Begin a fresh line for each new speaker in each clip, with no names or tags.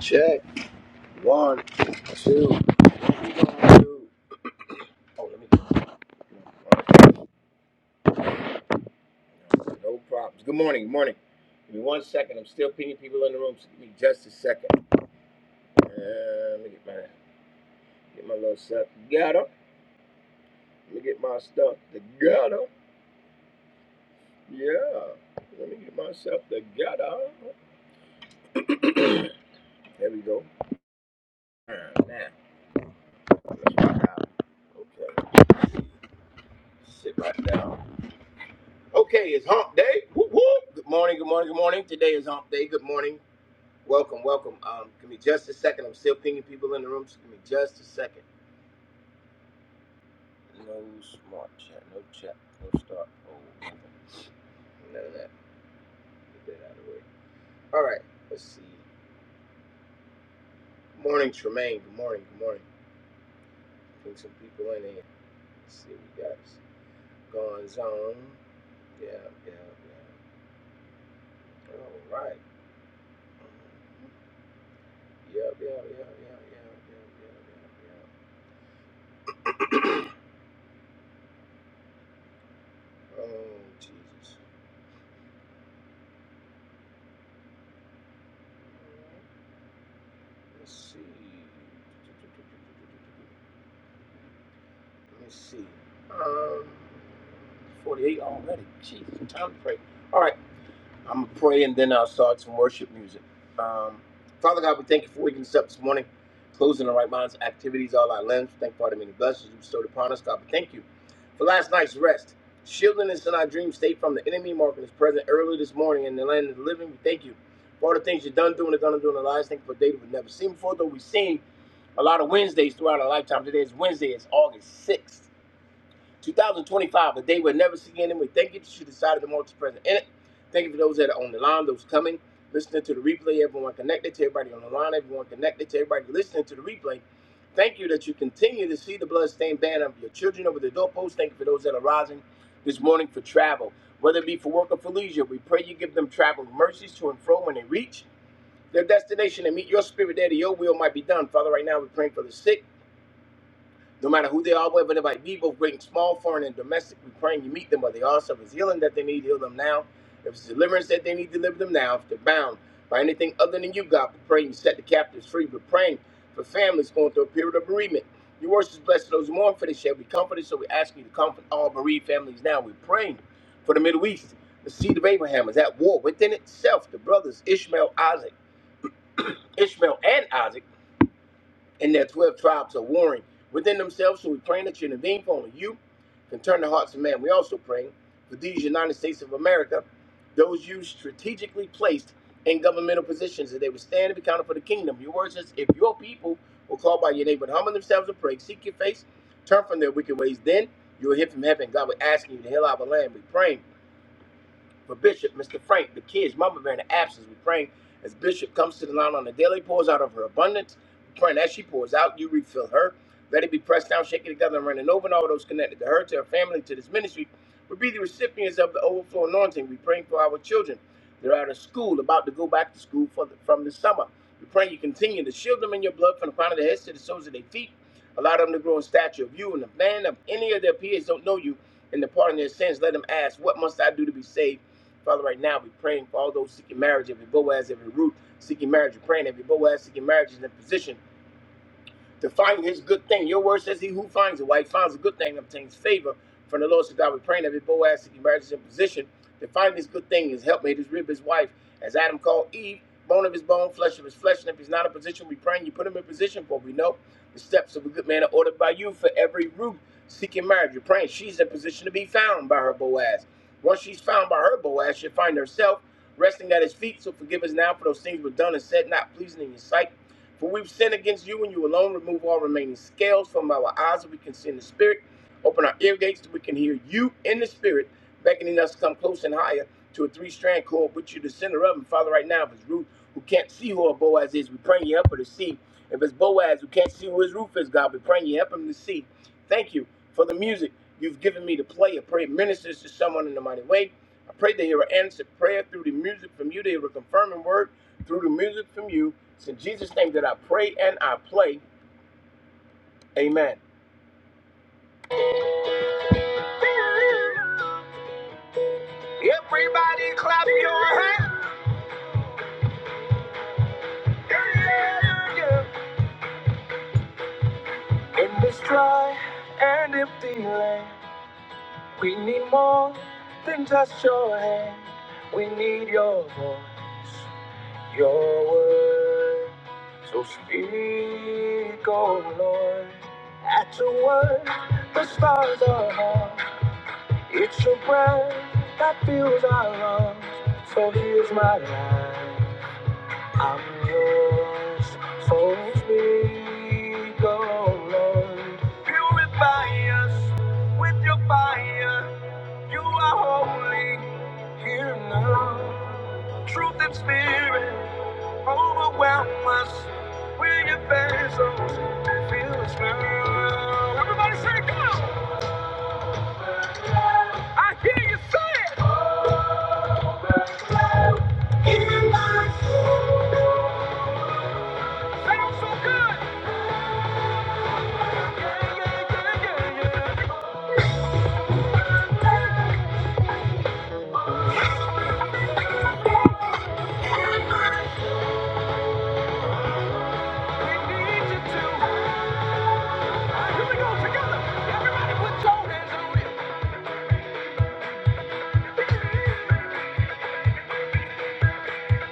Check. one, two, two. Oh, let me. No problems. Good morning. Good morning. Give me one second. I'm still pinging people in the room. So give me just a second. Uh, let me get my get my little stuff together. Let me get my stuff together. Yeah. Let me get myself together. there we go. Uh, now. let's rock out. Okay. Sit right down. Okay, it's hump day. Whoop, whoop. Good morning. Good morning. Good morning. Today is hump day. Good morning. Welcome, welcome. Um, give me just a second. I'm still pinging people in the room, so give me just a second. No smart chat, no chat, no start. Oh, None of that. Get that out of the way. All right, let's see. Good morning, Tremaine. Good morning, good morning. Ping some people in here. Let's see what we got. Gonzone. Yeah, yeah, yeah. All right. Yeah, yeah, yeah, yeah, yeah, yeah, yeah, yeah, yeah. Oh, Jesus. Let's see. Let's see. Um, 48 already. Jeez, time to pray. All right, I'm going to pray and then I'll start some worship music. Um, Father God, we thank you for waking us up this morning, closing our right minds, activities, all our limbs. Thank you for the many blessings you bestowed upon us, God. We thank you for last night's rest, shielding us in our dream state from the enemy, marking us present early this morning in the land of the living. We thank you for all the things you've done, doing, and gonna do in our lives. Thank you for a day that we've never seen before, though we've seen a lot of Wednesdays throughout our lifetime. Today is Wednesday, it's August 6th. 2025, a day we'll never see again. We thank you that you decided to multi present in it. Thank you for those that are on the line, those coming, listening to the replay, everyone connected to everybody on the line, everyone connected to everybody listening to the replay. Thank you that you continue to see the bloodstained banner of your children over the doorpost. Thank you for those that are rising this morning for travel, whether it be for work or for leisure. We pray you give them traveling mercies to and fro when they reach their destination and meet your spirit there that your will might be done. Father, right now we're praying for the sick. No matter who they are, whether they might be, both great and small, foreign and domestic, we praying you meet them where they are. So if it's healing that they need, heal them now. If it's deliverance that they need, deliver them now. If they're bound by anything other than you, God, we pray you set the captives free. We're praying for families going through a period of bereavement. Your words is blessed to those who mourn for they shall be comforted. So we ask you to comfort all bereaved families now. We're praying for the Middle East. The seed of Abraham is at war within itself. The brothers Ishmael, Isaac, Ishmael and Isaac and their 12 tribes are warring within themselves. So we praying that you intervene for only you can turn the hearts of man. We also praying for these United States of America, those you strategically placed in governmental positions, that they would stand and be counted for the kingdom. Your word says, if your people will call by your name, but humble themselves and pray, seek your face, turn from their wicked ways, then you will hear from heaven. God, we're asking you to heal our land. We're praying for Bishop, Mr. Frank, the kids, Mama Bear, in the absence, we're praying as Bishop comes to the line on the daily, pours out of her abundance. We're praying as she pours out, you refill her. Let it be pressed down, shaken together, and running over, and all those connected to her, to her family, to this ministry. We be the recipients of the overflow anointing. We praying for our children. They're out of school, about to go back to school for the, from the summer. We pray you continue to shield them in your blood from the crown of their heads to the soles of their feet. Allow them to grow in stature of you and the man of any of their peers don't know you in the pardon of their sins. Let them ask, What must I do to be saved? Father, right now we're praying for all those seeking marriage, every Boaz, every Ruth seeking marriage. We're praying every Boaz seeking marriage is in a position to find his good thing. Your word says, He who finds a wife finds a good thing, and obtains favor from the Lord. So God, we praying every Boaz that he marries is in position to find his good thing, his helpmate, his rib, his wife, as Adam called Eve, bone of his bone, flesh of his flesh. And if he's not in position, we praying you put him in position, for we know the steps of a good man are ordered by you for every root seeking marriage. You're praying she's in position to be found by her Boaz. Once she's found by her Boaz, she'll find herself resting at his feet. So forgive us now for those things we've done and said, not pleasing in your sight. For we've sinned against you and you alone. Remove all remaining scales from our eyes that we can see in the spirit. Open our ear gates that we can hear you in the spirit, beckoning us to come close and higher to a three strand cord, which you the center of. And Father, right now, if it's Ruth who can't see who her Boaz is, we praying you help her to see. If it's Boaz who can't see who his Ruth is, God, we praying you help him to see. Thank you for the music you've given me to play. I pray it ministers to someone in the mighty way. I pray they hear an answered prayer through the music from you. They hear a confirming word through the music from you. It's in Jesus' name that I pray and I play. Amen. Everybody clap your hands. In this dry and empty land, we need more than just your hand. We need your voice, your word. So speak, oh Lord. At your word, the stars are hung. It's your breath that fills our lungs, so here's my life. I'm yours, so speak, oh Lord. Purify us with your fire, you are holy, here now. Truth and spirit, overwhelm us with your face vessels, fill us now. Everybody say, go! I hear you say it! in my soul. Sounds so good. Yeah, yeah, yeah, yeah, yeah. We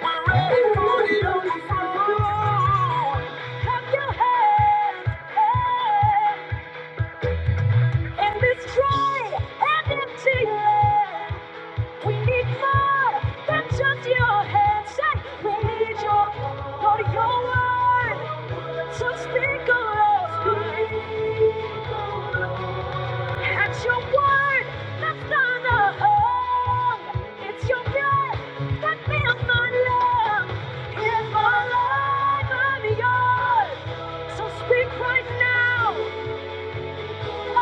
are ready for the overflow. Clap your hands, hey, and be strong and empty. We need more than just your hands. Say, we need your Lord, your word. So speak of us. At your word, that's not a home. It's your breath that fills my lungs. Here's my life, I'm yours. So speak right now. Yeah.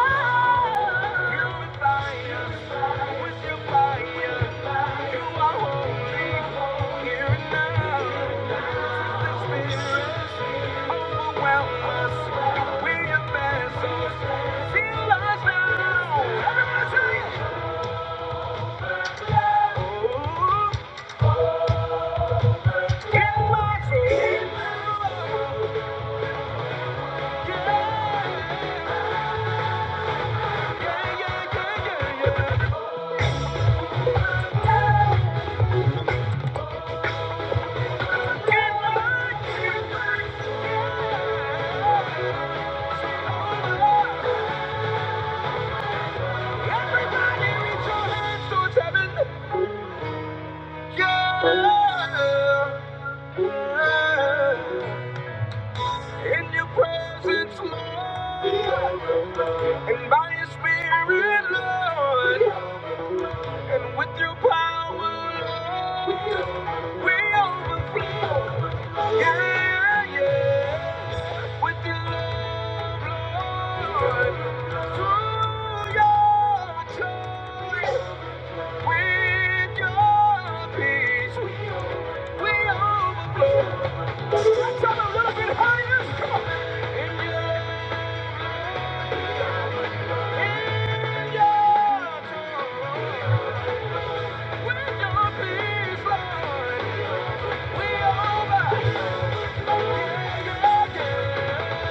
yeah, yeah, yeah, yeah. In your presence, Lord, and by your spirit, Lord, and with your power, Lord, we overflow. Yeah, yeah, with your love. we Yeah.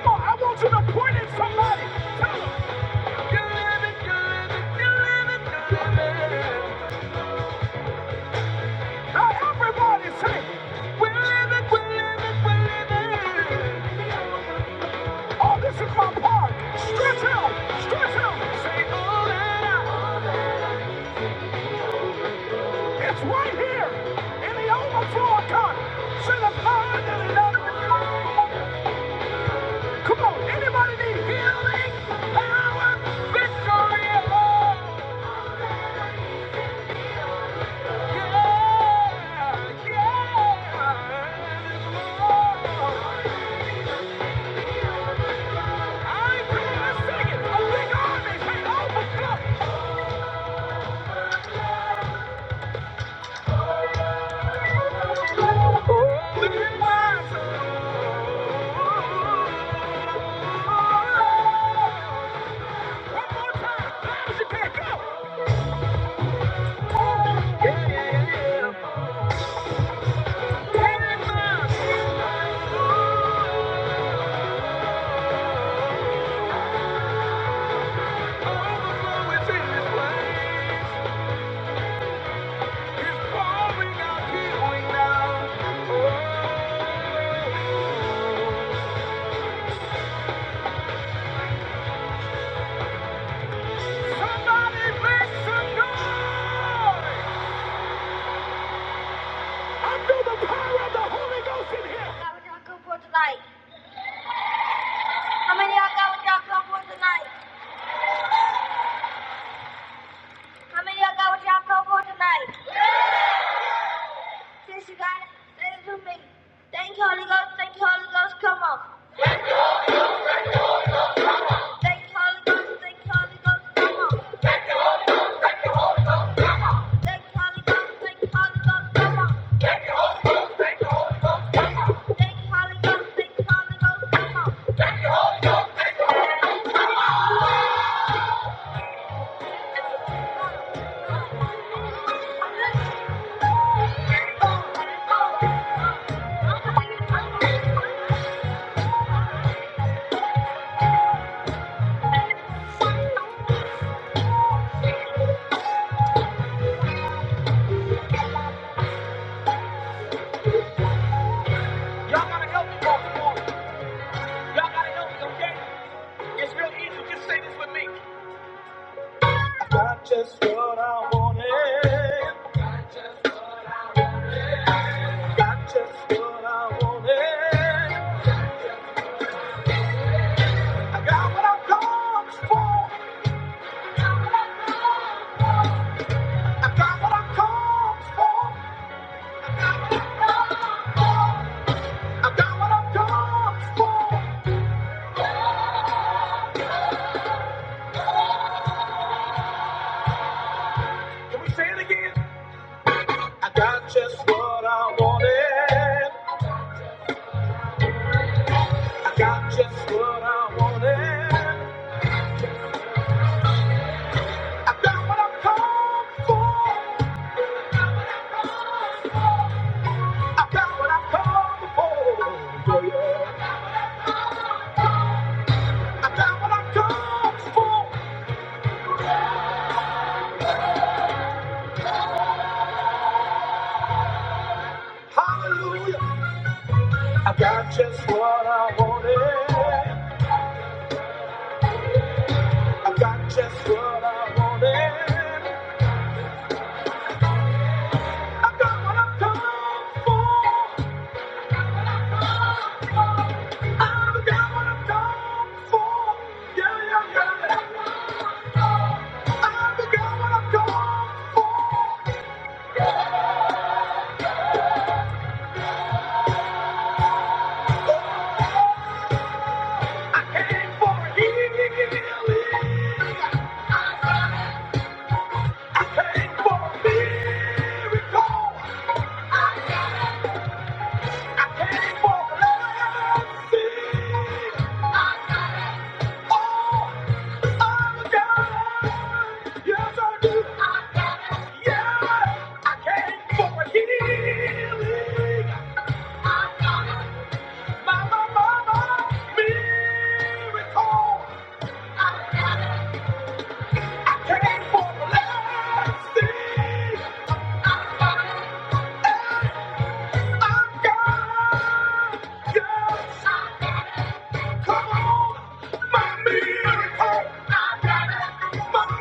Oh, I want you to point at somebody. Now everybody say, we're living, we're living, we're living. Oh, this is my part. Stretch out, stretch out. Say, oh, that I. It's right here in the overflow account. Say the power that it does. Come on, anybody need healing, power, victory, love? Yeah, yeah. Lord. Overflow is in this place. How many y'all got what y'all come for tonight? How many y'all got what y'all come for tonight? Since you got it, say me. Thank Holy Ghost. Thank Holy Ghost. Come on. Thank you, Holy Ghost. Thank you, Holy Ghost. Come on. Thank you, Holy Ghost. Thank you, Holy Ghost. Come on. Y'all gotta help me, Baltimore. Y'all gotta help me, okay? It's real easy. Just say this with me. got just what I wanted. I got just what I wanted. I got what I am going for. i got what I've come for. i got what I've come for. Can we say it again? I got just what I wanted. I got just what I wanted. i got what I've come for. i got what I've come for. Yeah. i got what I've come for. Hallelujah. I got just what I wanted. I got just what I wanted. I got what I've come for.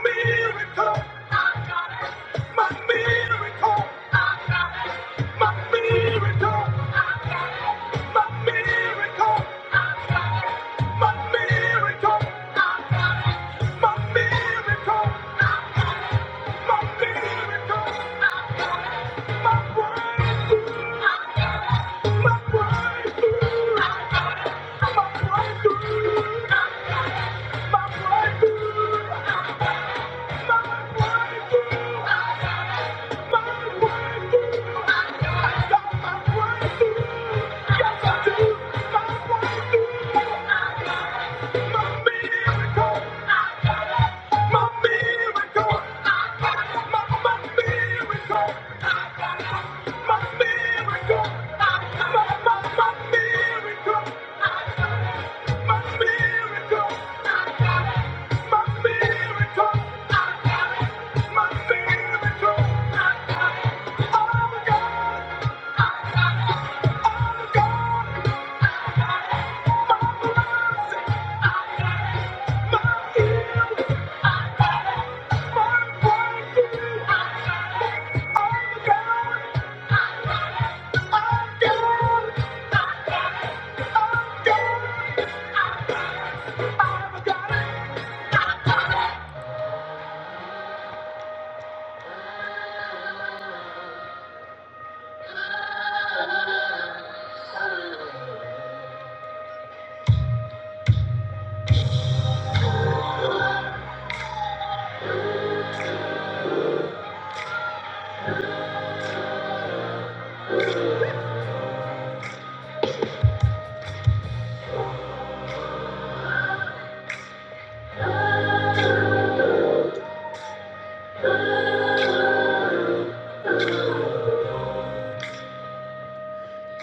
Miracle! My miracle, my miracle, my miracle, my miracle, my miracle, my miracle, my breakthrough, my breakthrough. My Miracle! I got it. My miracle. I got it. My miracle. I got it. My miracle. I got it. Oh, my God. I got it. Oh, my God. I got it. My healing. I got it. My breakthrough. I got it. Oh, my God. I got it.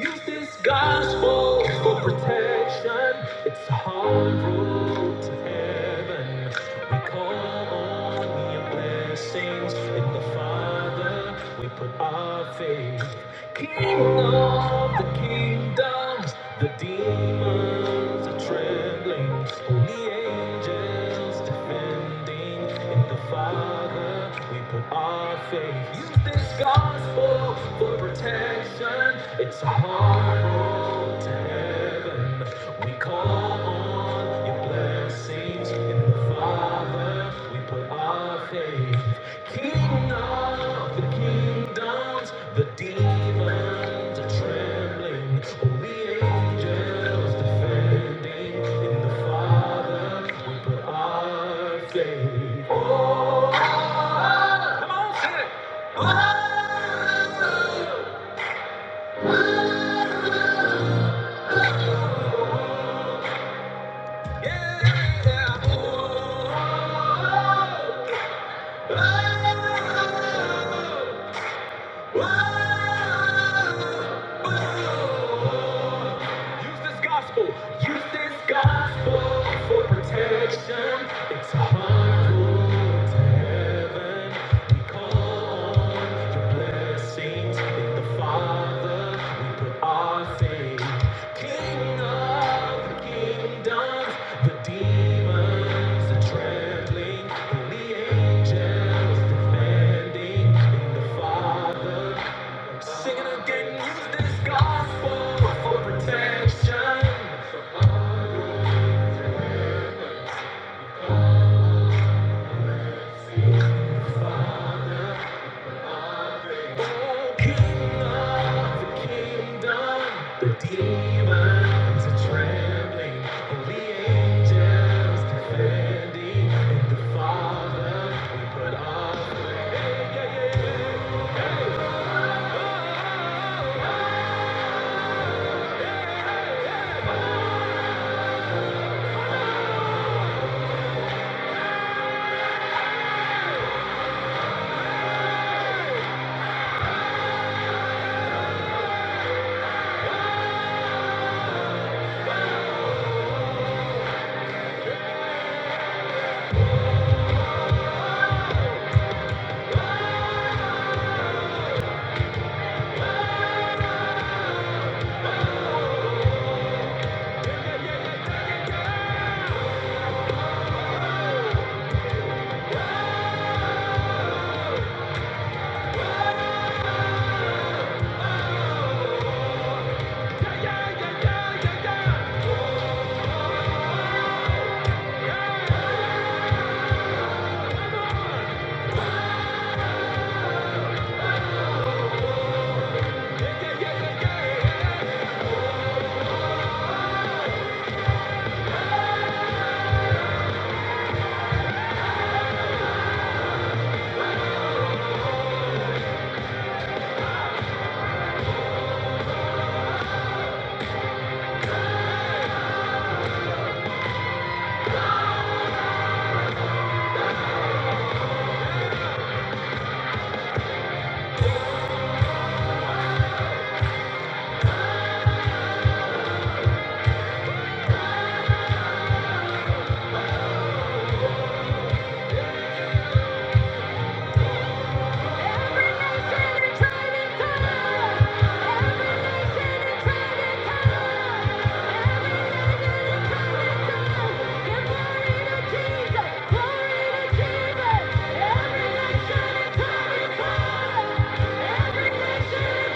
Use this gospel for protection. It's a hard road to heaven. We call on your blessings in the Father. We put our faith. King of the kingdoms, the demons are trembling, holy angels defending. In the Father, we put our faith. Use this gospel for protection. It's a hard road to heaven. We call on your blessings in the kingdoms, the demons, holy angels defending. In the Father. I say, yeah, oh, oh, oh, oh, oh, oh. Use this gospel. Use this gospel for protection. It's hard to heaven. We call on your blessings in the Father. We put our faith. King of the kingdoms, the demons are trembling, and the angels defending in the Father. Sin again, use this gospel for protection. For all the kingdom, the demons are trembling. Holy angels defending. the Father, we put our faith. Hey, yeah, yeah, yeah. Hey. Every nation and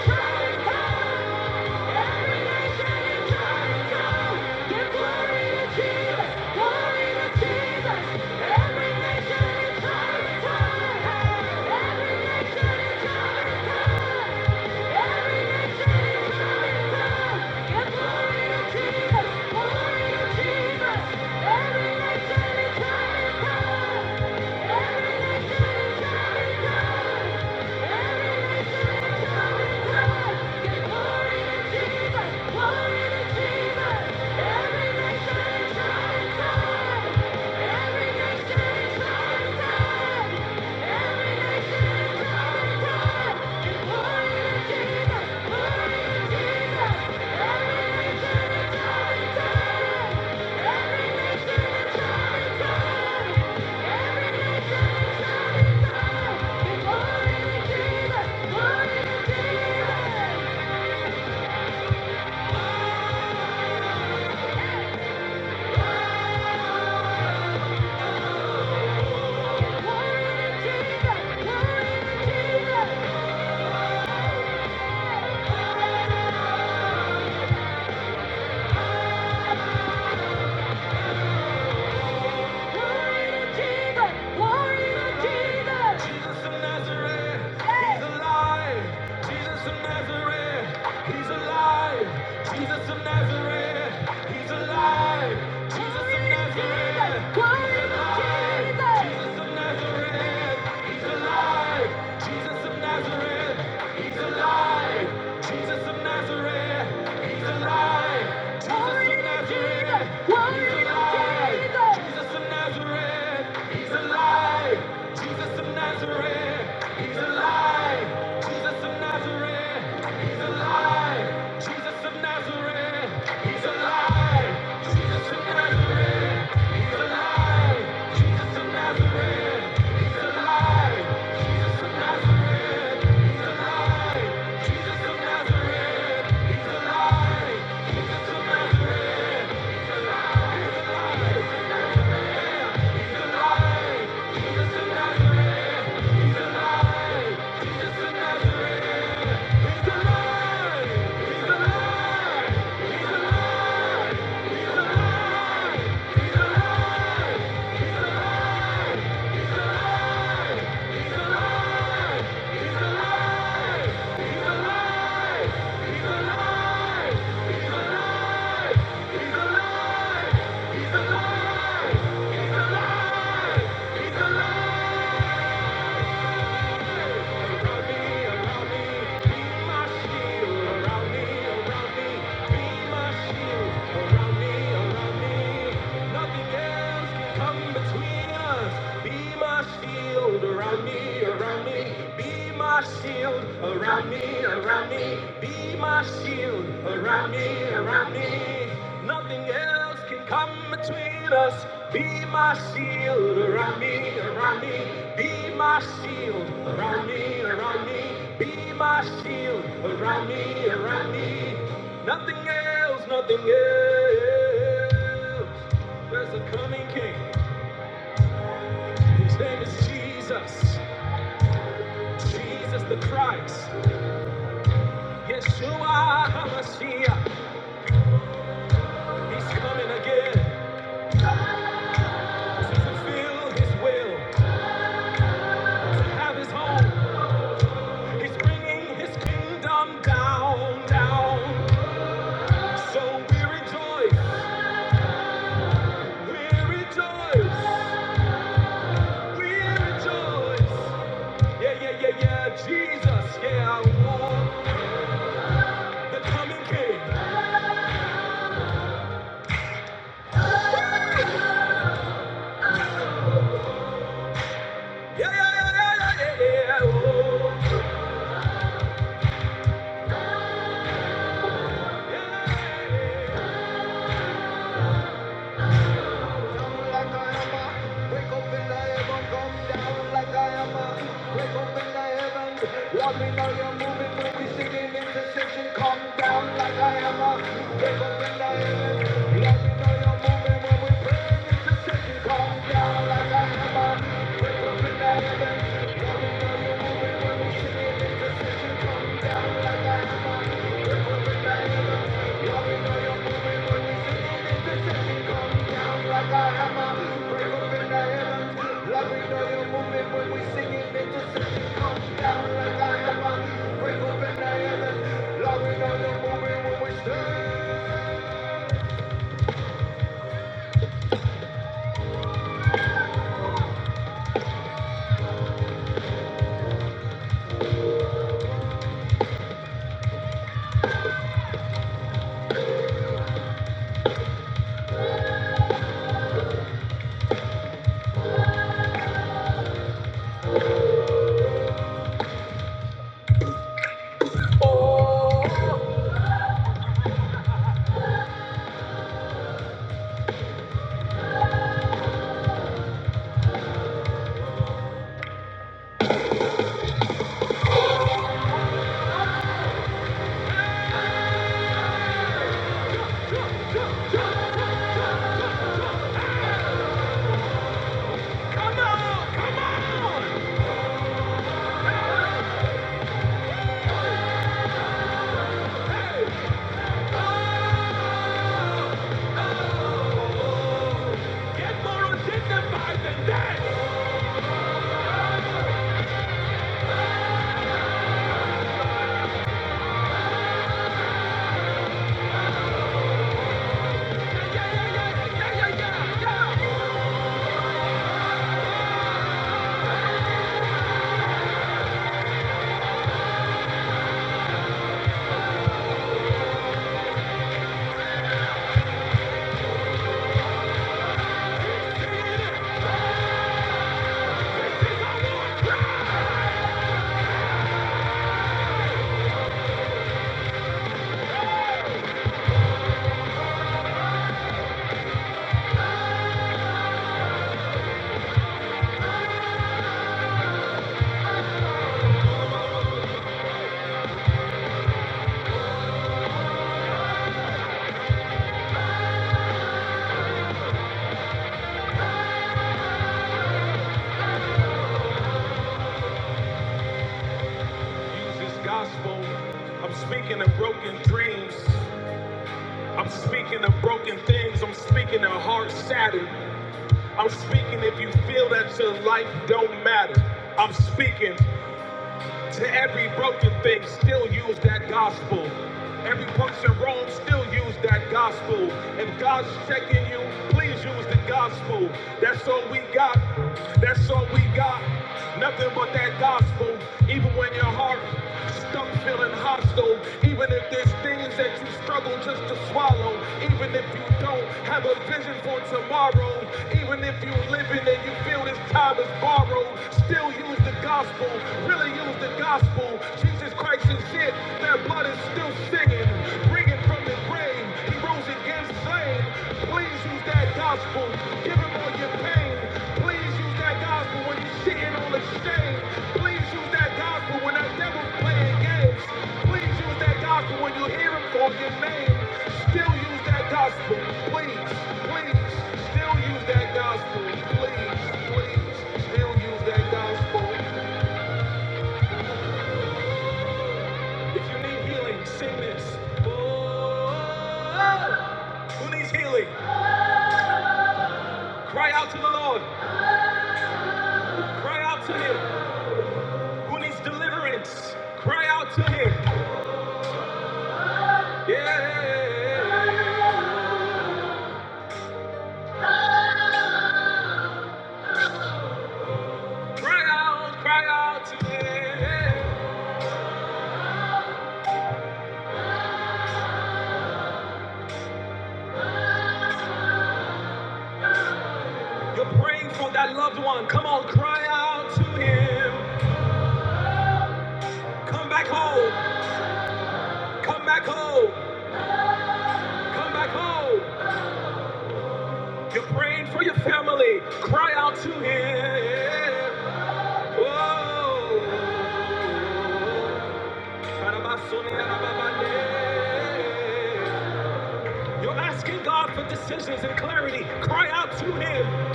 tribe and tongue, every nation. Give glory to Jesus, glory to Jesus. Every nation and tongue, tongue, every nation and tongue, every tongue, Give glory to Jesus, glory to Jesus. Every nation and tongue, tongue, every nation and tongue. Every nation is Glory to Jesus! Glory Jesus. Glory Jesus. Jesus of Nazareth, Hey. he's alive. Jesus of Nazareth, he's alive. Jesus of Nazareth, he's alive. Jesus of Nazareth, he's Glory to alive. Jesus. Jesus of Nazareth, he's alive. Jesus of Nazareth, he's alive. Jesus of Nazareth, he's alive. Jesus Glory Jesus. alive. Jesus of Nazareth, he's alive. Jesus of Nazareth, he's alive. Jesus of Nazareth, he's alive. Jesus of Nazareth, he's alive. Jesus of Nazareth, he's alive. Jesus of Nazareth, he's alive. Jesus of Nazareth, he's alive. Jesus of Nazareth, he's alive. Nothing else can come between us. Be my shield around Around me, around me, be my shield. Around me, around me, be my shield. Around me, around me, nothing else can come between us. Be my shield. Around me, around me, be my shield. Around me, around me, be my shield. Around me, around me, nothing else, nothing else. There's a coming king. His name is Jesus. Jesus the Christ, Yeshua HaMashiach, He's coming again to fulfill His will, to have His home. He's bringing His kingdom down, down. So we rejoice, we rejoice, we rejoice. Yeah, yeah, yeah, yeah, Jesus, yeah, oh, the coming King. Woo! Yeah, yeah, yeah, yeah, yeah, yeah, yeah, oh, yeah. yeah. Break open the heavens. love we know you're moving when we stand. Come on! Come on! Hey! Oh! Get more dignified than that! Use this gospel. I'm speaking of broken dreams. I'm speaking of broken things. I'm speaking of hearts shattered. I'm speaking if you feel that your life don't matter. I'm speaking. To every broken thing, still use that gospel. Every person wrong, still use that gospel. If God's checking you, please use the gospel. That's all we got. That's all we got. Nothing but that gospel. Even when your heart stuck feeling hostile, even if there's things that you struggle just to swallow, even if you don't have a vision for tomorrow, even even if you're living and you feel this time is borrowed, still use the gospel. Really use the gospel. Jesus Christ is it. Their blood is still singing, bringing from the grave. He rose again slain. Please use that gospel. Give him all your pain. Please use that gospel when you're sitting on exchange. Please use that gospel when that devil's playing games. Please use that gospel when you hear him call your name. Still use that gospel. Please, please, still use that gospel. Please, please, still use that gospel. If you need healing, sing this. Oh. Who needs healing? Cry out to the Lord. Cry out to Him. Who needs deliverance? Cry out to Him. Yeah. Cry out, cry out to him. You're praying for that loved one. Come on, cry out to him. Come back home. Come back home. Come back home. You're praying for your family. Cry out to him. Whoa. You're asking God for decisions and clarity. Cry out to him.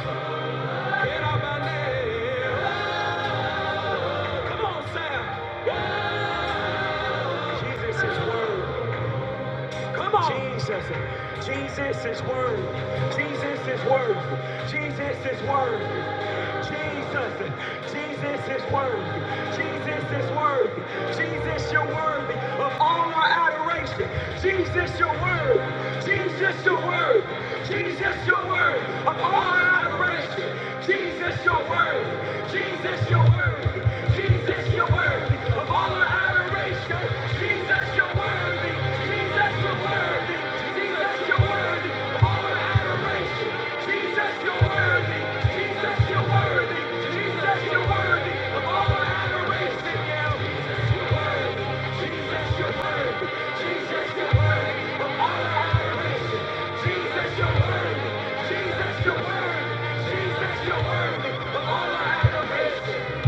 Come on, Sam. Jesus is word. Come on. Jesus. Jesus is word. Jesus is word. Jesus is word. Jesus. Jesus is word. Jesus is word. Jesus, you're worthy of all our adoration. Jesus, your word. Jesus, your word. Jesus, your word of all our adoration. Jesus, your word. Jesus, your word. Jesus, your word.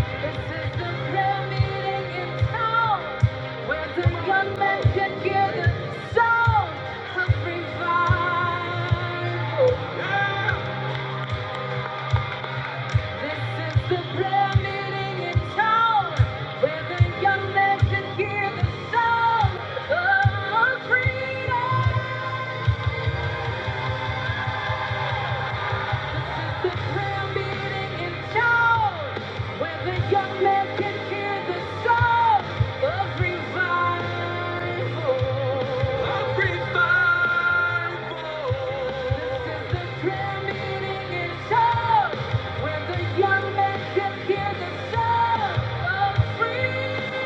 This is the prayer meeting in town where the young men can hear the sound of revival. This is the prayer meeting in town where the young men can hear the sound of freedom. The prayer meeting in town, where the young man can hear the sound of revival. Of revival. This is the prayer meeting in town, where the young man can hear the sound of freedom.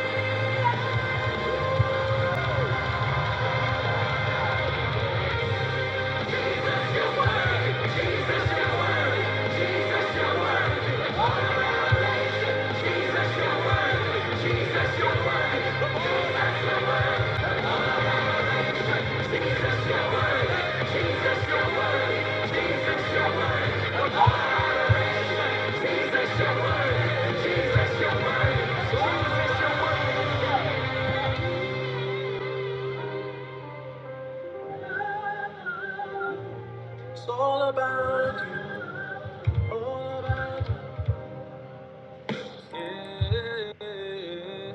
It's all about Yeah.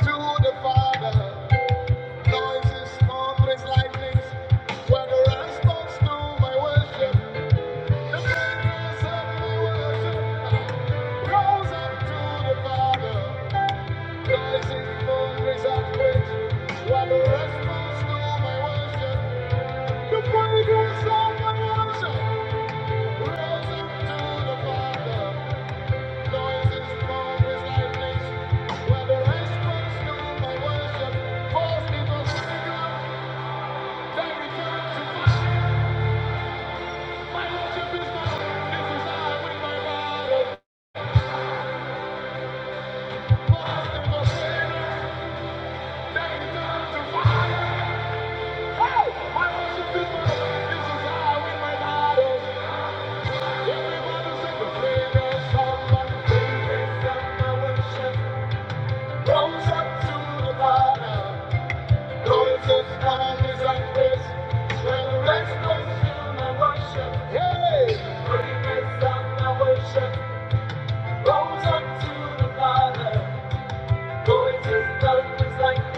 To the Father. Noises, thunders, lightnings, whether I spoke snow, my worship, the thunders of my worship, rose up to the Father. Noises, thunders, earthquakes, whether I spoke snow, my worship, the fragrance of my worship, rose up to the Father. Noises, thunders, lightnings, whether I spoke snow, my worship, false people, figure, they return to fire. Hey! Praise and worship goes up to the Father. Boys and girls like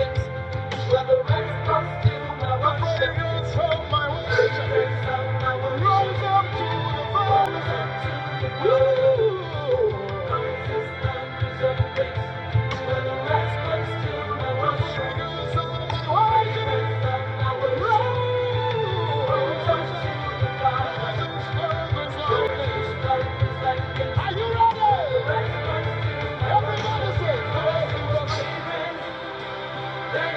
where the rest must do my washing. my wash. Rivers of our rose of the rose unto the blue. Boys and like where the rest must do my washing. my wash. Rivers of our rose unto the blue. Boys and girls like this, where the rest must do my washing. Everybody say, boys and girls like this.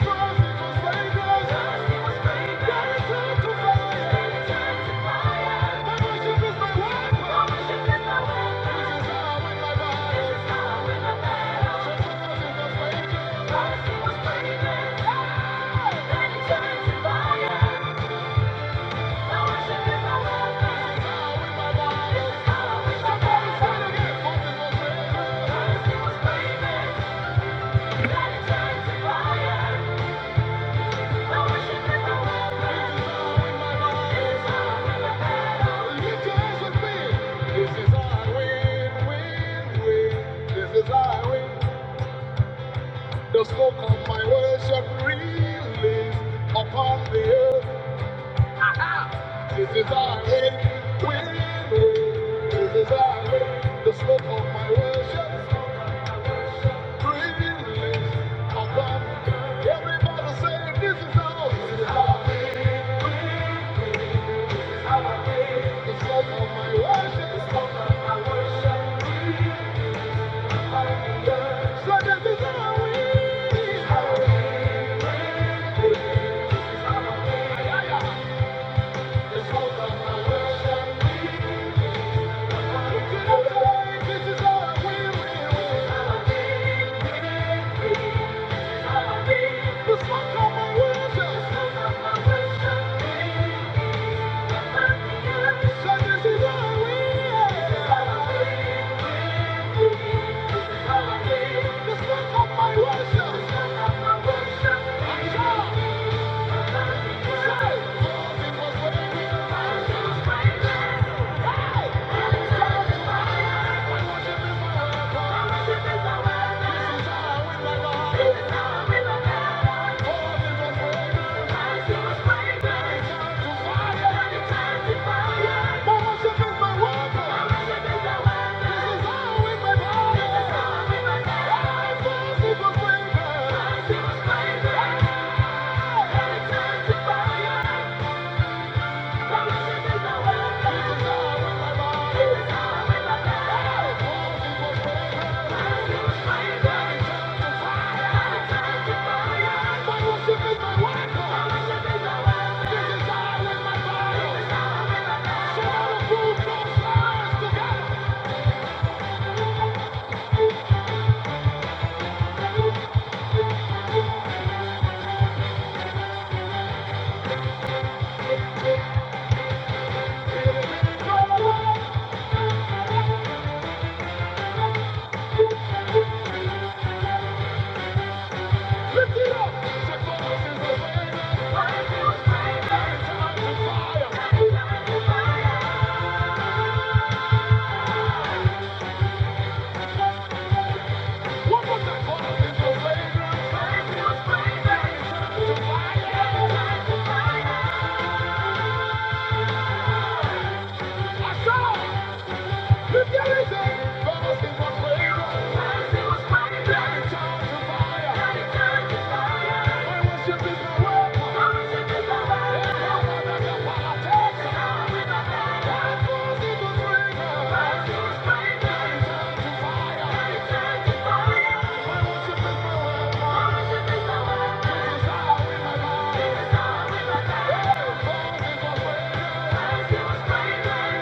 Thank you. Let it turn to Fire! The smoke of my worship release upon the earth. This is our win, win, win. This is our win. The smoke of my worship release upon everybody. Say this is our. This is our. It's all about my worship. It's all about my worship. So this is how we are. This is my worship. all because we're This is how I win my life. All the ones forever. I see what's right. Thank you. Fire! What was that called? It was fragrance. It was fragrance. Thank you.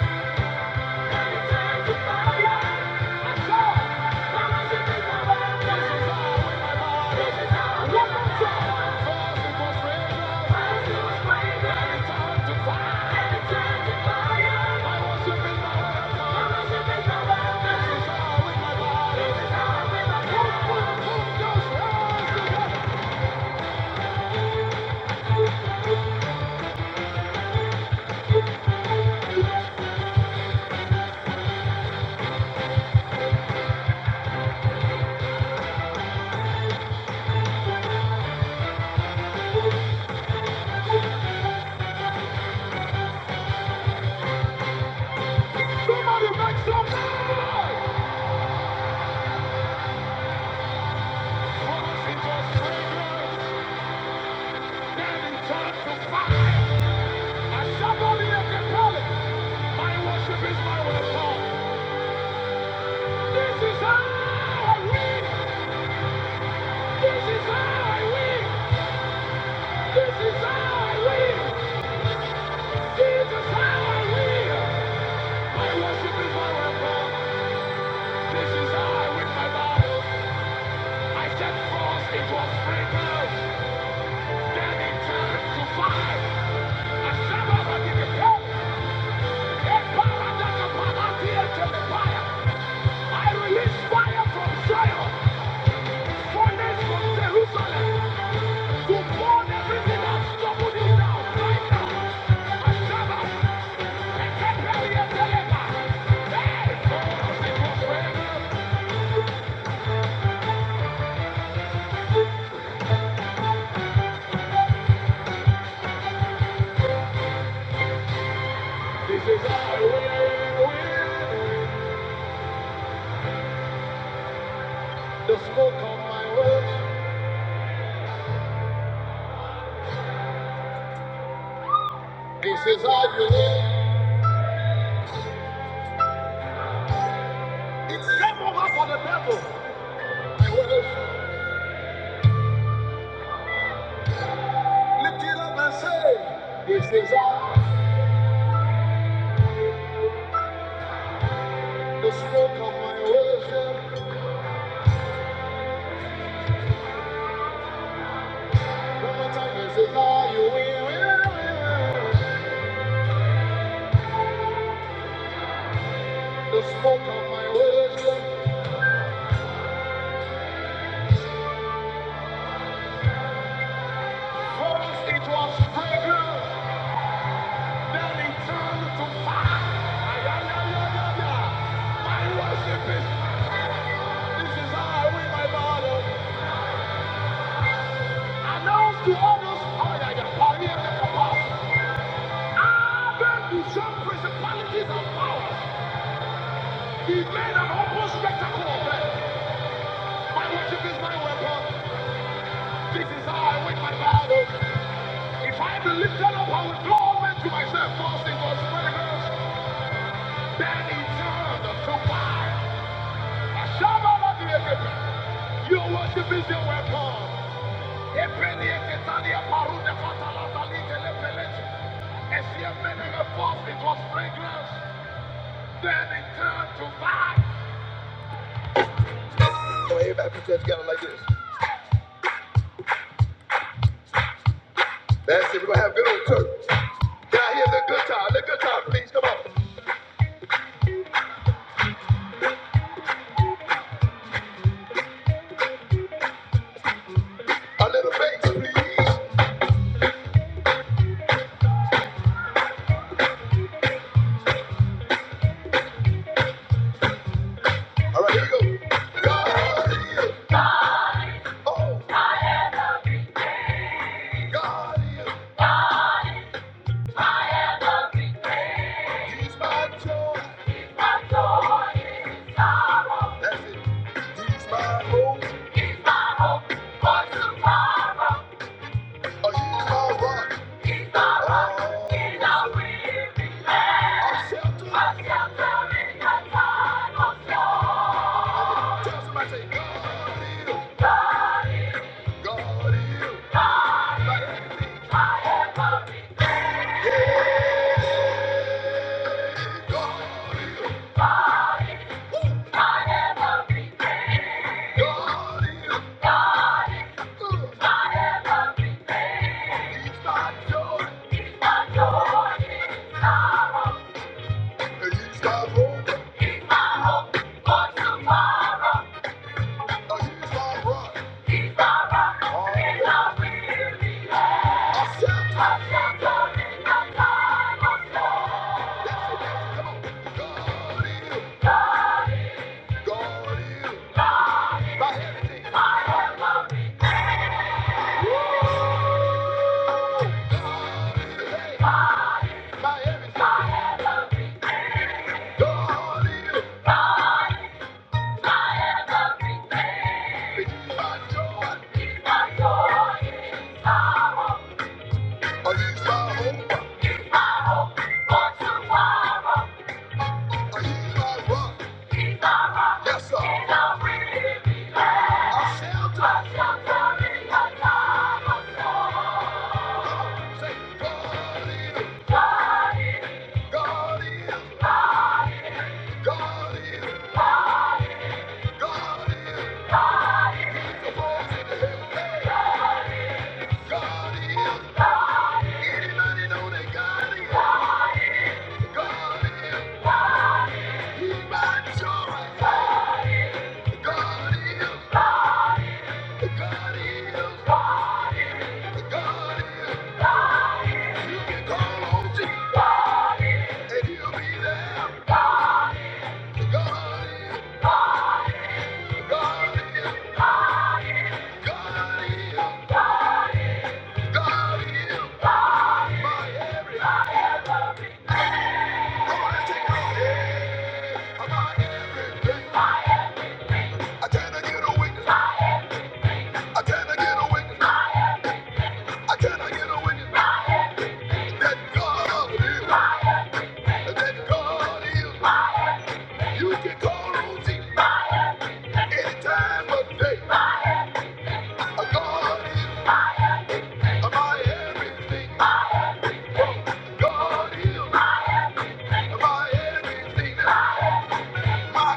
Somebody make some noise! Promise is just fragrance, then it's time to fire! I shall not be left in My worship is my weapon. My worship is my weapon. This is how I with my body. I set forth into a fragrance. Then it turned to fire. I shall not be left in poverty. A paradise the fire. I release fire from Zion. Furnace from Jerusalem. To burn everything that's troubled you down right now. I shall not. I can't This is how you live. It's I worship. Lift it up and say, This is how the smoke of my worship. One more time, this is how. First it was fragrance, then it turned to fire. Ay, ay, ay, ay, My worship is, this is how I win my battle. Announce to others, oh, yeah, yeah, oh, yeah, yeah, oh, I've been to some principalities and powers. He made an open spectacle of them. My worship is my weapon. This is how I win my battle. If I be lifted up, I will draw men to myself, forcing God's miracles. Then he turned to fire. I shall not be A shaman of the equipment. Your worship is your weapon. Epele ketalia parude fatala talike lepelete. Esiem menene forced it was fragrance. Then it turned to fire. A little faith, please. All right, here we go. Oh, God, he's my joy. That's it. He's my hope, or he's my rock. Oh, I'm sheltered. Tell somebody, say, God is, God is, Hey, God is, God is. He's my joy, and he's my hope, or he's my rock. Oh, he's my joy, or he's my hope, or he's my rock. Yes, sir. I'm sheltered. God is, God is, God is, God is. He's the boss in the hill. Hey, God is. Anybody know that God is? God is. He's my joy. God is. God is. God is. You can call on Jesus and he'll be there. God is. God is. God is. God is. My everything. My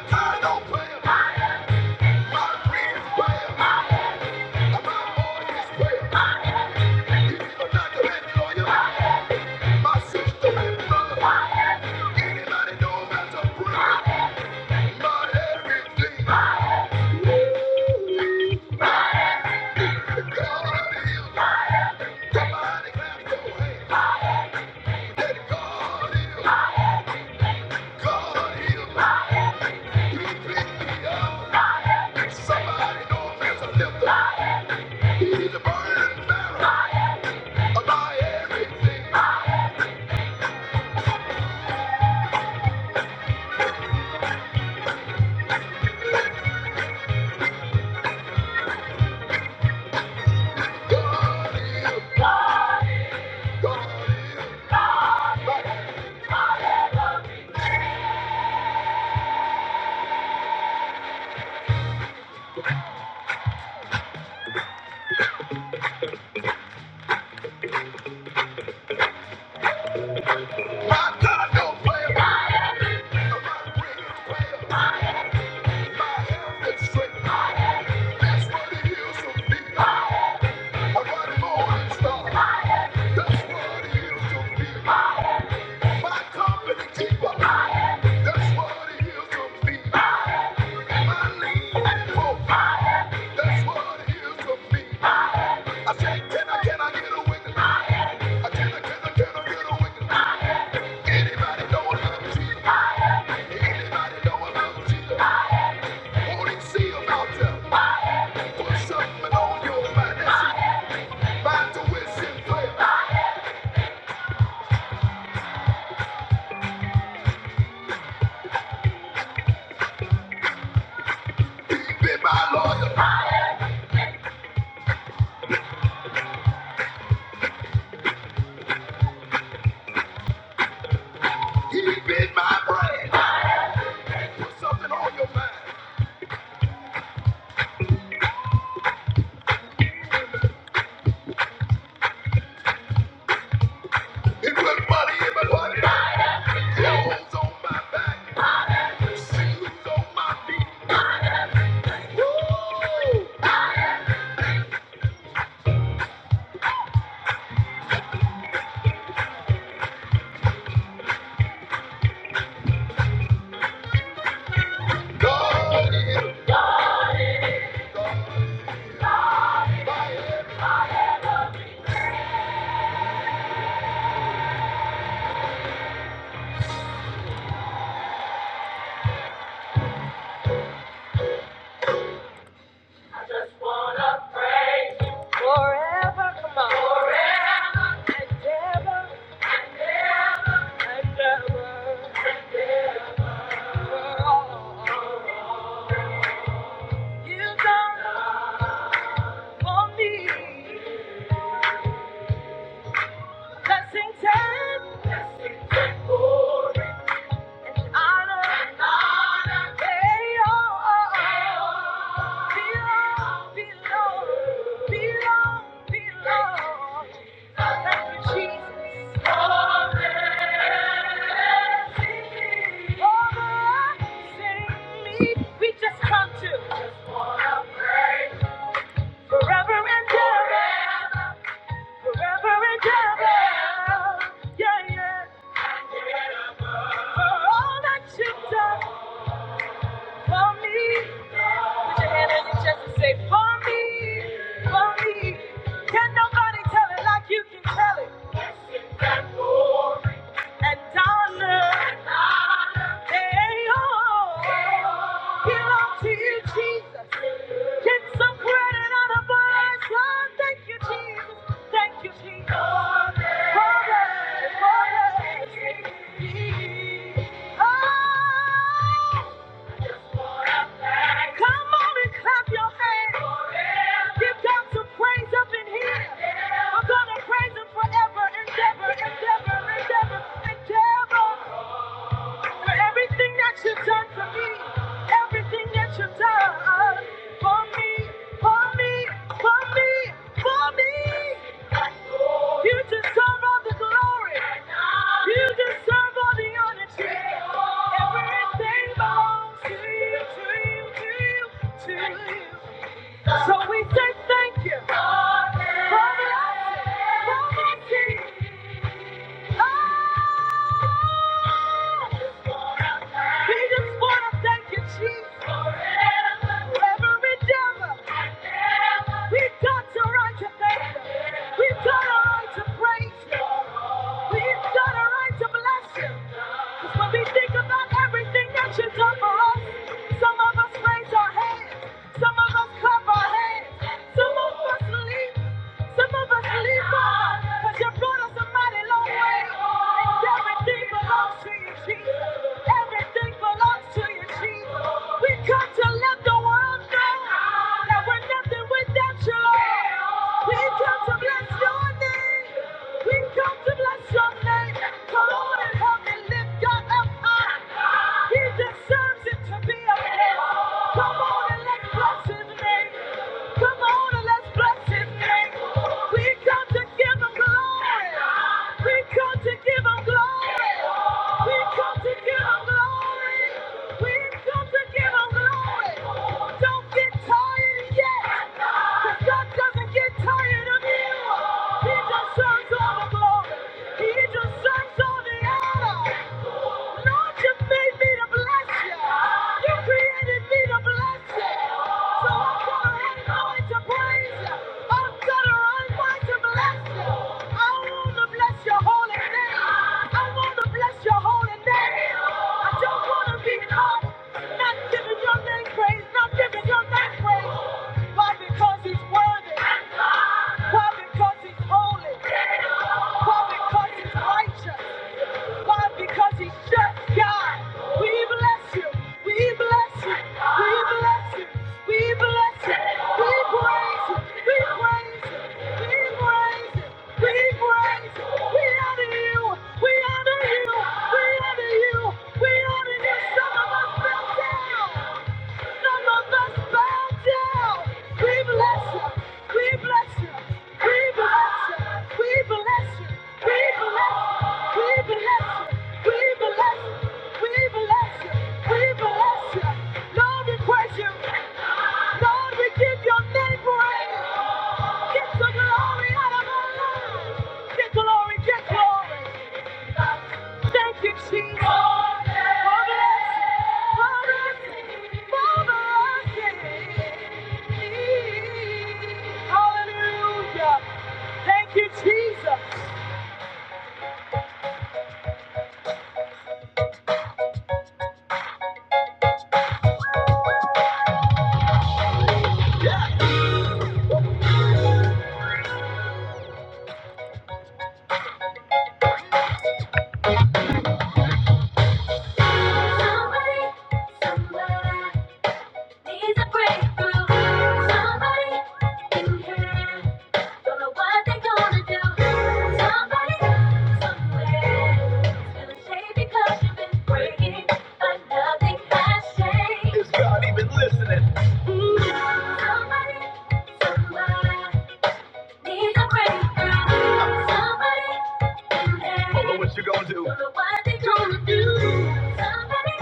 kind of prayer, my friend's prayer, my boy's prayer. Somebody know there's a lifter. He's a burning barrel of my everything. God is. My God don't play about. it. Anybody know about Jesus? Anybody know about Jesus? Won't he see about them? for me. Blessings and blessings and glory. An honor. An honor. Belong, belong, belong, belong. Thank you, Jesus. Overwhelmingly, We just come to forever and ever, forever and ever. Yeah, yeah. For all that you've done for me. Oh! Come on and clap your hands. Give God some praise up in here. I'm gonna praise Him forever, endeavor, endeavor, endeavor, endeavor. For everything that you've done for me, everything that you've done for me, for me, for me, for me. You deserve all the glory. You deserve all the honor. Everything belongs to you, to you, to you, to you. So we say thank you. For blessing, for mercy. Oh, We just wanna thank you, Jesus. Every devil, we've got the right to thank you. We've got a right to praise Him. We've got a right to bless Him. 'Cause when we think about everything that you've done for us, some of us raise our hands, some of us clap our hands, some of us leap, some of us leap on. 'Cause you brought us a mighty long way. And everything belongs to you, Jesus. Everything belongs to you, Jesus. We come to let the world know that we're nothing without you, Lord. We come to bless your name. We come to bless your name. Come on and help me lift lift God up high. He deserves it to be up uplifted. Come on and let's bless His name. Come on and let's bless His name. We come to give Him glory. We come to give Him glory. We come to give Him glory. We come to give Him glory. Don't get tired yet. 'cause God doesn't get tired of you. He deserves all the glory. He deserves all the honor. Lord, you made me to bless you. You created me to bless you. So I'm gonna hang on to praise you. I'm gonna run by to bless you. I wanna bless your holy name. I wanna bless your holy name. I don't wanna be caught not giving your name praise, not giving your name praise. Why? Because he's worthy. Why? Because he's holy. Why? Because he's righteous. Why? Because he's just God. We bless you. We bless you. We bless you. We bless you. We praise you. We praise you. We praise you. We praise you. We honor you. We honor you. We honor you. We honor you. Some of us fell down. Lord, we give your name praise. Get the glory out of our Get glory, get glory. Thank you, Jesus. Hallelujah. Thank you, Jesus. Somebody, somebody needs a breakthrough. Somebody in here. is going but nothing has changed. It's not even listening. Mm. Somebody, needs a breakthrough. Somebody to Somebody,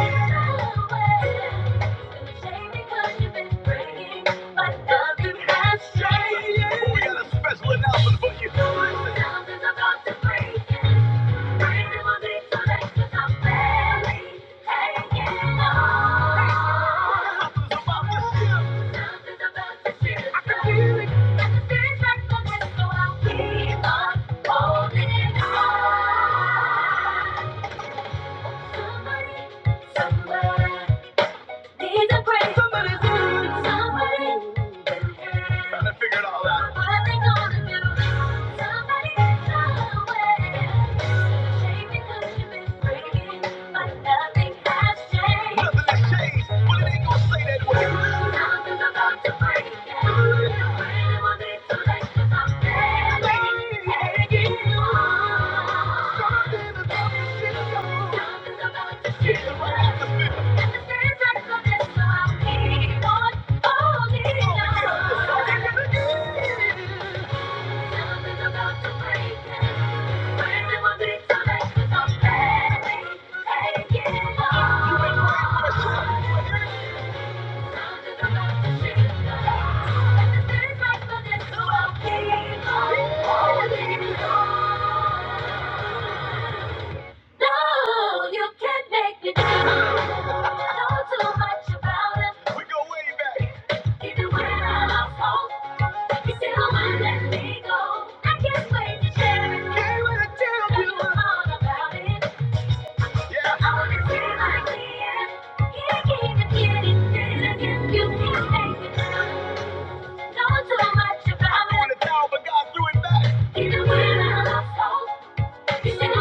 Somebody, somewhere. Needs a break from losing somebody. Trying to figure it all out. What are they gonna do? Somebody somewhere. Shame because you've been breaking, but nothing has changed. Nothing has changed. but it ain't gonna say that way? Something's about to break. Yeah. You really want me to like you someday. Taking you on. Something's about to shift. Something's about to shift. Thank you. No, you can't make me do. it. You Know too much about it. We go way back. Even when I'm out cold, you still won't let me go. I can't wait to share it. Can't wait to tell you all about it. Yeah. I wanna feel like the end. Can't even get it. Then again, you can't make me do. it. Know too much about it. I want it now, but God threw it back. Even when I'm out cold. Still gonna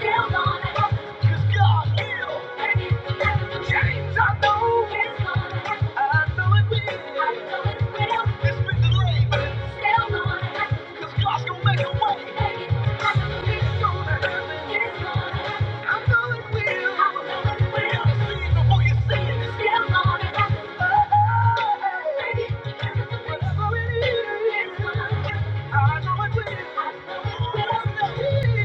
still gonna, gonna. I know it will. I know it will.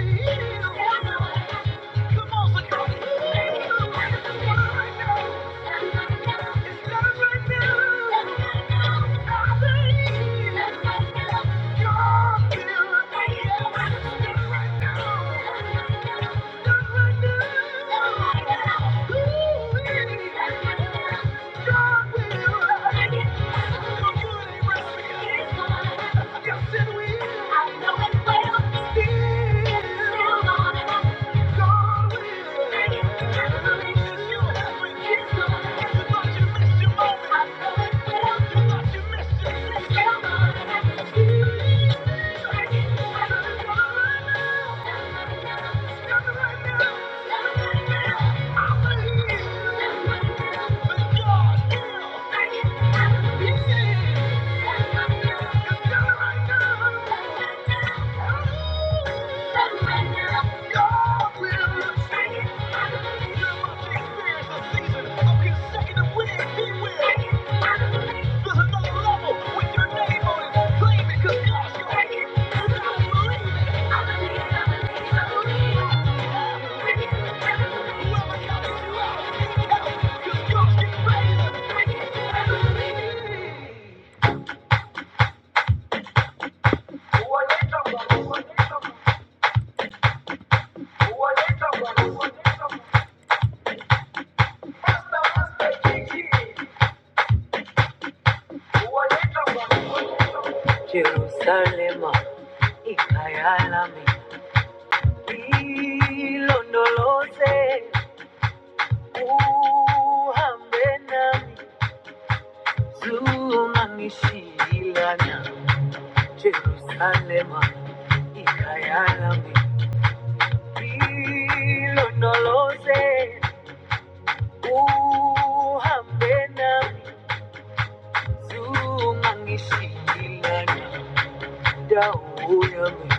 Yes, it will. Thank you. Thank you. you're Uhambe nami, sunganishilana, Jerusalema ikayalami ilondoloze uhambe nami zungangishilana Dauyami,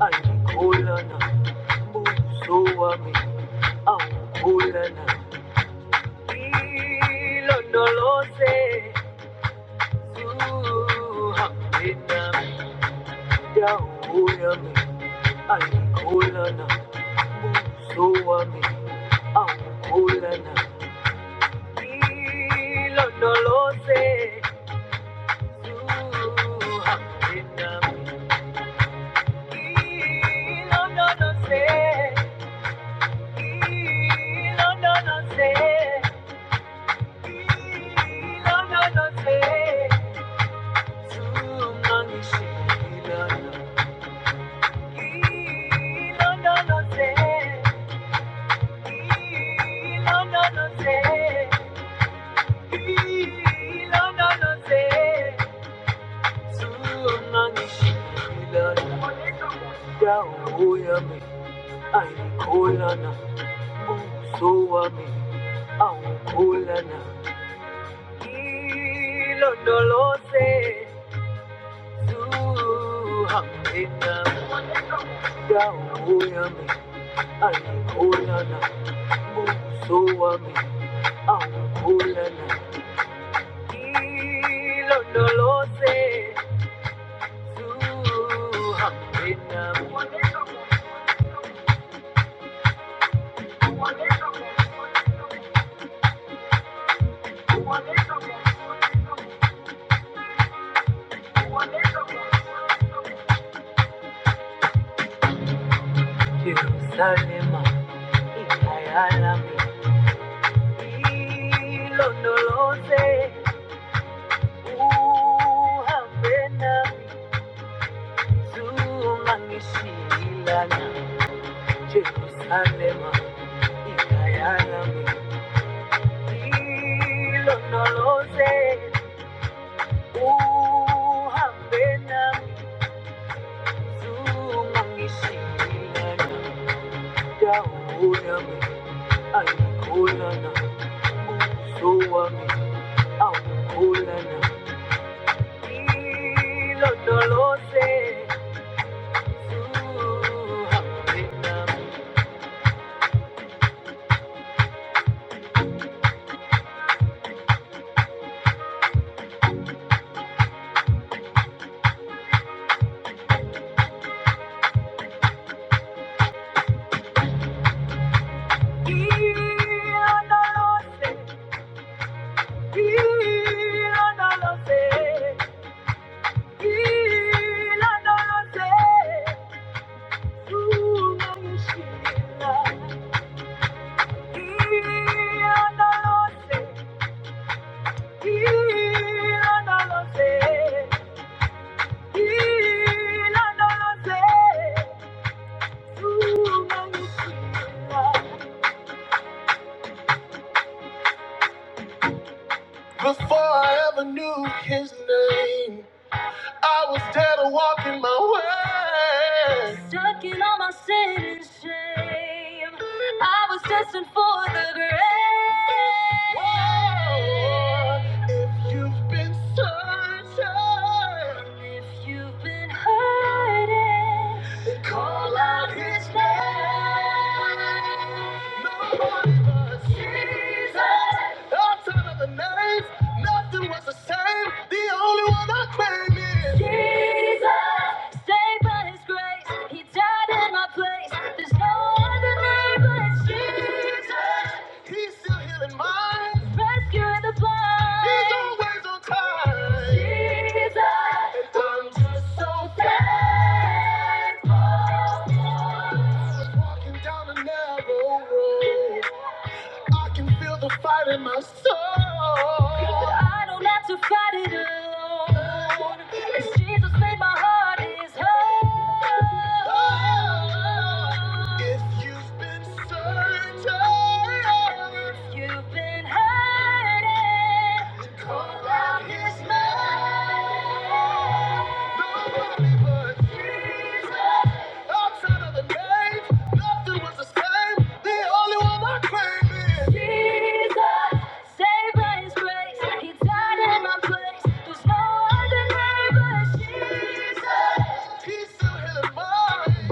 Alikolana, Musuami, Aukulana, Ilonolose, Suhaminami, Dauyami, Alikolana, Musuami, Aukulana, Ilonolose, Suhaminami, Ilonolose, Suhaminami, Dauyami, Ankolana, Soami, Ankolana, Ilondolose, Zuhamina, Daoyami, Ankolana, Soami, Ankolana, Ilondolose, Zuhamina, Jerusalem, Ikayalami, Ilondolose, Uhambe nami, zungishilana, Jerusalema, ikhaya lami. Ngilondoloze, uhambe nami, zungishilana, dawo yami, ayikholana, uso wami, awukholana. Ngilondoloze, uhambe nami. His name. I was dead and walking my way. Stuck in all my sin and shame. I was destined for the grave. Whoa. You've been hurting. Call out his name. Jesus, saved by his grace. He died in my place. There's no other name but Jesus. Rescuing the blind. He's always- Jesus, faithful. I don't have to fight it alone. It's Jesus made my heart His whole.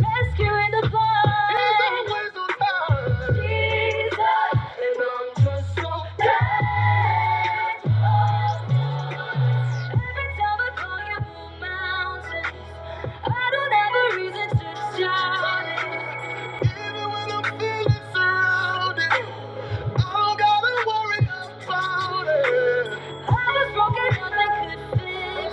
Rescuing the blind. Jesus, shout it. so damn, for real, for real. I was broken, nothing could fix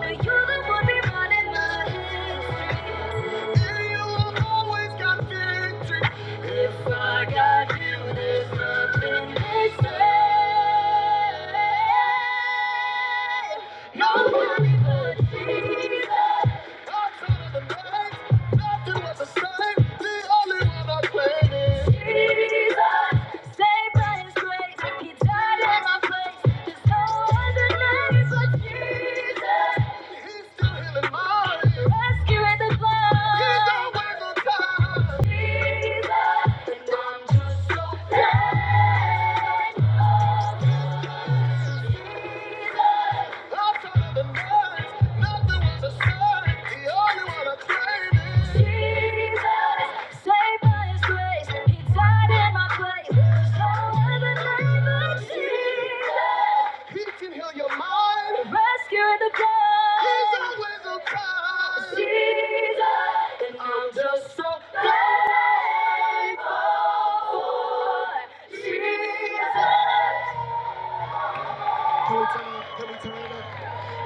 But you're the one rewriting my history. And you always got victory. If I got you, there's nothing they say. Nobody but Jesus. Yeah.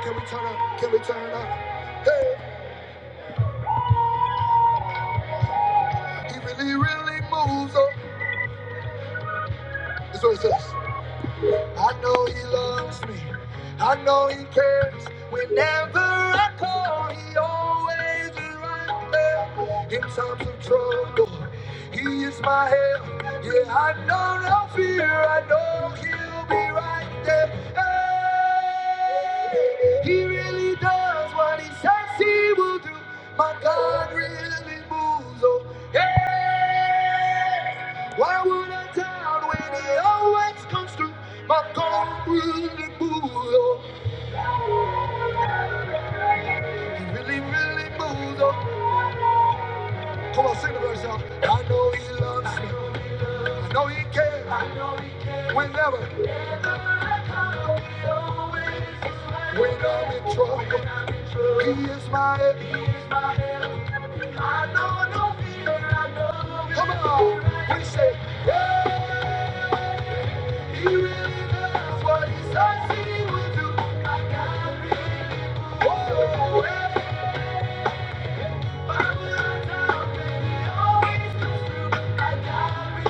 Can we turn up? Can we turn up? He really, really moves on. So he says, Why would I doubt when he always comes through? My God really moves, oh. He really, really moves, oh. Come on, sing the verse out. I know he loves me. I know he cares. Whenever, when I'm in trouble, he is my head. I know everything. Come on, we say, he really does what he says he will do. My God really moves, oh. Why would I doubt when he always comes through? My God really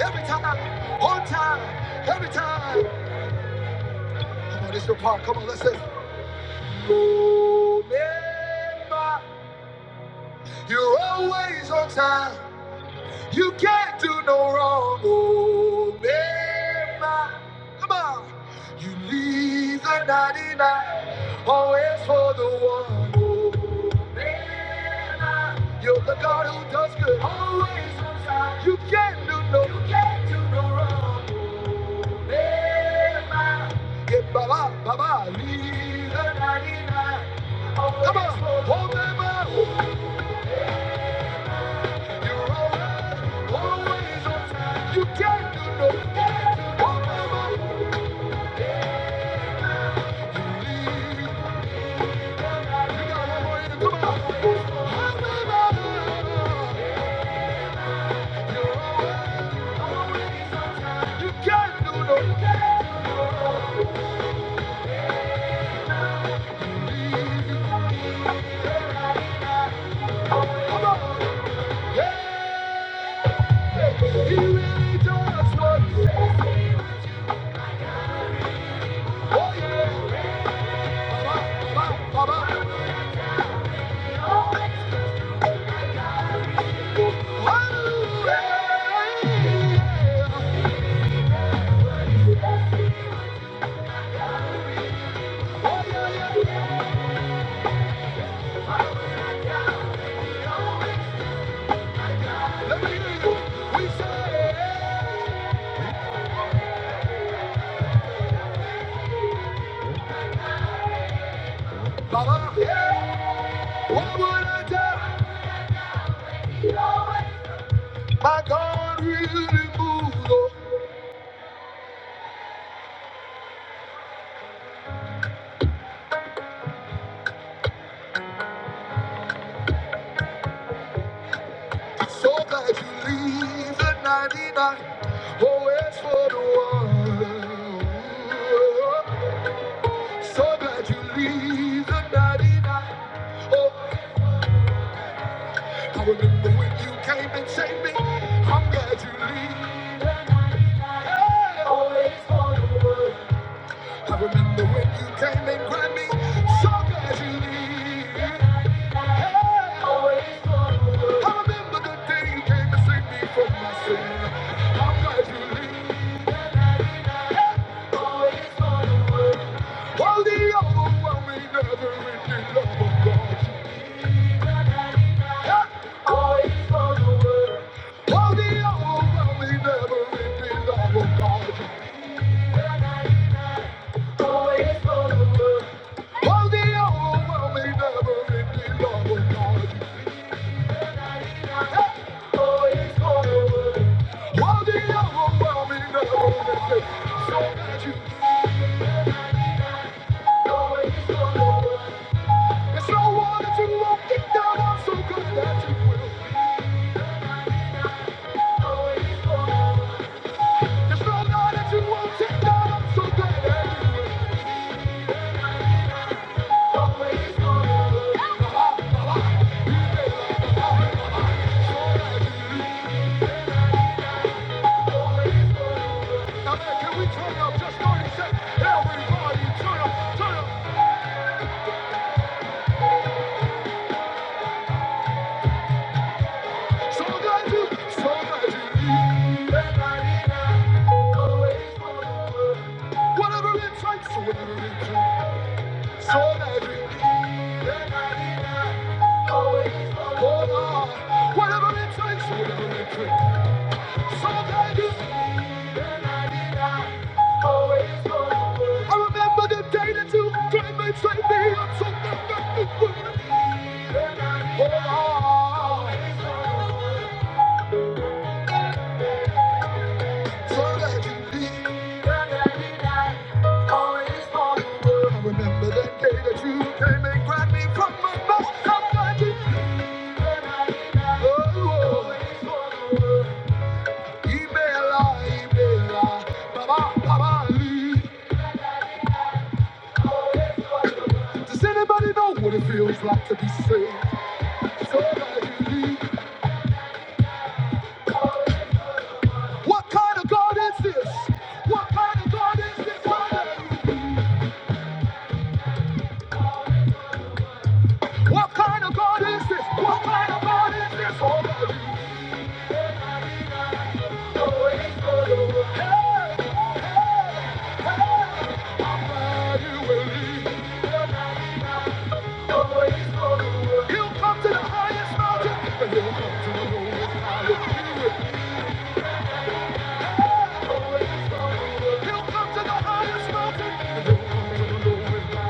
Every time, on time, every time. Come on, this is your part. Come on, let's say. oh, man, You're always on time. You can't do no wrong, oh Mama. Come on. You leave the 99, always for the one, oh Mama. You're the God who does good, always on time. You can't do no, you can't do no wrong, oh Mama. Yeah, Baba, Baba, leave the 99. Come on, oh Mama. You can't do no Oh, mama, you leave. Baba, yeah. what would I do? My God really moved. on. So that if you leave the 99 always for the one. So that you leave the 99. Oh, I remember when you came and saved me. I'm glad you leave. I remember when you came and grabbed me. So glad you leave. I remember the day you came to save me from my sin. I'm glad you leave. Oh, the overwhelming, never-ending love of God. Thank you. Now, can we turn up just 30 seconds? Everybody turn up, turn up. So magic, so magic. Whatever it takes, so whatever it takes. So magic. Everybody always hold on. Whatever it takes, so whatever it takes. So magic. I remember the day that you came and saved me. I'm so magic. So magic. I remember the day that you came and grabbed me from my mouth. So magic. Oh, oh. Email, email, Baba, Baba Lee. Does anybody know what it feels like to be saved? So I believe. What kind of God is this? What kind of God is this? Hallelujah. What kind of God is this? What kind of God is this? All I believe. He'll come to the highest mountain, and he'll come to the lowest valley. He'll come to the highest mountain, and he'll come to the lowest valley.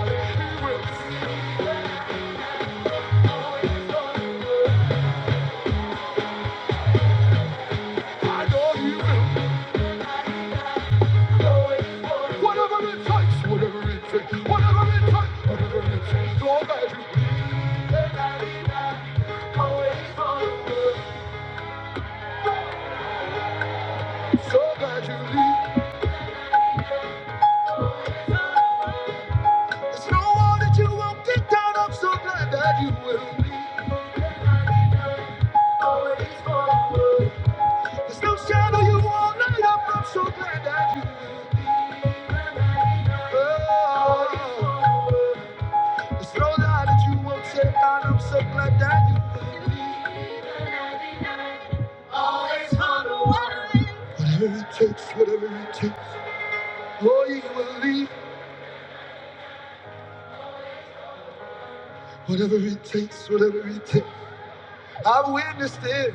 There's no wall that you won't get down. I'm so glad that you will. be. There's no shadow you won't light up. I'm so glad that you oh, There's no lie that you won't say out. I'm so glad that you Whatever it takes, whatever it takes. Oh, you will leave. Whatever it takes, whatever it takes. I've witnessed it.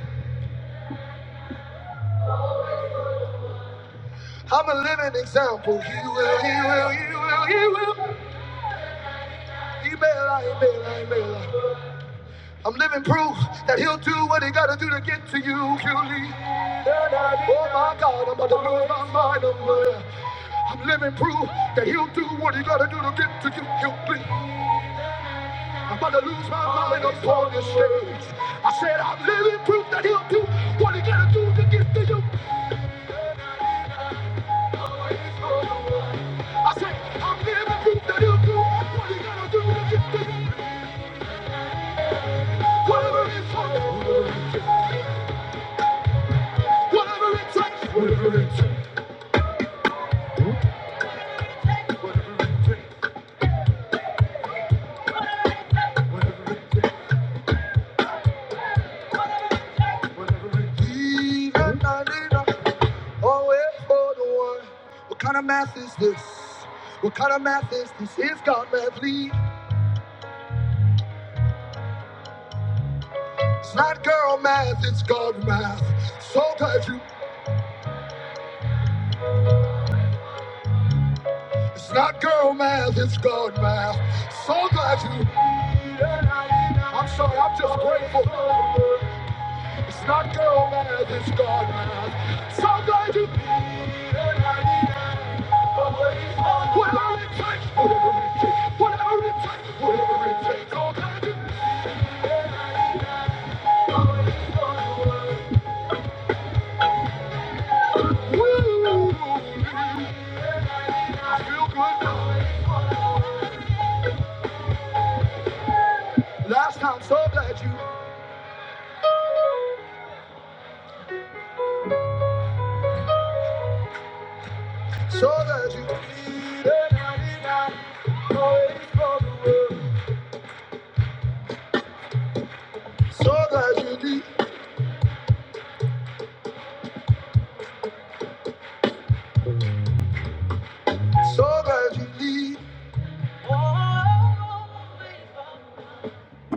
I'm a living example. He will, he will, he will, he will. He may lie, he may lie, he may lie. I'm living proof that he'll do what he gotta do to get to you. He'll leave. Oh my God, I'm about to lose my mind. I'm, uh, I'm living proof that he'll do what he gotta do to get to you. He'll be. I'm about to lose my mind up on this stage. I said I'm living proof that he'll do what he gotta do to get to you. I said I'm living proof that he'll do what he gotta do to get to you. Whatever it takes, whatever it takes, whatever it takes. Even 99. What kind of math is this? What kind of math is this? It's God math Lee. It's not girl math, it's God math. So glad you. It's not girl math, it's God math. So glad you. I'm sorry, I'm just grateful. It's not girl math, it's God math. So glad you. Whatever it takes, whatever it takes, whatever it takes, whatever it takes, oh God. Last time, so glad you, so glad you, leave, so glad you leave, so glad you leave.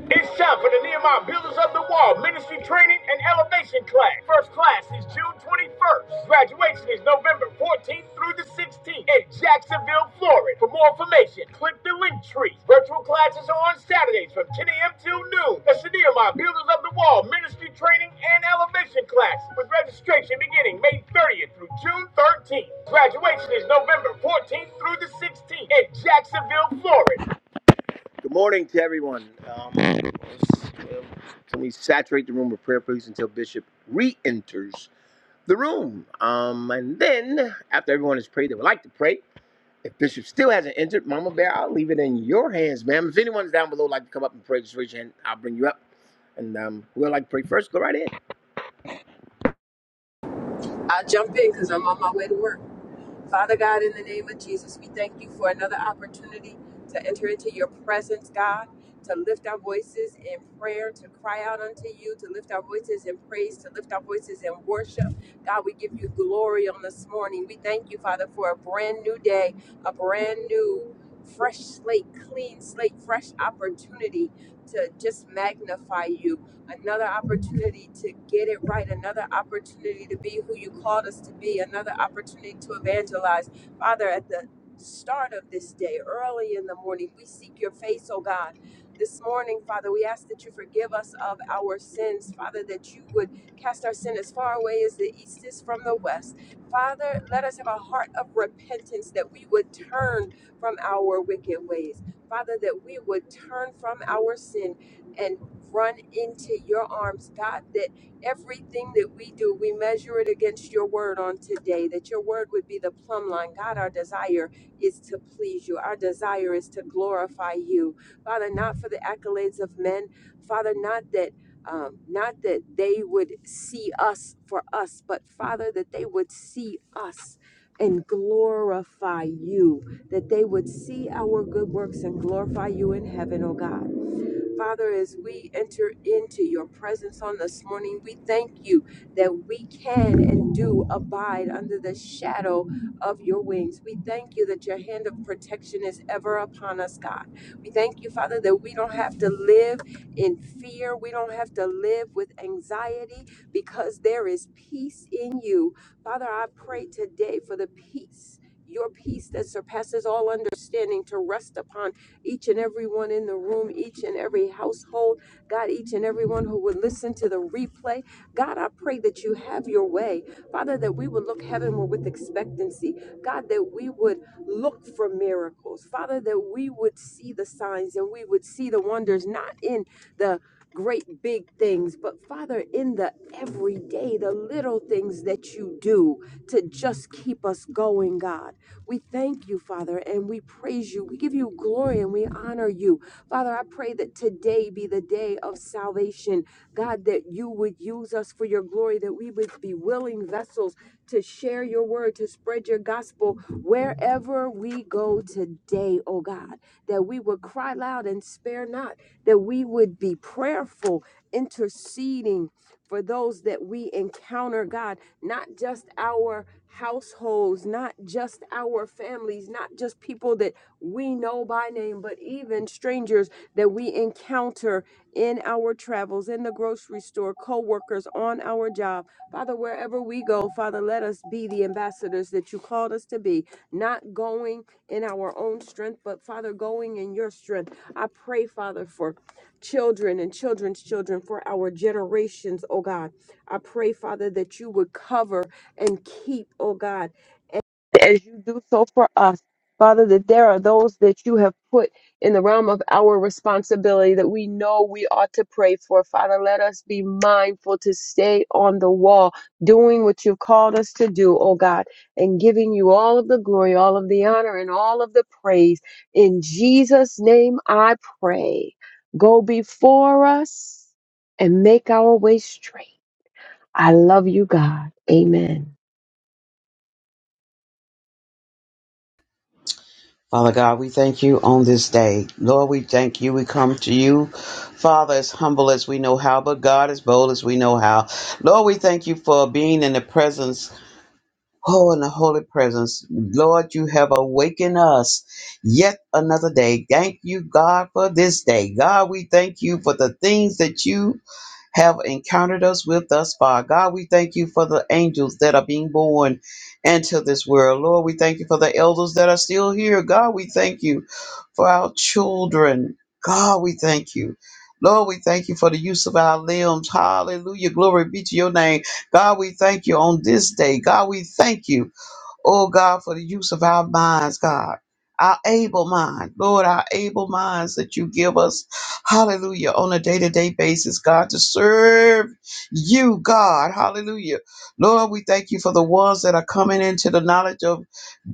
It's time for the Nehemiah Builders of the Wall Ministry Training and Elevation Class. First class is June 21st. Graduation is November 14th through the 16th in Jacksonville, Florida. For more information, click the link tree. Virtual classes are on Saturdays from 10 a.m. till noon. That's the Nehemiah Builders of the Wall Ministry Training and Elevation Class with registration beginning May 30th through June 13th. Graduation is November 14th through the 16th in Jacksonville, Florida. Good morning to everyone. Um, can we saturate the room with prayer, please, until Bishop re enters the room? Um, and then, after everyone has prayed, they would like to pray. If Bishop still hasn't entered, Mama Bear, I'll leave it in your hands, ma'am. If anyone's down below like to come up and pray, just raise your hand. I'll bring you up. And um, we like to pray first. Go right in.
i jump in because I'm on my way to work. Father God, in the name of Jesus, we thank you for another opportunity to enter into your presence, God, to lift our voices in prayer, to cry out unto you, to lift our voices in praise, to lift our voices in worship. God, we give you glory on this morning. We thank you, Father, for a brand new day, a brand new fresh slate, clean slate, fresh opportunity to just magnify you another opportunity to get it right, another opportunity to be who you called us to be, another opportunity to evangelize. Father, at the start of this day, early in the morning, we seek your face, oh God. This morning, Father, we ask that you forgive us of our sins, Father, that you would cast our sin as far away as the east is from the west. Father, let us have a heart of repentance that we would turn from our wicked ways. Father, that we would turn from our sin and run into your arms, God, that everything that we do, we measure it against your word on today, that your word would be the plumb line. God, our desire is to please you, our desire is to glorify you. Father, not for the accolades of men, Father, not that. Um, not that they would see us for us, but Father, that they would see us and glorify you, that they would see our good works and glorify you in heaven, oh God. Father, as we enter into your presence on this morning, we thank you that we can and do abide under the shadow of your wings. We thank you that your hand of protection is ever upon us, God. We thank you, Father, that we don't have to live in fear. We don't have to live with anxiety because there is peace in you. Father, I pray today for the peace. Your peace that surpasses all understanding to rest upon each and everyone in the room, each and every household, God, each and everyone who would listen to the replay. God, I pray that you have your way. Father, that we would look heavenward with expectancy. God, that we would look for miracles. Father, that we would see the signs and we would see the wonders, not in the great big things, but Father, in the everyday, the little things that you do to just keep us going, God. We thank you, Father, and we praise you. We give you glory and we honor you. Father, I pray that today be the day of salvation. God, that you would use us for your glory, that we would be willing vessels to share your word, to spread your gospel wherever we go today, oh God. That we would cry loud and spare not, that we would be prayerful, interceding for those that we encounter, God, not just our households, not just our families, not just people that we know by name, but even strangers that we encounter in our travels, in the grocery store, co workers, on our job. Father, wherever we go, Father, let us be the ambassadors that you called us to be, not going in our own strength, but Father, going in your strength. I pray, Father, for children and children's children for our generations, oh God. I pray, Father, that you would cover and keep, oh God as you do so for us. Father, that there are those that you have put in the realm of our responsibility that we know we ought to pray for. Father, let us be mindful to stay on the wall, doing what you've called us to do, oh God, and giving you all of the glory, all of the honor, and all of the praise. In Jesus' name I pray. Go before us and make our way straight. I love you, God. Amen.
Father God, we thank you on this day. Lord, we thank you. We come to you, Father, as humble as we know how, but God, as bold as we know how. Lord, we thank you for being in the presence, oh, in the holy presence. Lord, you have awakened us yet another day. Thank you, God, for this day. God, we thank you for the things that you have encountered us with thus far. God, we thank you for the angels that are being born into this world. Lord, we thank you for the elders that are still here. God, we thank you for our children. God, we thank you. Lord, we thank you for the use of our limbs. Hallelujah. Glory be to your name. God, we thank you on this day. God, we thank you. Oh God, for the use of our minds, God. Our able mind, Lord, our able minds that you give us, hallelujah, on a day to day basis, God, to serve you, God, hallelujah. Lord, we thank you for the ones that are coming into the knowledge of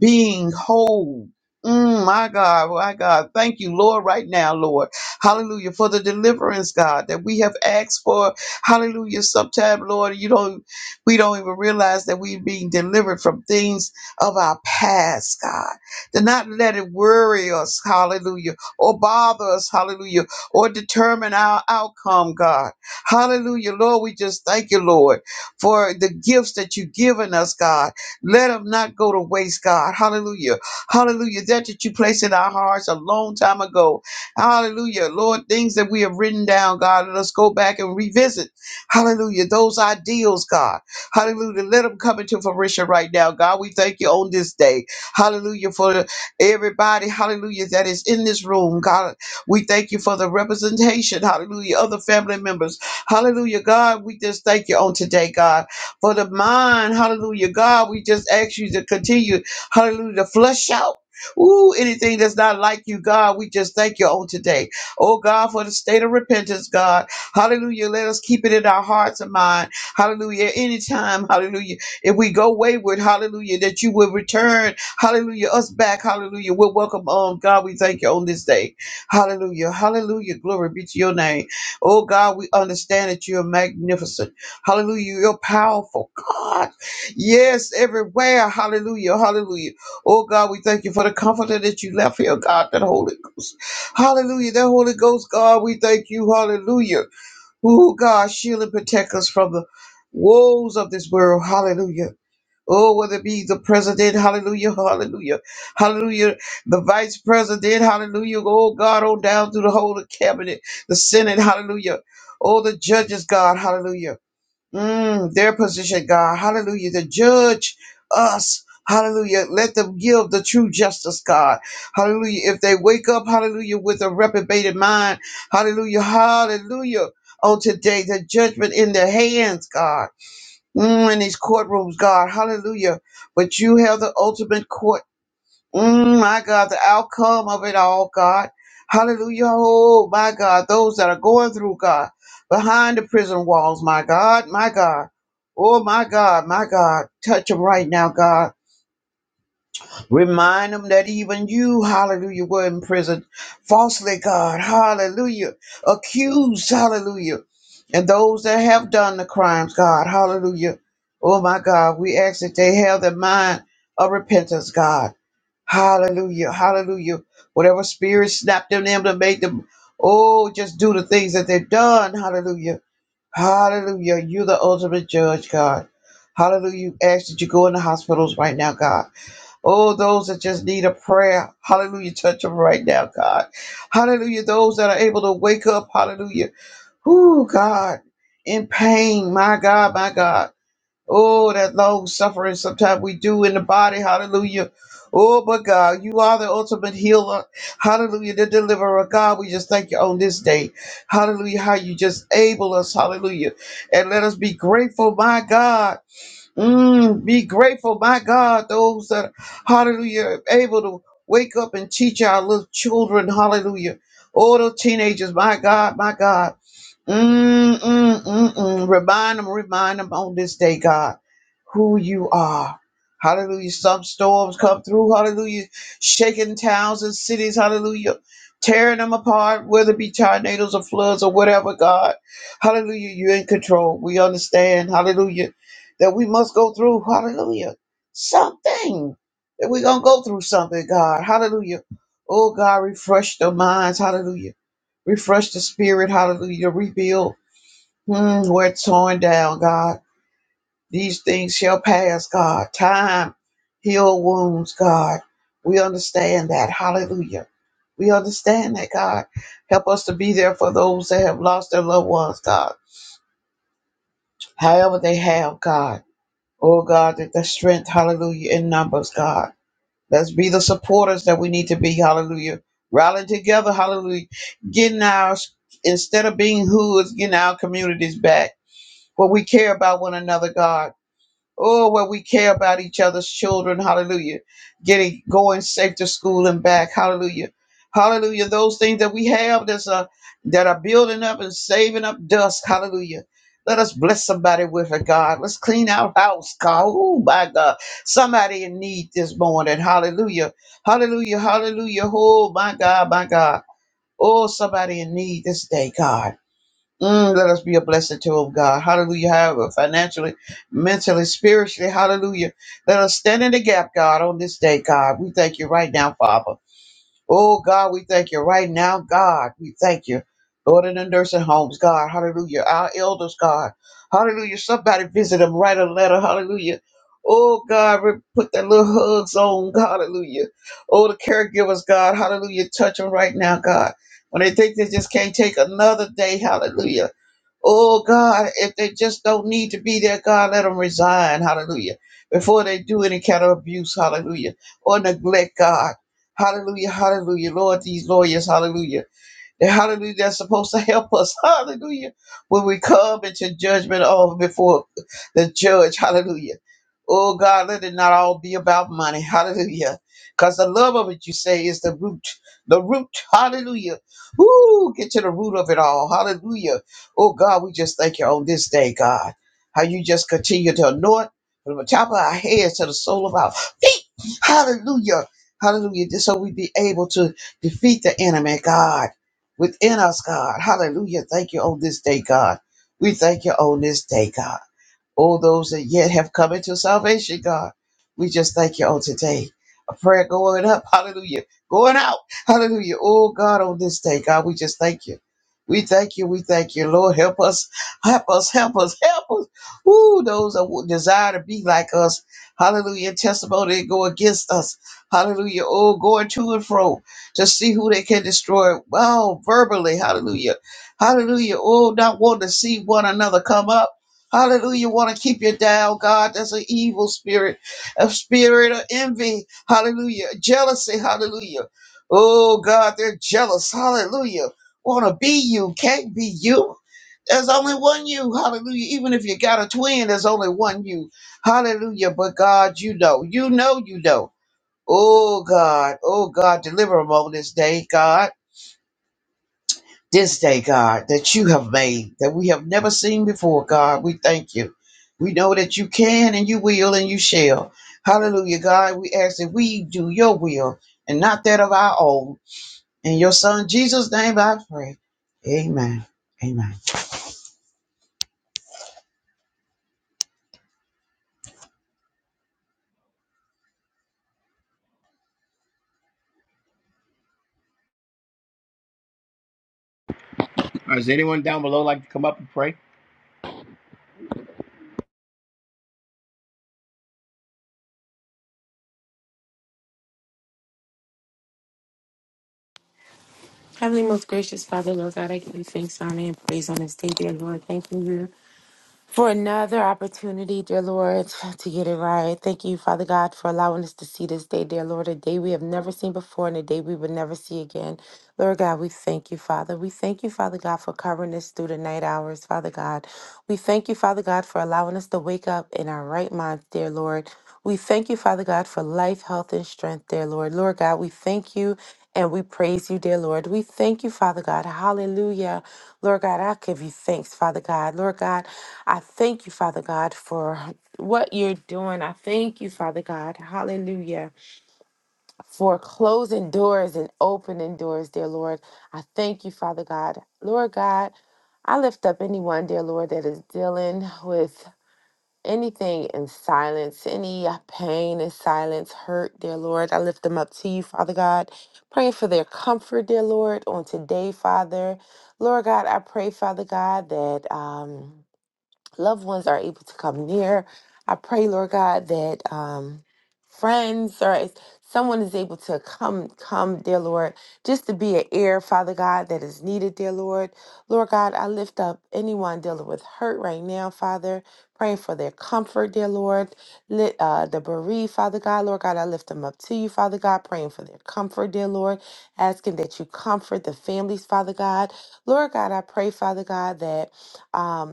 being whole. Mm, my God, my God, thank you, Lord, right now, Lord. Hallelujah, for the deliverance, God, that we have asked for. Hallelujah, sometime, Lord, you don't we don't even realize that we're being delivered from things of our past, God. To not let it worry us, hallelujah, or bother us, hallelujah, or determine our outcome, God. Hallelujah. Lord, we just thank you, Lord, for the gifts that you've given us, God. Let them not go to waste, God. Hallelujah. Hallelujah. That that you placed in our hearts a long time ago. Hallelujah. Lord, things that we have written down, God, let us go back and revisit. Hallelujah. Those ideals, God. Hallelujah. Let them come into fruition right now. God, we thank you on this day. Hallelujah for everybody. Hallelujah that is in this room. God, we thank you for the representation. Hallelujah. Other family members. Hallelujah. God, we just thank you on today, God, for the mind. Hallelujah. God, we just ask you to continue. Hallelujah. To flush out. Ooh, anything that's not like you, God, we just thank you on today. Oh, God, for the state of repentance, God. Hallelujah. Let us keep it in our hearts and mind. Hallelujah. Anytime, hallelujah. If we go wayward, hallelujah, that you will return, hallelujah, us back, hallelujah. We're welcome on. God, we thank you on this day. Hallelujah. Hallelujah. Glory be to your name. Oh God, we understand that you are magnificent. Hallelujah. You're powerful. God. Yes, everywhere. Hallelujah. Hallelujah. Oh God, we thank you for the comforter that you left here, God, that Holy Ghost. Hallelujah. That Holy Ghost, God, we thank you. Hallelujah. Oh God, shield and protect us from the woes of this world. Hallelujah. Oh, whether it be the president, hallelujah, hallelujah, hallelujah, the vice president, hallelujah, oh God, on down through the whole of cabinet, the Senate, hallelujah, oh the judges, God, hallelujah. Mm, their position, God. Hallelujah. To judge us. Hallelujah. Let them give the true justice, God. Hallelujah. If they wake up, hallelujah, with a reprobated mind. Hallelujah. Hallelujah. On today, the judgment in their hands, God. Mm, in these courtrooms, God. Hallelujah. But you have the ultimate court. Mm, my God, the outcome of it all, God. Hallelujah. Oh, my God, those that are going through, God, behind the prison walls, my God, my God. Oh, my God, my God. Touch them right now, God. Remind them that even you, hallelujah, were in prison falsely, God. Hallelujah. Accused, hallelujah. And those that have done the crimes, God, hallelujah. Oh, my God, we ask that they have the mind of repentance, God. Hallelujah. Hallelujah. Whatever spirit snapped in them to make them, oh, just do the things that they've done. Hallelujah. Hallelujah. You're the ultimate judge, God. Hallelujah. You ask that you go in the hospitals right now, God. Oh, those that just need a prayer. Hallelujah. Touch them right now, God. Hallelujah. Those that are able to wake up. Hallelujah. Whoo, God. In pain. My God, my God. Oh, that long suffering sometimes we do in the body. Hallelujah. Oh, but God, you are the ultimate healer. Hallelujah. The deliverer. God, we just thank you on this day. Hallelujah. How you just able us. Hallelujah. And let us be grateful, my God. Mm, be grateful, my God. Those that, hallelujah, are able to wake up and teach our little children. Hallelujah. All the teenagers, my God, my God. Mm, mm, mm, mm. Remind them, remind them on this day, God, who you are. Hallelujah. Some storms come through. Hallelujah. Shaking towns and cities. Hallelujah. Tearing them apart, whether it be tornadoes or floods or whatever, God. Hallelujah. You're in control. We understand. Hallelujah. That we must go through. Hallelujah. Something. That we're going to go through something, God. Hallelujah. Oh, God, refresh their minds. Hallelujah Refresh the spirit, hallelujah. Rebuild mm, where it's torn down, God. These things shall pass, God. Time heal wounds, God. We understand that, hallelujah. We understand that, God. Help us to be there for those that have lost their loved ones, God. However they have, God. Oh, God, that the strength, hallelujah, in numbers, God. Let's be the supporters that we need to be. Hallelujah. Rallying together. Hallelujah. Getting our, instead of being hoods, getting our communities back. But we care about one another, God. Oh, where we care about each other's children. Hallelujah. Getting going safe to school and back. Hallelujah. Hallelujah. Those things that we have that's uh, that are building up and saving up dust. Hallelujah. Let us bless somebody with it, God. Let's clean our house, God. Oh, my God. Somebody in need this morning. Hallelujah. Hallelujah. Hallelujah. Oh, my God, my God. Oh, somebody in need this day, God. Mm, let us be a blessing to him, God. Hallelujah. However, financially, mentally, spiritually, hallelujah. Let us stand in the gap, God, on this day, God. We thank you right now, Father. Oh, God, we thank you right now, God. We thank you. Lord, in the nursing homes, God. Hallelujah. Our elders, God. Hallelujah. Somebody visit them, write a letter. Hallelujah. Oh, God, re- put that little hugs on. Hallelujah. Oh, the caregivers, God. Hallelujah. Touch them right now, God. When they think they just can't take another day, hallelujah. Oh God, if they just don't need to be there, God, let them resign. Hallelujah. Before they do any kind of abuse, hallelujah, or neglect God. Hallelujah, hallelujah. Lord, these lawyers, hallelujah that hallelujah that's supposed to help us hallelujah when we come into judgment of before the judge hallelujah oh god let it not all be about money hallelujah because the love of it you say is the root the root hallelujah Ooh, get to the root of it all hallelujah oh god we just thank you on this day god how you just continue to anoint from the top of our heads to the sole of our feet hallelujah hallelujah just so we be able to defeat the enemy god within us, God. Hallelujah. Thank you on this day, God. We thank you on this day, God all those that yet have come into salvation, God. We just thank you on today. A prayer going up, hallelujah. Going out, hallelujah. Oh God, on this day, God, we just thank you. We thank you. We thank you. Lord, help us. Help us. Help us. Help us. Ooh, those that would desire to be like us. Hallelujah. Testimony that go against us. Hallelujah. Oh, going to and fro to see who they can destroy. Wow, verbally. Hallelujah. Hallelujah. Oh, not wanting to see one another come up. Hallelujah. Want to keep you down, God. That's an evil spirit, a spirit of envy. Hallelujah. Jealousy. Hallelujah. Oh, God, they're jealous. Hallelujah. Want to be you, can't be you. There's only one you. Hallelujah. Even if you got a twin, there's only one you. Hallelujah. But God, you know, you know, you know. Oh, God. Oh, God, deliver them on this day, God this day, God, that you have made, that we have never seen before, God. We thank you. We know that you can and you will and you shall. Hallelujah, God. We ask that we do your will and not that of our own. In your son Jesus' name I pray. Amen. Amen.
Or does anyone down below like to come up and pray?
Heavenly, most gracious Father, Lord God, I give you thanks, honor, and praise on this day, dear Lord. Thank you, for another opportunity, dear Lord, to get it right. Thank you, Father God, for allowing us to see this day, dear Lord, a day we have never seen before and a day we will never see again. Lord God, we thank you, Father. We thank you, Father God, for covering us through the night hours, Father God. We thank you, Father God, for allowing us to wake up in our right minds, dear Lord. We thank you, Father God, for life, health, and strength, dear Lord. Lord God, we thank you and we praise you, dear Lord. We thank you, Father God. Hallelujah. Lord God, I give you thanks, Father God. Lord God, I thank you, Father God, for what you're doing. I thank you, Father God, hallelujah, for closing doors and opening doors, dear Lord. I thank you, Father God. Lord God, I lift up anyone, dear Lord, that is dealing with anything in silence, any pain in silence, hurt, dear Lord. I lift them up to you, Father God. Praying for their comfort, dear Lord, on today, Father. Lord God, I pray, Father God, that. Um, loved ones are able to come near. I pray, Lord God, that um, friends or if someone is able to come, come, dear Lord, just to be an ear, Father God, that is needed, dear Lord. Lord God, I lift up anyone dealing with hurt right now, Father. Praying for their comfort, dear Lord. Lit, uh, the bereaved, Father God, Lord God, I lift them up to you, Father God. Praying for their comfort, dear Lord. Asking that you comfort the families, Father God. Lord God, I pray, Father God, that. Um,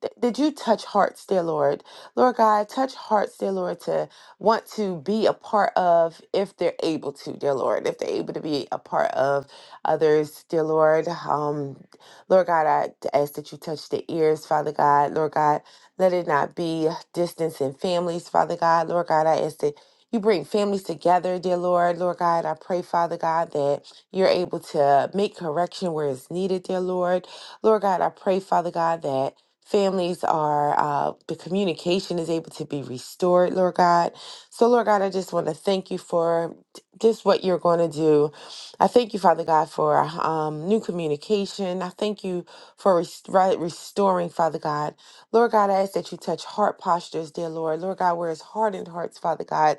th- Did you touch hearts, dear Lord? Lord God, touch hearts, dear Lord, to want to be a part of if they're able to, dear Lord, if they're able to be a part of others, dear Lord. Um, Lord God, I ask that you touch the ears, Father God. Lord God, let it not be distance in families, Father God. Lord God, I ask that you bring families together, dear Lord. Lord God, I pray, Father God, that you're able to make correction where it's needed, dear Lord. Lord God, I pray, Father God, that families are uh the communication is able to be restored lord god so lord god i just want to thank you for t- just what you're going to do i thank you father god for um new communication i thank you for rest- right- restoring father god lord god i ask that you touch heart postures dear lord lord god where is hardened hearts father god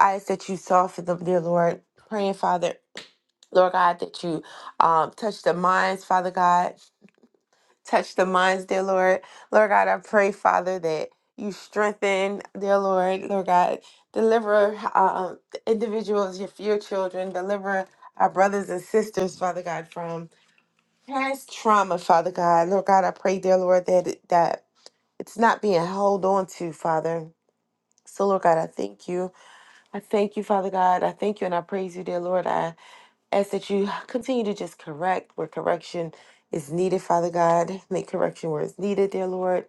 i ask that you soften them dear lord praying father Lord God, that you um, touch the minds, Father God. Touch the minds, dear Lord. Lord God, I pray, Father, that you strengthen, dear Lord. Lord God, deliver uh, the individuals, your few children, deliver our brothers and sisters, Father God, from past trauma, Father God. Lord God, I pray, dear Lord, that it- that it's not being held on to, Father. So, Lord God, I thank you. I thank you, Father God. I thank you and I praise you, dear Lord ask that you continue to just correct where correction is needed, Father God. Make correction where it's needed, dear Lord.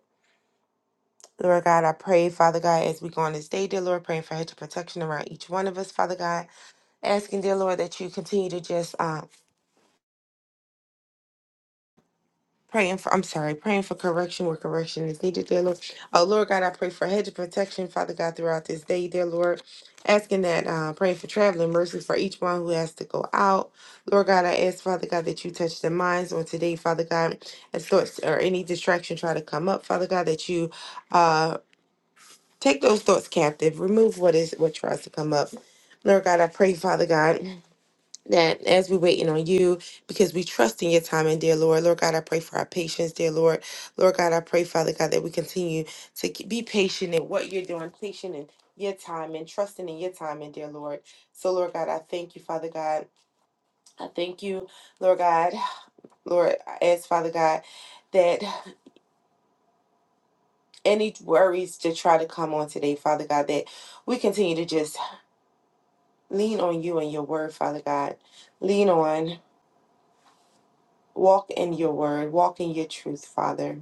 Lord God, I pray, Father God, as we go on this day, dear Lord, praying for hedge of protection around each one of us, Father God. Asking, dear Lord, that you continue to just um, praying for I'm sorry, praying for correction where correction is needed, dear Lord. Oh Lord God, I pray for a hedge of protection, Father God, throughout this day, dear Lord. Asking that, uh, praying for traveling mercy for each one who has to go out. Lord God, I ask, Father God, that you touch their minds on today, Father God, as thoughts or any distraction try to come up, Father God, that you uh take those thoughts captive, remove what is what tries to come up. Lord God, I pray, Father God that as we're waiting on you, because we trust in your timing, dear Lord. Lord God, I pray for our patience, dear Lord. Lord God, I pray, Father God, that we continue to k- be patient in what you're doing, patient in your time and trusting in your timing, dear Lord. So, Lord God, I thank you, Father God. I thank you, Lord God. Lord, I ask, Father God, that any worries to try to come on today, Father God, that we continue to just lean on you and your word, Father God. Lean on. Walk in your word, walk in your truth, Father.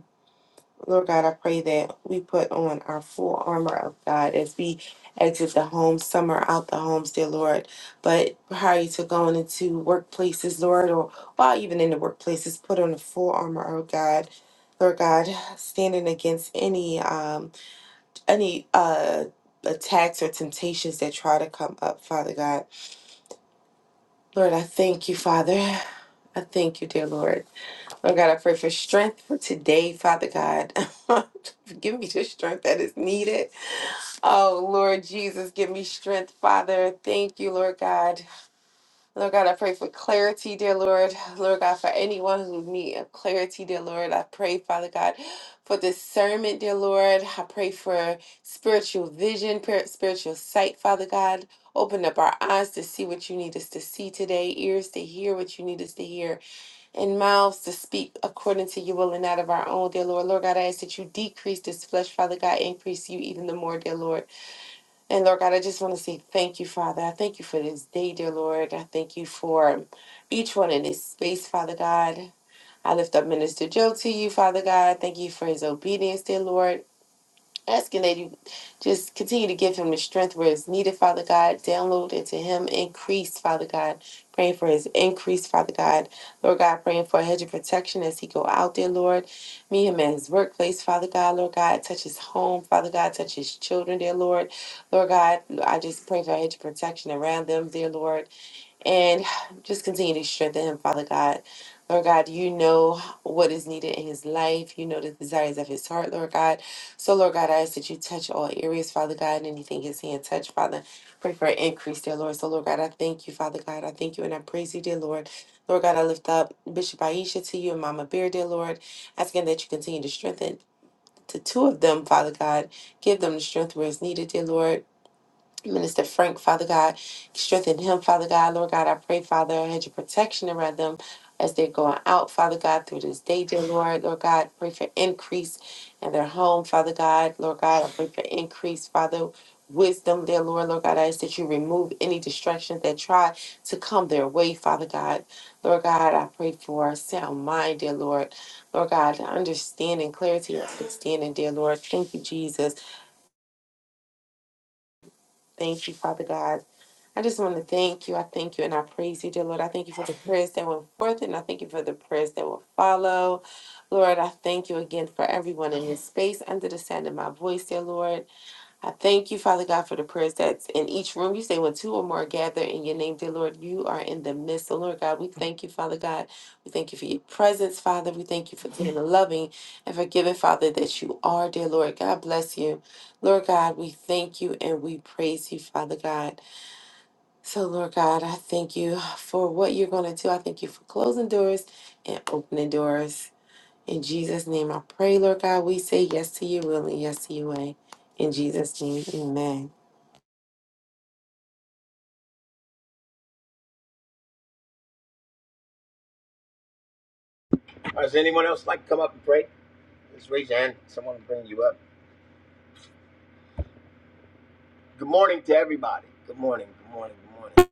Lord God, I pray that we put on our full armor of God as we exit the home, some are out the homes, dear Lord. But prior to going into workplaces, Lord, or while even in the workplaces, put on the full armor of God. Lord God, standing against any um any uh attacks or temptations that try to come up, Father God. Lord, I thank you, Father. I thank you, dear Lord. Oh God, I pray for strength for today, Father God. give me the strength that is needed. Oh Lord Jesus, give me strength, Father. Thank you, Lord God. Lord God, I pray for clarity, dear Lord. Lord God, for anyone who needs clarity, dear Lord, I pray, Father God, for discernment, dear Lord. I pray for spiritual vision, pir- spiritual sight, Father God. Open up our eyes to see what you need us to see today, ears to hear what you need us to hear and mouths to speak according to your will and not of our own, dear Lord. Lord God, I ask that you decrease this flesh, Father God, increase you even the more, dear Lord. And Lord God, I just want to say thank you, Father. I thank you for this day, dear Lord. I thank you for each one in this space, Father God. I lift up Minister Joe to you, Father God. Thank you for his obedience, dear Lord asking that you just continue to give him the strength where it's needed, Father God. Download into him, increase, Father God. Praying for his increase, Father God. Lord God, praying for a hedge of protection as he go out there, Lord. Meet him at his workplace, Father God. Lord God, touch his home, Father God. Touch his children, dear Lord. Lord God, I just pray for a hedge of protection around them, dear Lord. And just continue to strengthen him, Father God. Lord God, you know what is needed in his life. You know the desires of his heart, Lord God. So, Lord God, I ask that you touch all areas, Father God, and anything his hand touch, Father. Pray for an increase, dear Lord. So, Lord God, I thank you, Father God. I thank you and I praise you, dear Lord. Lord God, I lift up Bishop Aisha to you and Mama Bear, dear Lord, asking that you continue to strengthen the two of them, Father God. Give them the strength where it's needed, dear Lord. Minister Frank, Father God, strengthen him, Father God. Lord God, I pray, Father, I had your protection around them as they're going out, Father God, through this day, dear Lord. Lord God, pray for increase in their home, Father God. Lord God, I pray for increase, Father. Wisdom, dear Lord, Lord God, I ask that you remove any distractions that try to come their way, Father God. Lord God, I pray for a sound mind, dear Lord. Lord God, understanding, clarity, understanding, dear Lord. Thank you, Jesus. Thank you, Father God. I just want to thank you. I thank you and I praise you, dear Lord. I thank you for the prayers that went forth and I thank you for the prayers that will follow. Lord, I thank you again for everyone in this space under the sound of my voice, dear Lord. I thank you, Father God, for the prayers that's in each room. You say, when two or more gather in your name, dear Lord, you are in the midst. So, Lord God, we thank you, Father God. We thank you for your presence, Father. We thank you for being a loving and forgiving, Father, that you are, dear Lord. God bless you. Lord God, we thank you and we praise you, Father God. So, Lord God, I thank you for what you're going to do. I thank you for closing doors and opening doors. In Jesus' name, I pray, Lord God, we say yes to your will and yes to your way. In Jesus' name, amen.
Or does anyone else like to come up and pray? Just raise your hand. Someone will bring you up. Good morning to everybody. Good morning. Good morning. Good morning.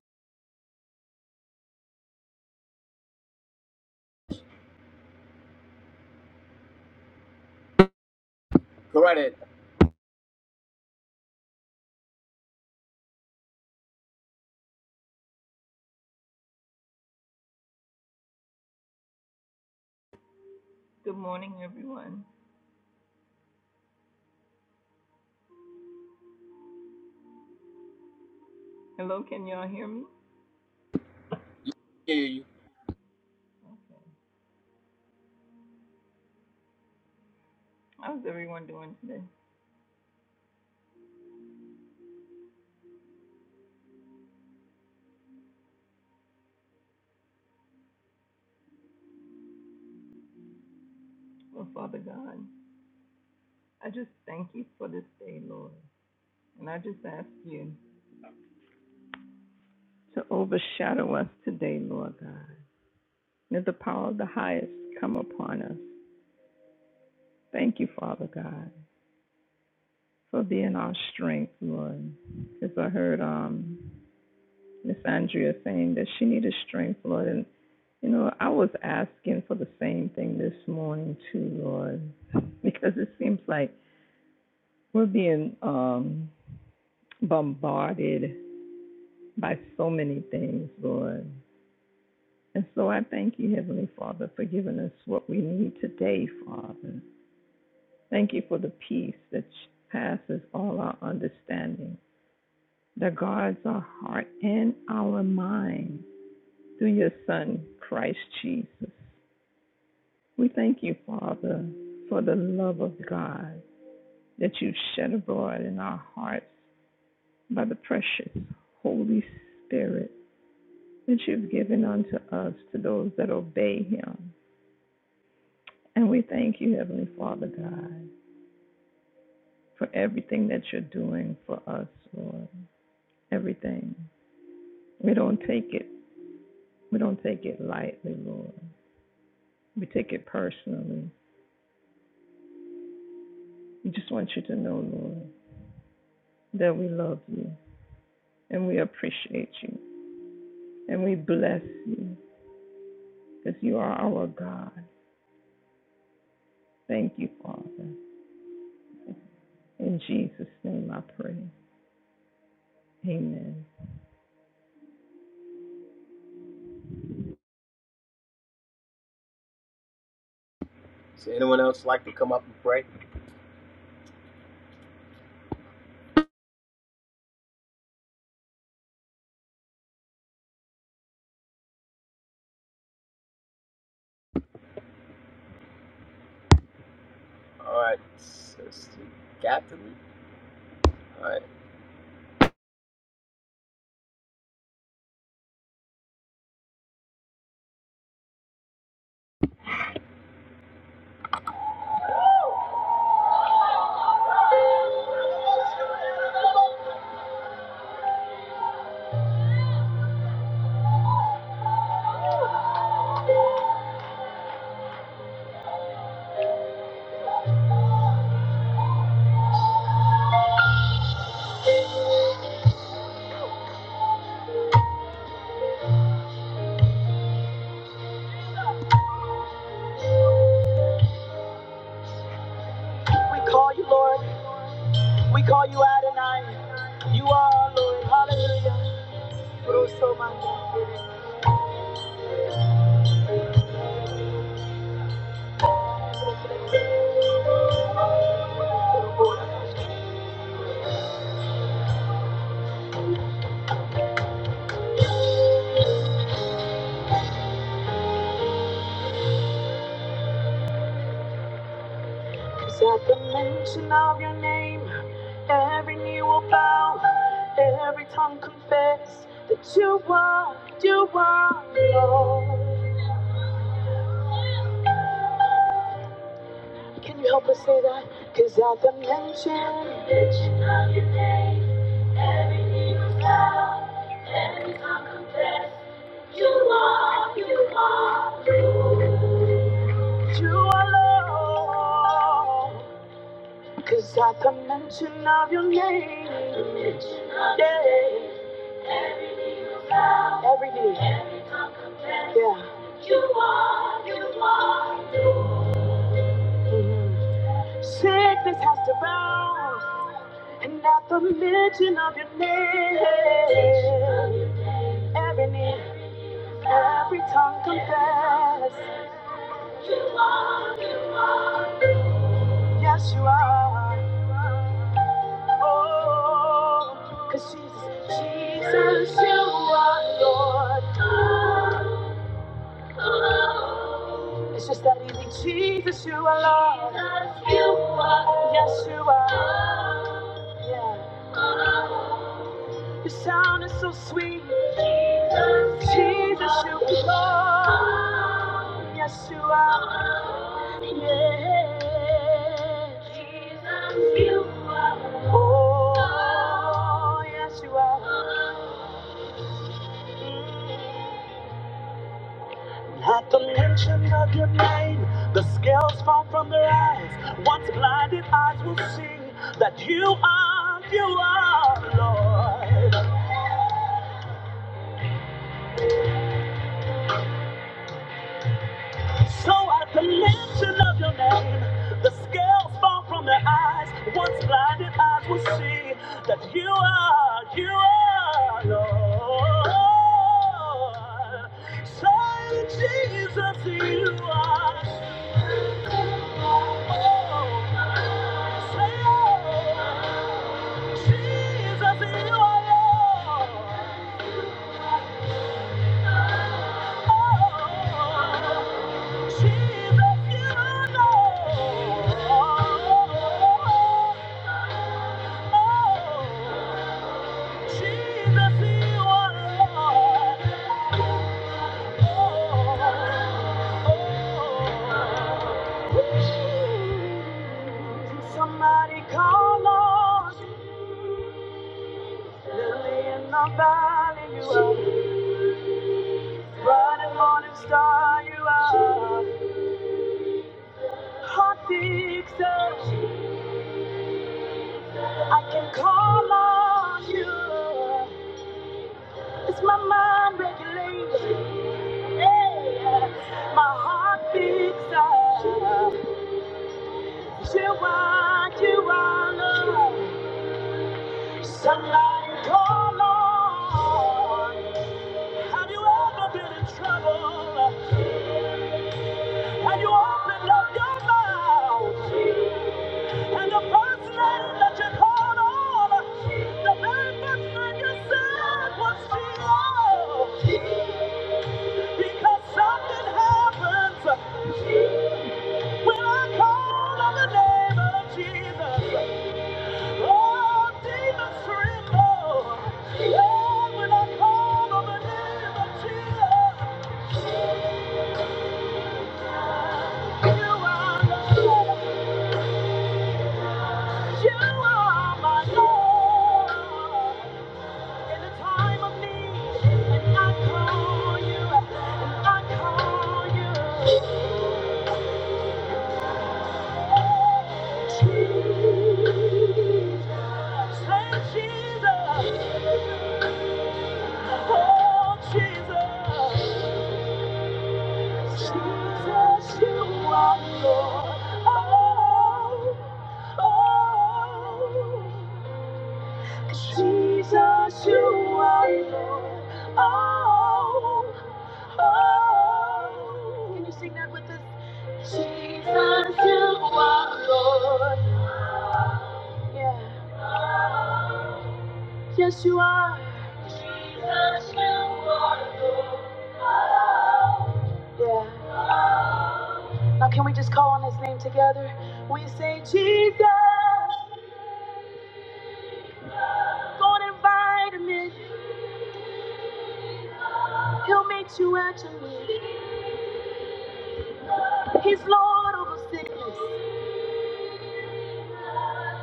Go right in.
Good morning, everyone. Hello, can y'all hear me?
Yeah, yeah, yeah.
How's everyone doing today? Well, Father God, I just thank you for this day, Lord. And I just ask you to overshadow us today, Lord God. May the power of the highest come upon us. Thank you, Father God, for being our strength, Lord. Because I heard um, Miss Andrea saying that she needed strength, Lord. And, you know, I was asking for the same thing this morning, too, Lord. Because it seems like We're being um, bombarded by so many things, Lord. And so I thank you, Heavenly Father, for giving us what we need today, Father. Thank you for the peace that passes all our understanding, that guards our heart and our mind through your Son, Christ Jesus. We thank you, Father, for the love of God that you've shed abroad in our hearts by the precious Holy Spirit. that you've given unto us to those that obey him. And we thank you, Heavenly Father God, for everything that you're doing for us, Lord. Everything. We don't take it. We don't take it lightly, Lord. We take it personally. We just want you to know, Lord, that we love you and we appreciate you and we bless you because you are our God. Thank you, Father. In Jesus' name I pray. Amen.
Does anyone else like to come up and pray? All right, Sister Catherine. All right. We call you Lord. We call you Adonai. You are our Lord. Hallelujah. Russo Mandarin. Cause at the mention of your name, every knee will bow, every tongue confess that you are, you are Lord. Can you help us say that? Cause at the mention of your name, every knee will bow. You alone. Cause at the mention of your name, yeah, every knee, yeah. mhm. Sickness has to bow. And at the mention of your name, every knee, every tongue confess, yes, you are. oh, 'cause Jesus, Jesus, you are Lord. It's just that easy. Jesus, you are Lord. Yes, you are. Yeah. Your sound is so sweet. Jesus, you belong. Yes, you are. Yeah. Jesus, you are. Oh, yes, you are. Mm. At the mention of your name, the scales fall from their eyes. Once blinded eyes will see that you are, you are, Lord. So at the mention of your name, the scales fall from their eyes. Once blinded eyes will see that you are, you are Lord. So that you are Lord. Lord, Lord, Lord. Somebody call on Lily in the valley, you are bright and morning star, you are hot fixer. I can call on you. It's my mind regulation, yeah. yeah. my heart fixer. Jehovah, Jehovah, Lord, sunlight, oh Lord. Have you ever been in trouble? And you opened up your mouth, and the first name that you called on, the very first name you said was Jesus, because something happens when I call on the name of Jesus. Jesus, you are Lord. Oh, oh. oh. Jesus, you are Lord. Oh, oh. Can you sing that with us? Jesus, you are Lord. Yeah. Yes, you are. Jesus, you are. Now, can we just call on his name together? We say, Jesus, go and invite him in. He'll meet you at your need. He's Lord over sick.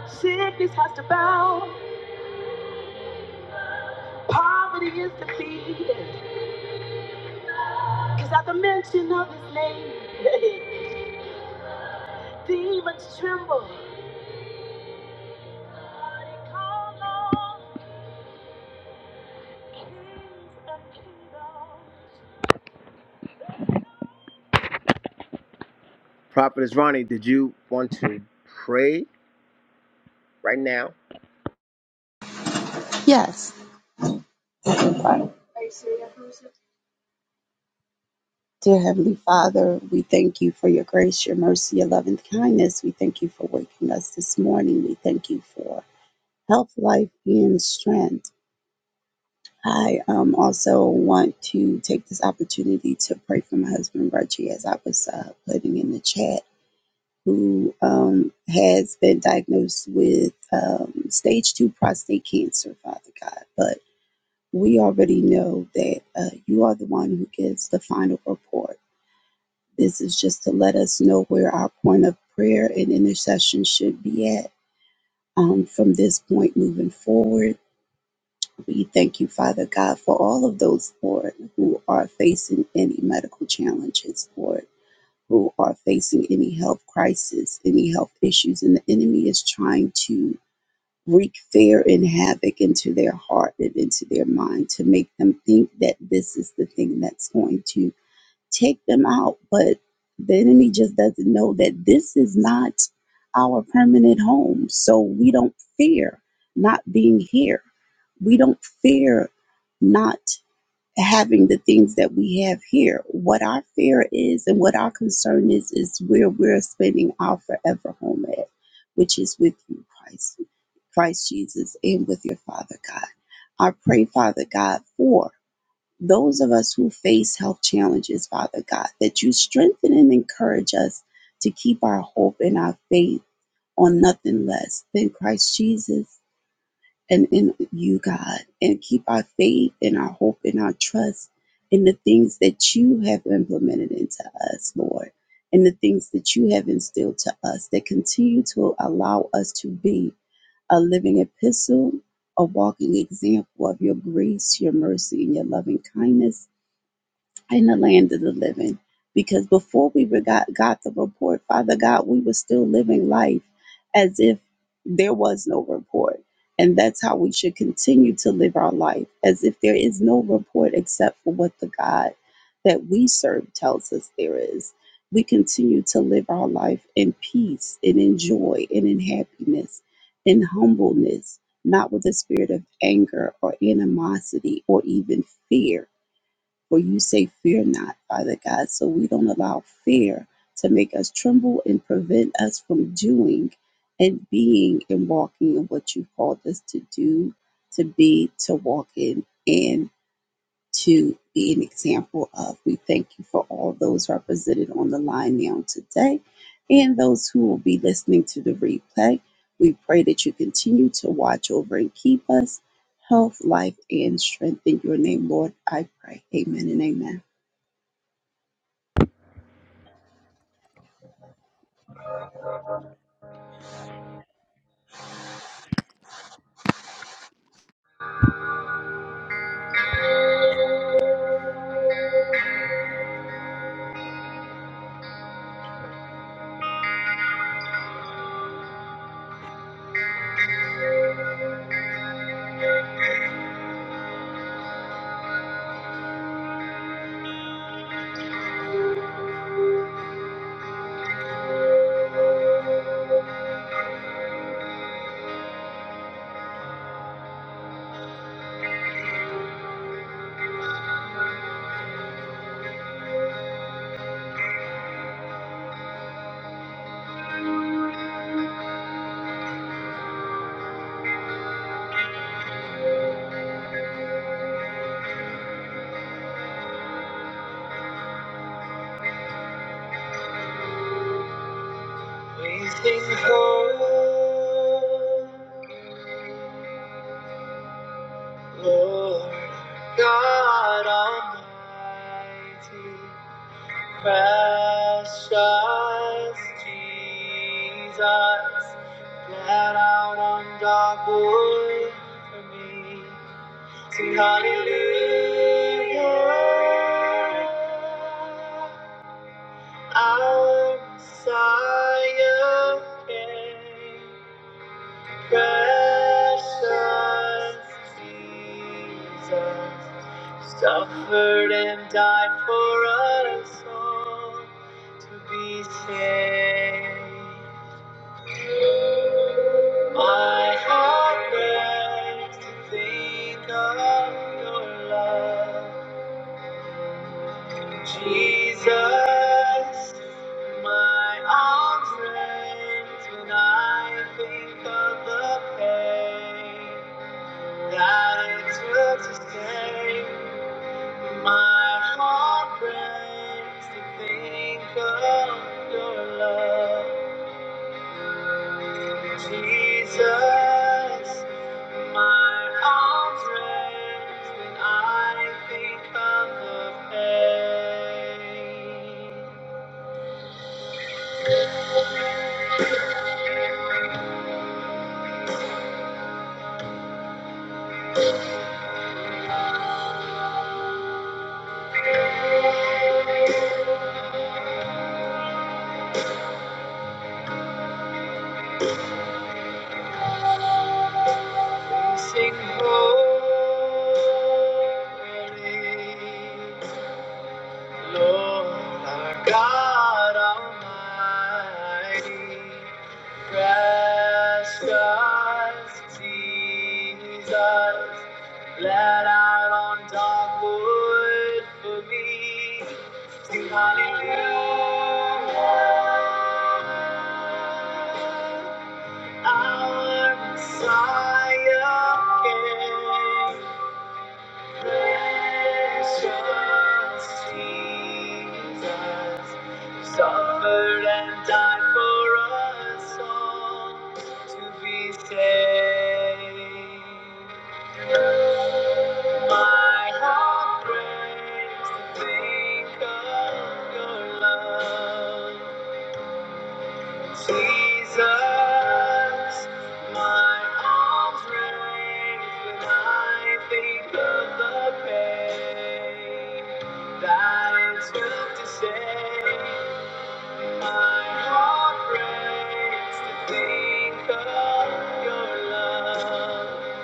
Sickness has to bow. Poverty is defeated. Cause at the mention of his name, demons tremble. Call on kings of kingdoms. Prophetess Ronnie, did you want to pray right now?
Yes. Dear Heavenly Father, we thank you for your grace, your mercy, your love, and kindness. We thank you for waking us this morning. We thank you for health, life, and strength. I um, also want to take this opportunity to pray for my husband, Reggie, as I was uh, putting in the chat, who um, has been diagnosed with um, stage two prostate cancer, Father God. But we already know that uh, you are the one who gives the final report. This is just to let us know where our point of prayer and intercession should be at um, from this point moving forward. We thank you, Father God, for all of those, Lord, who are facing any medical challenges, Lord, who are facing any health crisis, any health issues, and the enemy is trying to wreak fear and havoc into their heart and into their mind to make them think that this is the thing that's going to take them out. But the enemy just doesn't know that this is not our permanent home. So we don't fear not being here. We don't fear not having the things that we have here. What our fear is and what our concern is, is where we're spending our forever home at, which is with you, Christ, Christ Jesus, and with your Father God. I pray, Father God, for those of us who face health challenges, Father God, that you strengthen and encourage us to keep our hope and our faith on nothing less than Christ Jesus and in you, God, and keep our faith and our hope and our trust in the things that you have implemented into us, Lord, and the things that you have instilled to us that continue to allow us to be a living epistle, a walking example of your grace, your mercy, and your loving kindness in the land of the living. Because before we were got, got the report, Father God, we were still living life as if there was no report. And that's how we should continue to live our life, as if there is no report except for what the God that we serve tells us there is. We continue to live our life in peace and in joy and in happiness, in humbleness, not with a spirit of anger or animosity or even fear for you say, Fear not, Father God. So we don't allow fear to make us tremble and prevent us from doing and being and walking in what you called us to do, to be, to walk in. and to be an example of. We thank you for all those represented on the line now today and those who will be listening to the replay. We pray that you continue to watch over and keep us, health, life, and strength. In your name, Lord, I pray. Amen and amen.
We sing holy, Lord God Almighty, precious Jesus, bled out on dark wood for me. Sing hallelujah. Our Messiah came. Precious Jesus suffered and died for us all to be saved. My heart breaks to think of your love. Jesus, my arms raised when I think of the pain that it took to stay. My heart breaks to think of your love. Jesus, my arms raised when I think of the pain. Sing holy, Lord our God Almighty. Precious Jesus, let out on dark wood for me. Sing hallelujah. Our Messiah came. Precious Jesus, you suffered and died for us all to be saved. My heart breaks to think of your love. Jesus, my arms raised when I think of the pain that it took to save. My heart breaks to think of your love,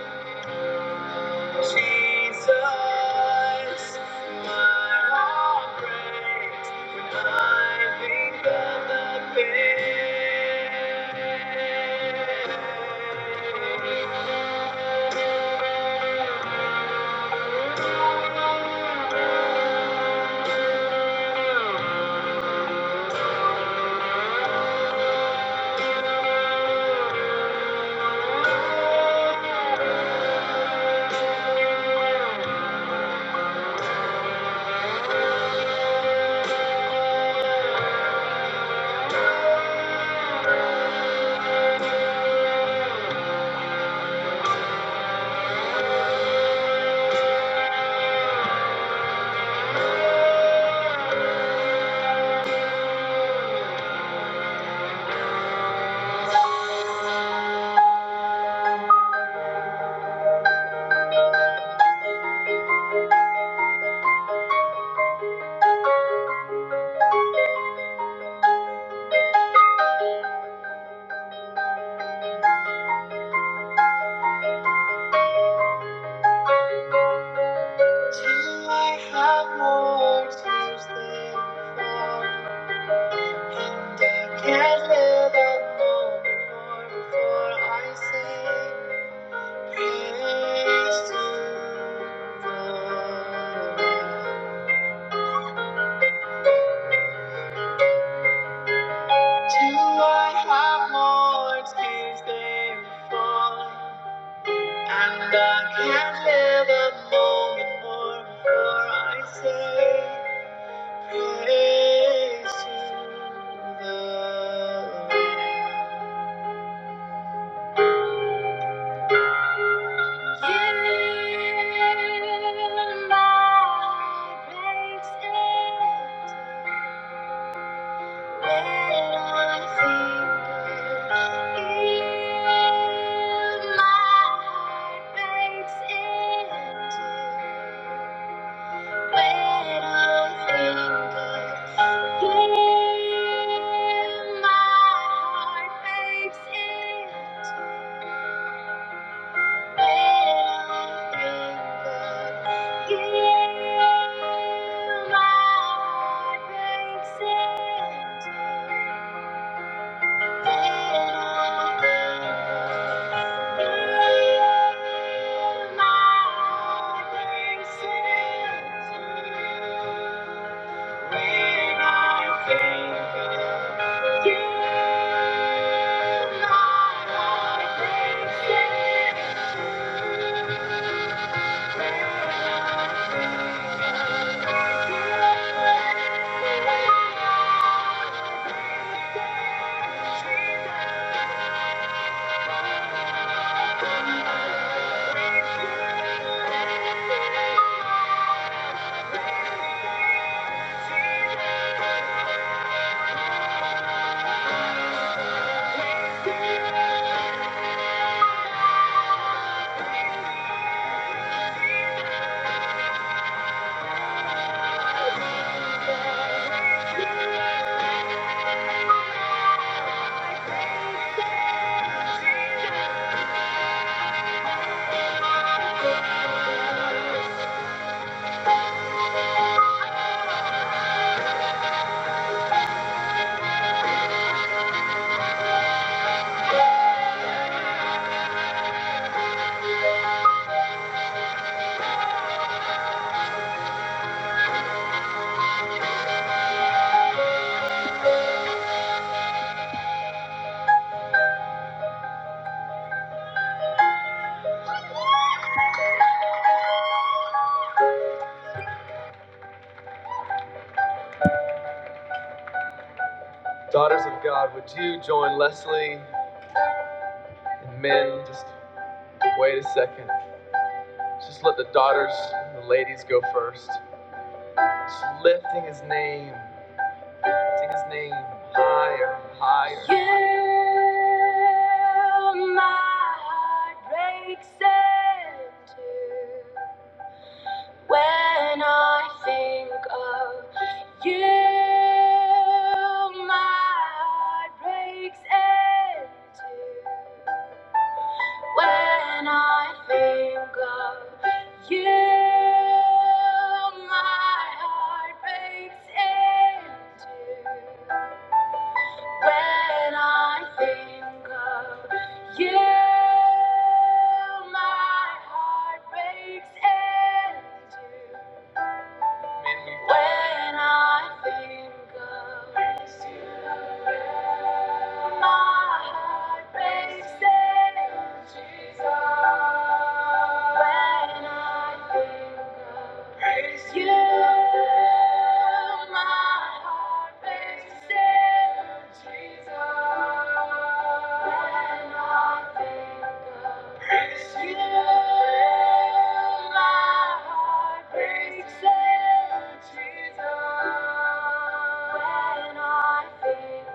Jesus. My heart breaks when I think of the pain. Till I have more tears than fall, and I can't live a moment more Before I say praise to the Lord. Till I have more tears than fall, and I can't live a moment more Before I say praise to the Lord. Give, my heart breaks Yeah. Daughters of God, would you join Leslie and men? Just wait a second. Just let the daughters and the ladies go first. So lifting his name, lifting his name higher, higher. You, my heart breaks in two when I think of you. My heart breaks in two. When I think of you, my heart breaks in two. When I think of you, my heart breaks in two. When I think of you, my heart breaks in Jesus. When I think of you, my heart breaks in Jesus. When I think of you, my heart breaks in when I think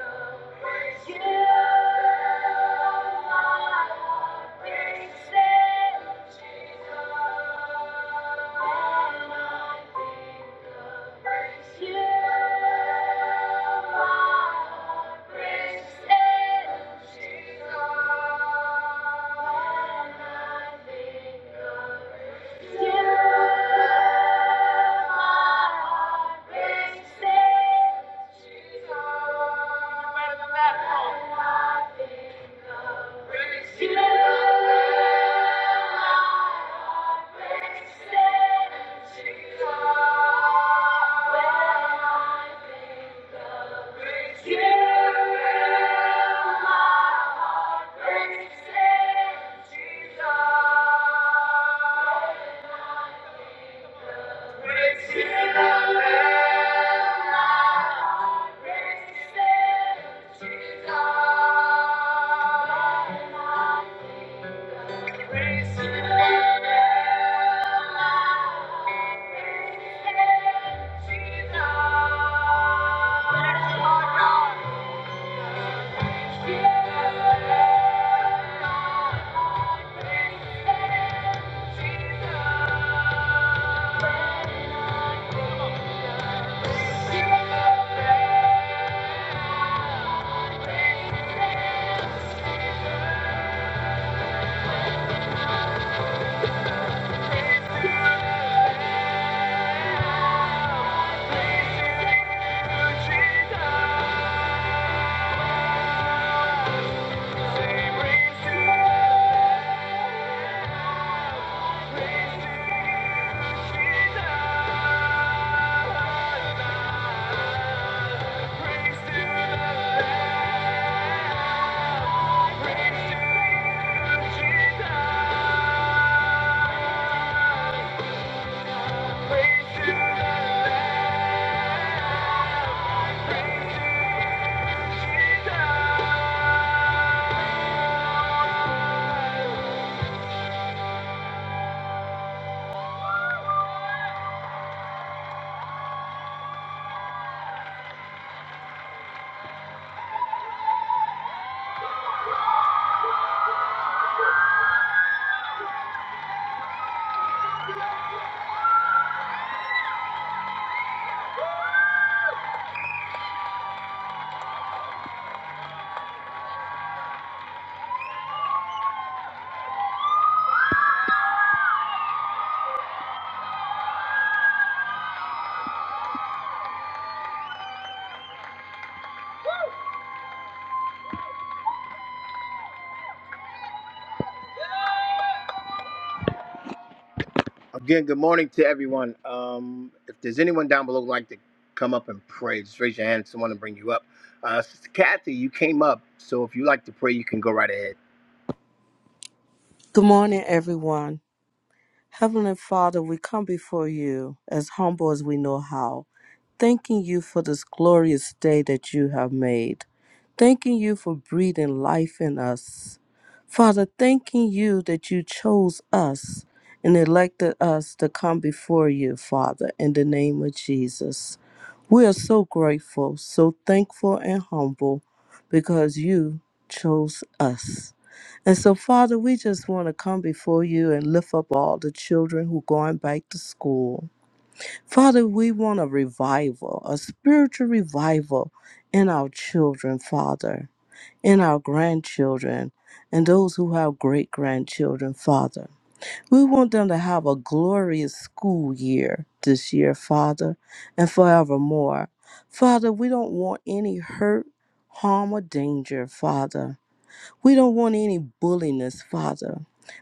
of you. Jesus. Praise you. Jesus. Thank you. Again, good morning to everyone. Um, if there's anyone down below who'd like to come up and pray, just raise your hand. Someone will bring you up. Uh, Sister Kathy, you came up, so if you like to pray, you can go right ahead.
Good morning, everyone. Heavenly Father, we come before you as humble as we know how, thanking you for this glorious day that you have made, thanking you for breathing life in us. Father, thanking you that you chose us and elected us to come before you, Father, in the name of Jesus. We are so grateful, so thankful, and humble because you chose us. And so, Father, we just want to come before you and lift up all the children who going back to school. Father, we want a revival, a spiritual revival in our children, Father, in our grandchildren, and those who have great grandchildren, Father. We want them to have a glorious school year this year, Father, and forevermore. Father, we don't want any hurt, harm, or danger, Father. We don't want any bulliness, Father.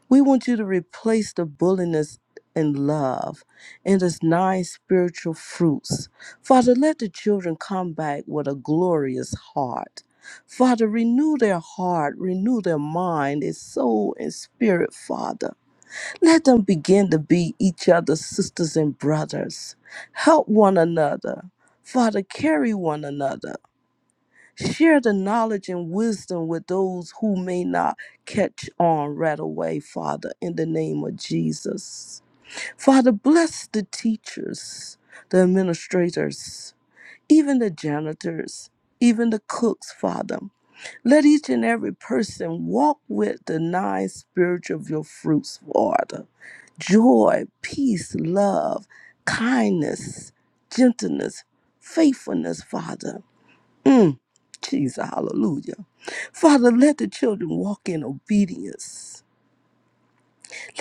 We want you to replace the bulliness in love and its nine spiritual fruits. Father, let the children come back with a glorious heart. Father, renew their heart, renew their mind, their soul, and spirit, Father. Let them begin to be each other's sisters and brothers. Help one another. Father, carry one another. Share the knowledge and wisdom with those who may not catch on right away, Father, in the name of Jesus. Father, bless the teachers, the administrators, even the janitors, even the cooks, Father. Let each and every person walk with the nine spirits of your fruits, Father joy, peace, love, kindness, gentleness, faithfulness, Father. Mm, Jesus, hallelujah. Father, let the children walk in obedience.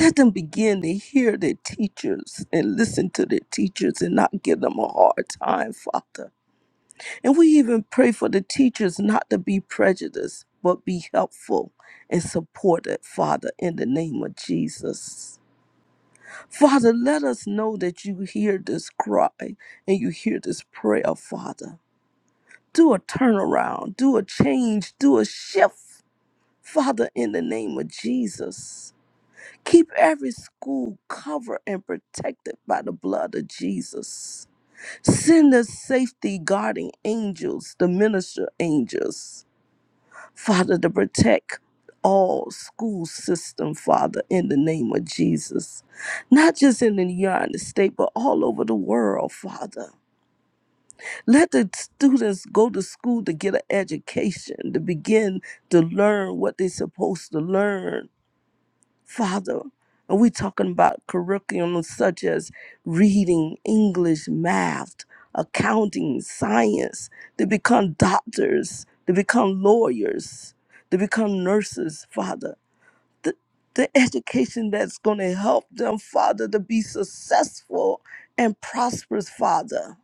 Let them begin to hear their teachers and listen to their teachers and not give them a hard time, Father. And we even pray for the teachers not to be prejudiced, but be helpful and supported, Father, in the name of Jesus. Father, let us know that you hear this cry and you hear this prayer, Father. Do a turnaround, do a change, do a shift Father, in the name of Jesus, keep every school covered and protected by the blood of Jesus. Send the safety guarding angels, the minister angels, Father, to protect all school system, Father, in the name of Jesus. Not just in the United States, but all over the world, Father. Let the students go to school to get an education, to begin to learn what they're supposed to learn Father, are we talking about curriculum such as reading, English, math, accounting, science, to become doctors, to become lawyers, to become nurses, Father? The, the education that's going to help them, Father, to be successful and prosperous, Father.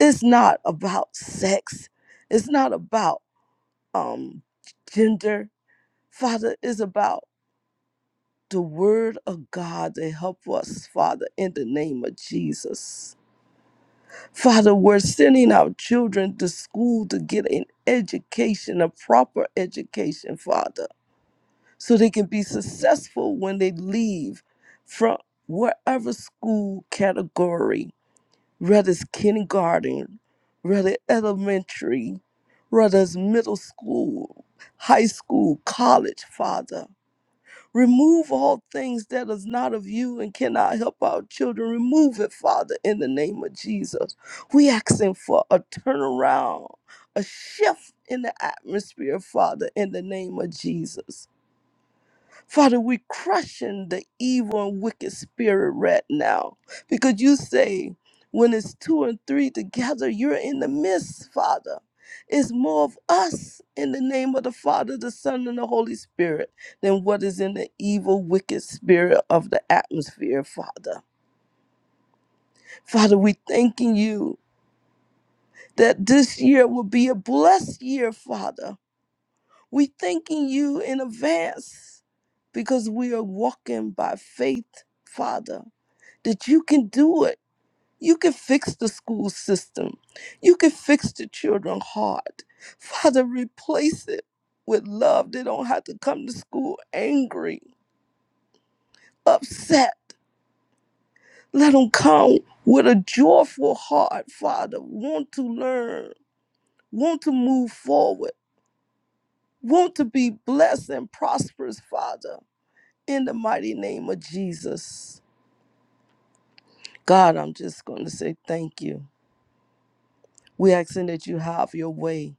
It's not about sex. It's not about um, gender. Father, it's about the word of God to help us, Father, in the name of Jesus. Father, we're sending our children to school to get an education, a proper education, Father, so they can be successful when they leave from wherever school category, whether it's kindergarten, whether elementary, whether it's middle school, high school, college, Father. Remove all things that is not of you and cannot help our children. Remove it, Father, in the name of Jesus. We asking for a turnaround, a shift in the atmosphere, Father, in the name of Jesus. Father, we crushing the evil and wicked spirit right now. Because you say, when it's two and three together, you're in the midst, Father. It's more of us in the name of the Father, the Son, and the Holy Spirit than what is in the evil, wicked spirit of the atmosphere, Father. Father, we thanking you that this year will be a blessed year, Father. We thanking you in advance because we are walking by faith, Father that you can do it. You can fix the school system. You can fix the children's heart. Father, replace it with love. They don't have to come to school angry, upset. Let them come with a joyful heart, Father. Want to learn, want to move forward, want to be blessed and prosperous, Father. In the mighty name of Jesus. God, I'm just going to say thank you. We're asking that you have your way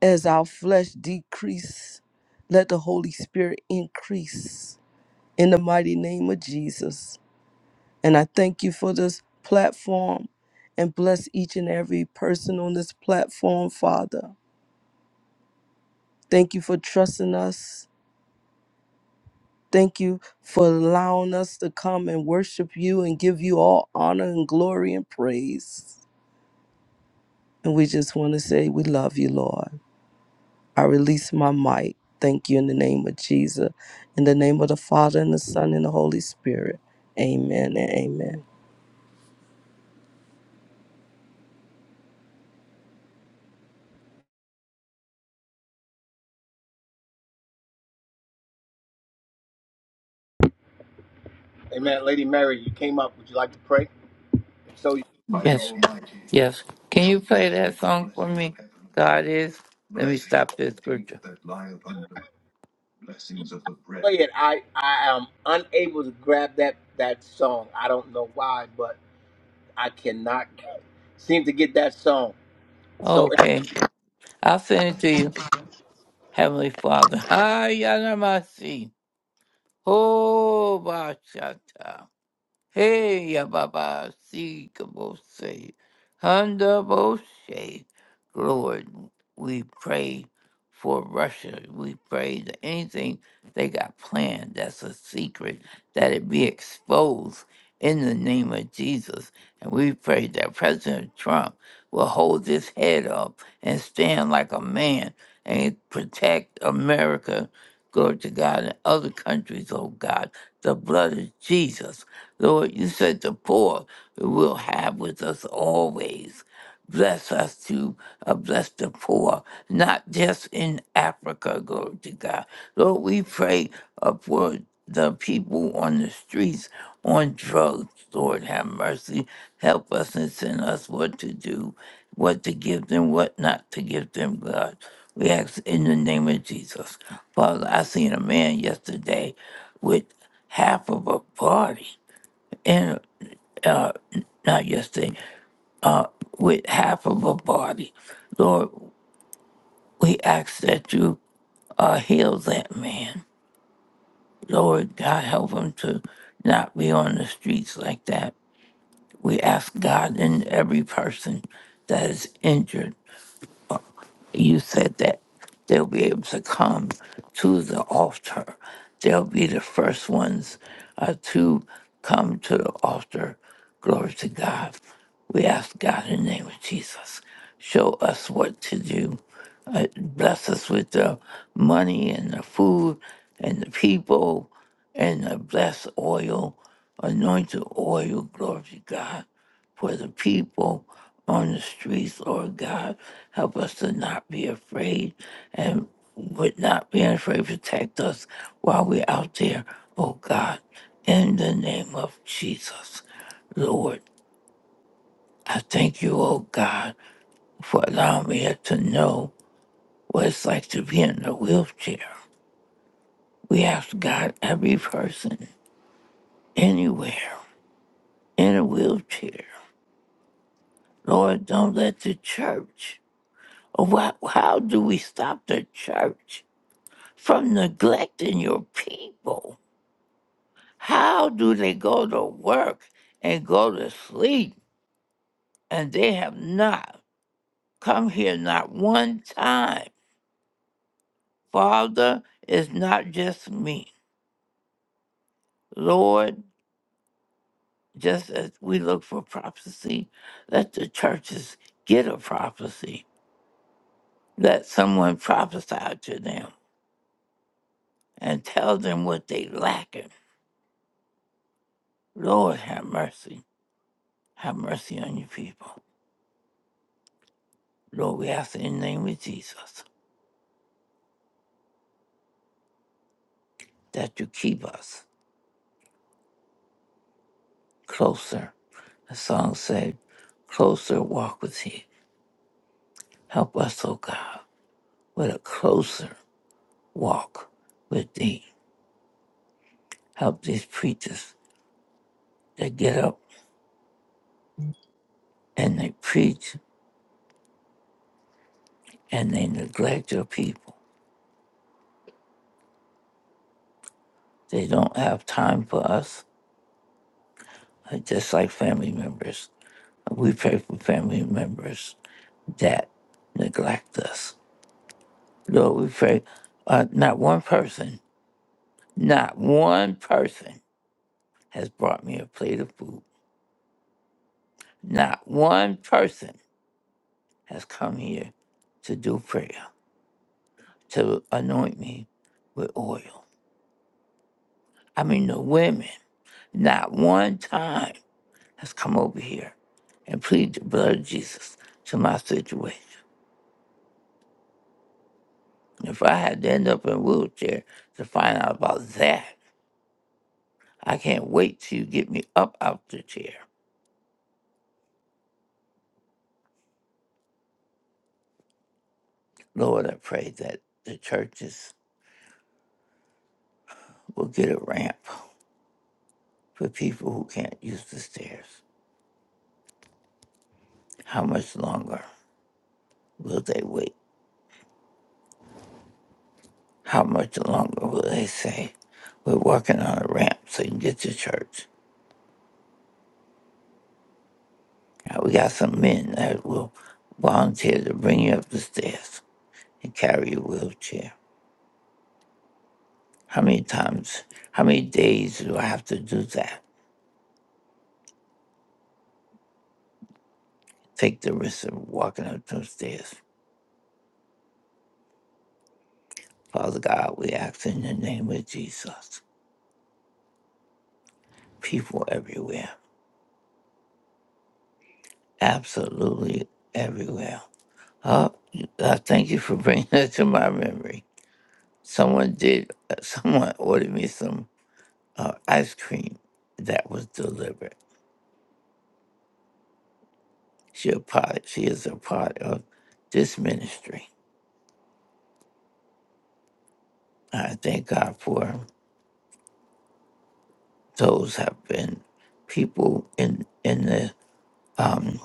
As our flesh decrease, let the Holy Spirit increase in the mighty name of Jesus. And I thank you for this platform and bless each and every person on this platform, Father. Thank you for trusting us. Thank you for allowing us to come and worship you and give you all honor and glory and praise. And we just want to say we love you, Lord. I release my might. Thank you in the name of Jesus. In the name of the Father and the Son and the Holy Spirit. Amen and amen.
Amen. Lady Mary, you came up. Would you like to pray? If so, you
Yes, yes. Can you play that song for me? God is. Let me stop this scripture.
play it. I I am unable to grab that that song. I don't know why, but I cannot seem to get that song. So,
Okay, I'll send it to you, Heavenly Father. Hi, Yanamasi. Oh, Bashata. Hey, Ababa, see, Kabose, Honda Bose. Lord, we pray for Russia. We pray that anything they got planned that's a secret, that it be exposed in the name of Jesus. And we pray that President Trump will hold his head up and stand like a man and protect America, glory to God, and other countries, oh God, the blood of Jesus. Lord, you said the poor will have with us always. Bless us to uh, bless the poor, not just in Africa, glory to God. Lord, we pray uh, for the people on the streets on drugs, Lord, have mercy. Help us and send us what to do, what to give them, what not to give them, God. We ask in the name of Jesus. Father, I seen a man yesterday with half of a party and uh, not yesterday, uh, with half of a body. Lord, we ask that you uh, heal that man. Lord, God, help him to not be on the streets like that. We ask God in every person that is injured. you said that they'll be able to come to the altar. They'll be the first ones uh, to come to the altar. Glory to God. We ask God in the name of Jesus, show us what to do. Uh, bless us with the money and the food and the people and the blessed oil, anointed oil. Glory to God for the people on the streets, Lord God. Help us to not be afraid and would not be afraid. Protect us while we're out there, oh God, in the name of Jesus. Lord, I thank you, oh God, for allowing me to know what it's like to be in a wheelchair. We ask God, every person, anywhere, in a wheelchair. Lord, don't let the church, what, how do we stop the church from neglecting your people? How do they go to work and go to sleep and they have not come here not one time? Father, it's not just me. Lord, just as we look for prophecy, let the churches get a prophecy. Let someone prophesy to them and tell them what they lacking. Lord, have mercy. Have mercy on your people. Lord, we ask in the name of Jesus that you keep us closer The song said, Closer walk with thee. Help us, O God, with a closer walk with thee. Help these preachers that get up and they preach and they neglect your people. They don't have time for us, uh, just like family members. We pray for family members that neglect us. Lord, we pray, uh, not one person, not one person has brought me a plate of food. Not one person have come here to do prayer, to anoint me with oil. I mean, the women, not one time has come over here and plead the blood of Jesus to my situation. If I had to end up in a wheelchair to find out about that, I can't wait till you get me up out the chair. Lord, I pray that the churches will get a ramp for people who can't use the stairs. How much longer will they wait? How much longer will they say? We're working on a ramp so you can get to church. Now we got some men that will volunteer to bring you up the stairs and carry your wheelchair. How many times, how many days do I have to do that? Take the risk of walking up those stairs. Father God, we ask in the name of Jesus. People everywhere, absolutely everywhere. Oh, I thank you for bringing that to my memory. Someone did, someone ordered me some uh, ice cream that was delivered. She a part, she is a part of this ministry. I thank God for those have been people in in the um,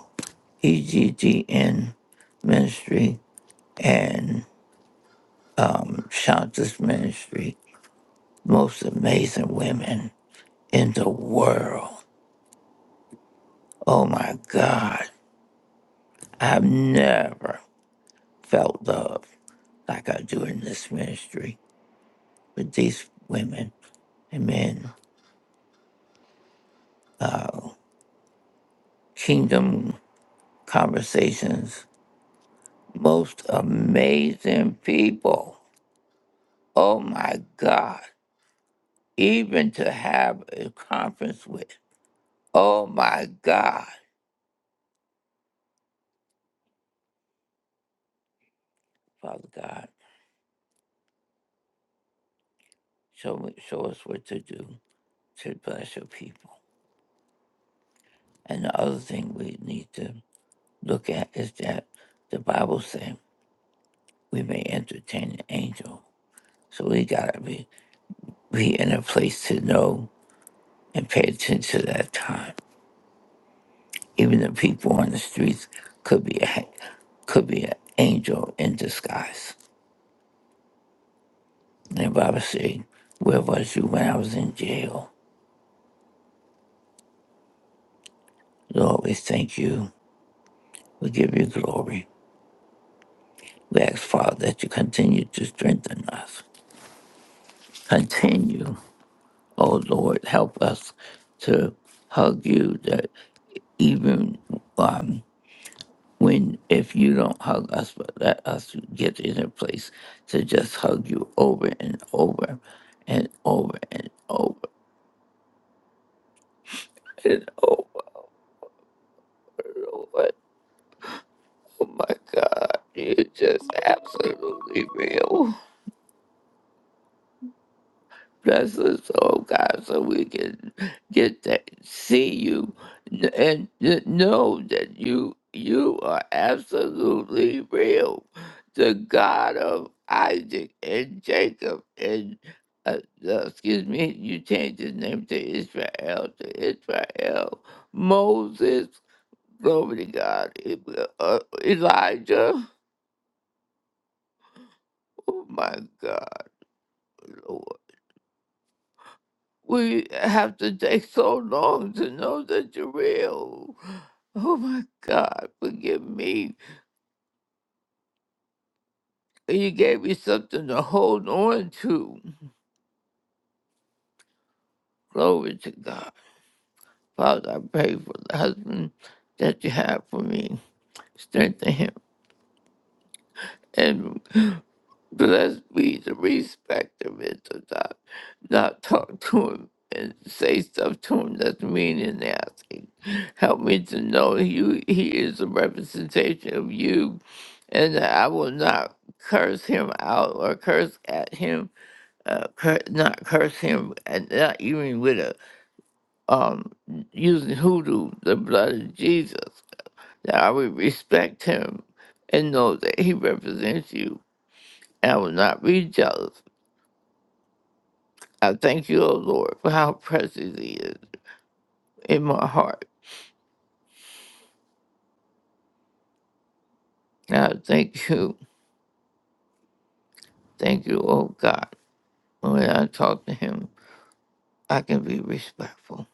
EGGN ministry and um, Shanta's ministry. Most amazing women in the world. Oh my God, I've never felt love like I do in this ministry. with these women. Amen. Uh, kingdom conversations. Most amazing people. Oh my God. Even to have a conference with. Oh my God. Father God, show, me, show us what to do to bless your people. And the other thing we need to look at is that the Bible says we may entertain an angel. So we gotta be, be in a place to know and pay attention to that time. Even the people on the streets could be a could be an angel in disguise. And the Bible said, "Where was you when I was in jail?" Lord, we thank you. We give you glory. We ask, Father, that you continue to strengthen us. Continue, oh Lord, help us to hug you. That even um, when if you don't hug us but let us get in a place to just hug you over and over and over and over and over Lord. Oh my God, you're just absolutely real. Bless us, oh God, so we can get to see you n- and to know that you you are absolutely real, the God of Isaac and Jacob and uh, uh, excuse me, you changed his name to Israel to Israel, Moses, glory to God, E- uh, Elijah. Oh my God, Lord. We have to take so long to know that you're real. Oh my God, forgive me. You gave me something to hold on to. Glory to God. Father, I pray for the husband that you have for me. Strengthen him. and. Bless me to respect the mental dog, not talk to him and say stuff to him that's mean and nasty. Help me to know you he is a representation of you and that I will not curse him out or curse at him, uh, cur- not curse him, and not even with a um using hoodoo, the blood of Jesus, that I will respect him and know that he represents you. I will not be jealous. I thank you, O Lord, for how precious He is in my heart. And I thank you, thank you, O God. When I talk to Him, I can be respectful.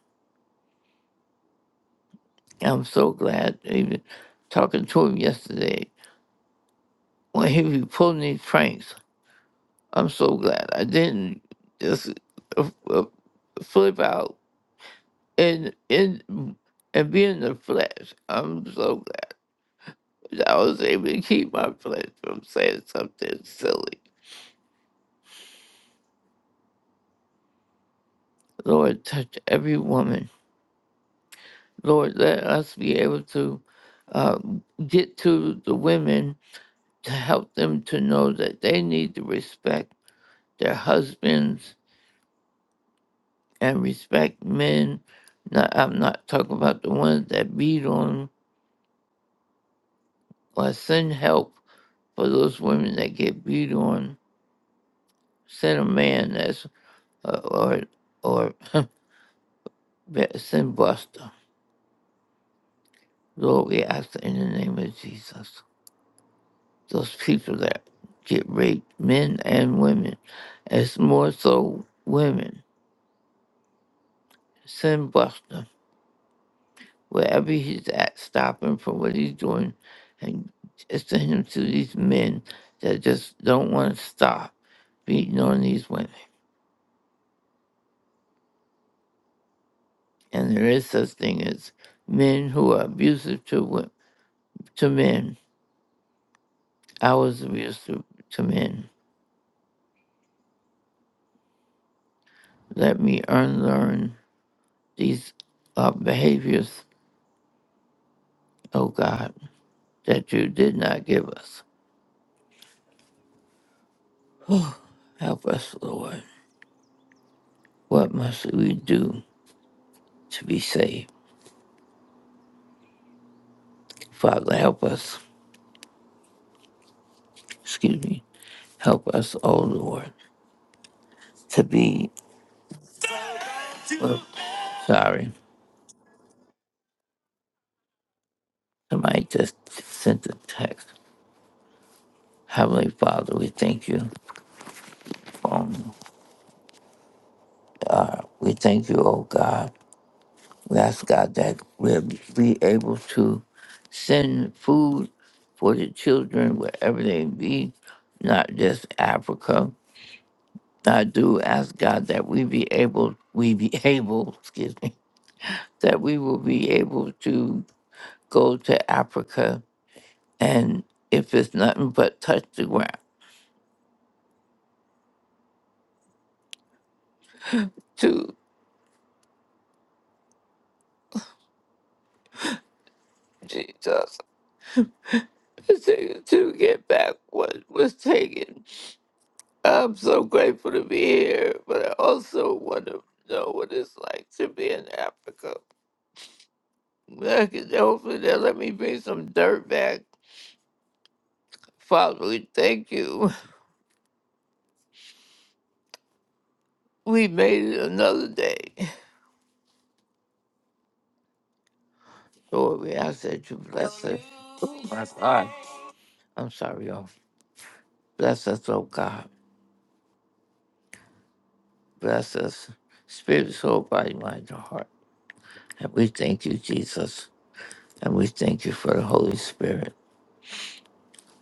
I'm so glad, even talking to Him yesterday, when He was pulling these pranks, I'm so glad I didn't just uh, uh, flip out and and and be in the flesh. I'm so glad that I was able to keep my flesh from saying something silly. Lord, touch every woman Lord, let us be able to uh, get to the women to help them to know that they need to respect their husbands and respect men. Now, I'm not talking about the ones that beat on or send help for those women that get beat on. Send a man that's uh, or or send Buster. Lord, we ask in the name of Jesus. those people that get raped, men and women. It's more so women. Send Buster wherever he's at, stop him from what he's doing and send him to these men that just don't want to stop beating on these women. And there is such thing as men who are abusive to wo- to men. I was abusive to men. Let me unlearn these uh, behaviors, oh God, that you did not give us. Help us, Lord. What must we do to be saved? Father, help us. Excuse me. Help us, oh Lord, to be. oh, sorry. Somebody just sent a text. Heavenly Father, we thank you. Um, we thank you, oh God. We ask God that we'll be able to send food for the children wherever they be, not just Africa. I do ask God that we be able, we be able, excuse me, that we will be able to go to Africa and if it's nothing but touch the ground to Jesus. It's taken to get back what was taken. I'm so grateful to be here, but I also want to know what it's like to be in Africa. I can- Hopefully they'll let me bring some dirt back. Father, we thank you. We made it another day. Lord, we ask that you bless us. Oh my God. I'm sorry, y'all. Bless us, oh God. Bless us. Spirit, soul, body, mind, and heart. And we thank you, Jesus. And we thank you for the Holy Spirit.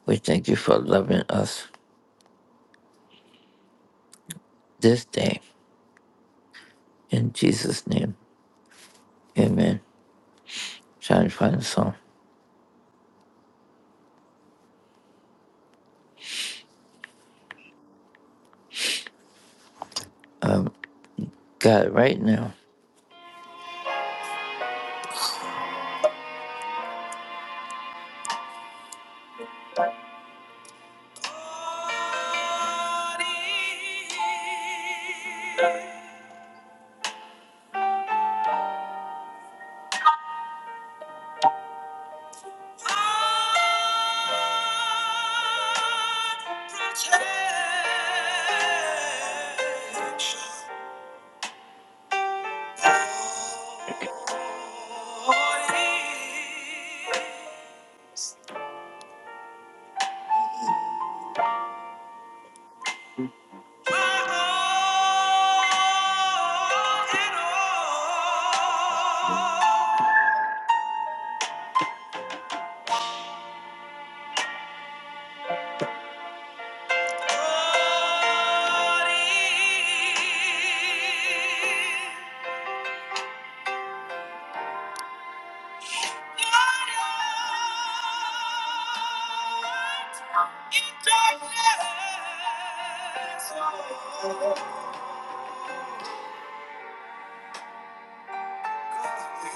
We thank you for loving us this day. In Jesus' name. Amen. Trying to find a song. God, right now. God, protect.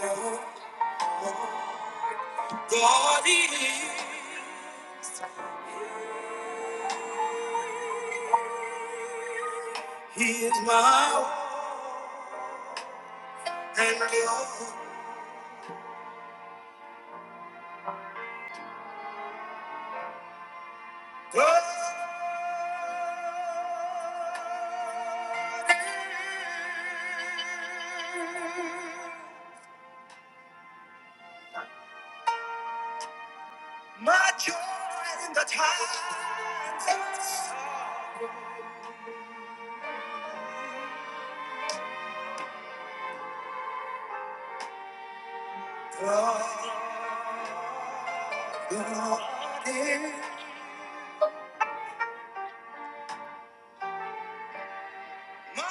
Oh oh, oh. God is He is my and your God my joy in the times of sorrow. God, God is my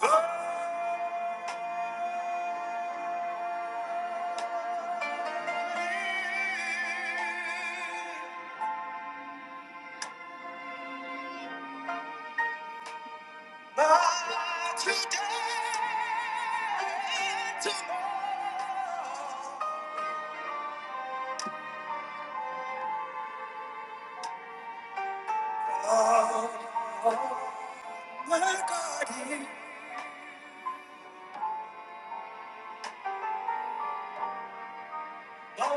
God. But today, tomorrow, my God is Lord,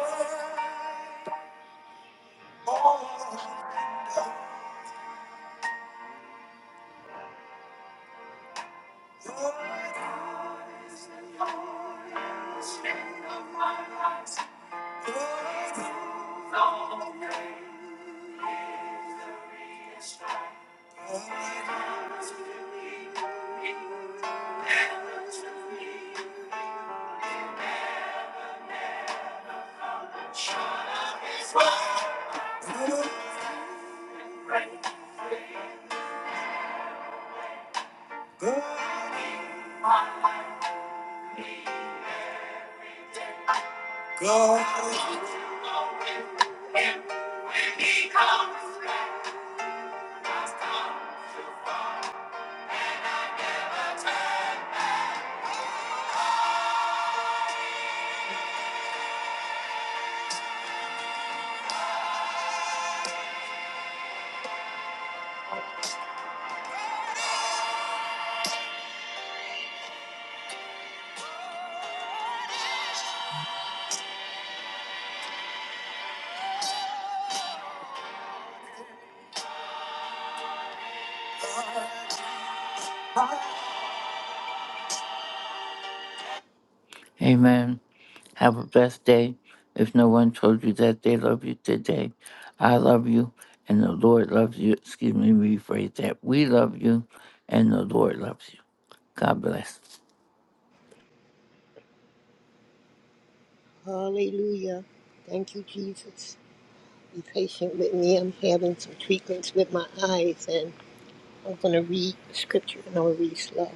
Lord, Lord, Lord, God, God. Amen. Have a blessed day. If no one told you that they love you today, I love you and the Lord loves you. Excuse me, rephrase that. We love you and the Lord loves you. God bless.
Hallelujah. Thank you, Jesus. Be patient with me. I'm having some treatments with my eyes, and I'm going to read scripture and I'll read slow.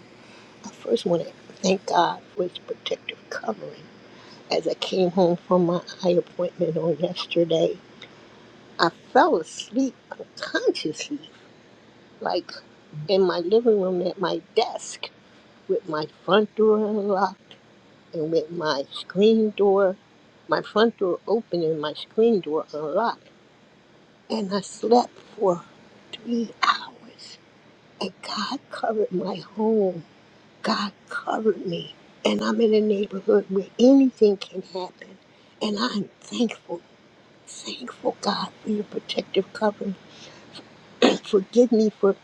I first want to thank God for his protective covering. As I came home from my eye appointment on yesterday, I fell asleep unconsciously, like in my living room at my desk, with my front door unlocked and with my screen door, my front door open and my screen door unlocked and I slept for three hours. And God covered my home. God covered me. And I'm in a neighborhood where anything can happen. And I'm thankful, thankful God for your protective covering. And forgive me for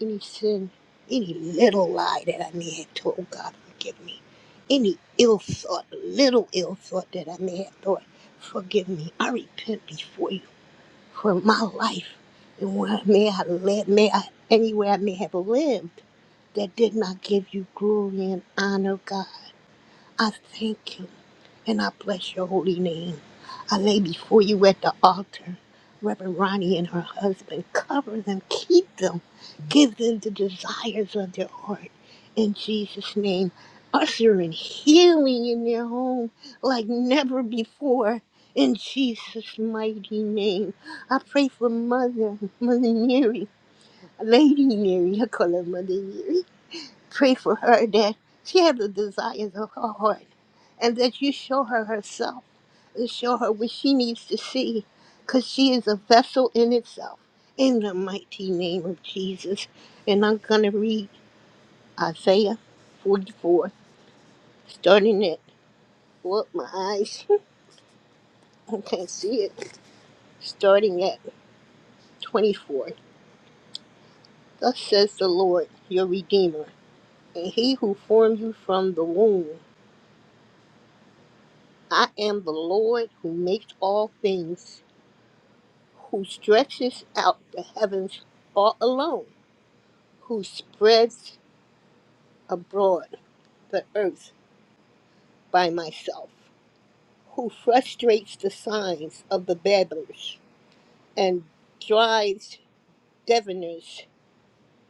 any sin, any little lie that I may have told. God, forgive me. Any ill thought, little ill thought that I may have thought. Forgive me. I repent before you for my life and where I may I live, may I anywhere I may have lived that did not give you glory and honor, God. I thank you and I bless your holy name. I lay before you at the altar. Reverend Ronnie and her husband, cover them, keep them, give them the desires of their heart. In Jesus' name, usher in healing in their home like never before. In Jesus' mighty name, I pray for Mother, Mother Mary, Lady Mary, I call her Mother Mary. Pray for her that she has the desires of her heart and that you show her herself and show her what she needs to see because she is a vessel in itself. In the mighty name of Jesus. And I'm going to read Isaiah 44, starting at, well, my eyes, I can't see it, starting at 24. Thus says the Lord, your Redeemer, and He who formed you from the womb. I am the Lord who makes all things. who stretches out the heavens all alone, who spreads abroad the earth by myself, who frustrates the signs of the babblers and drives diviners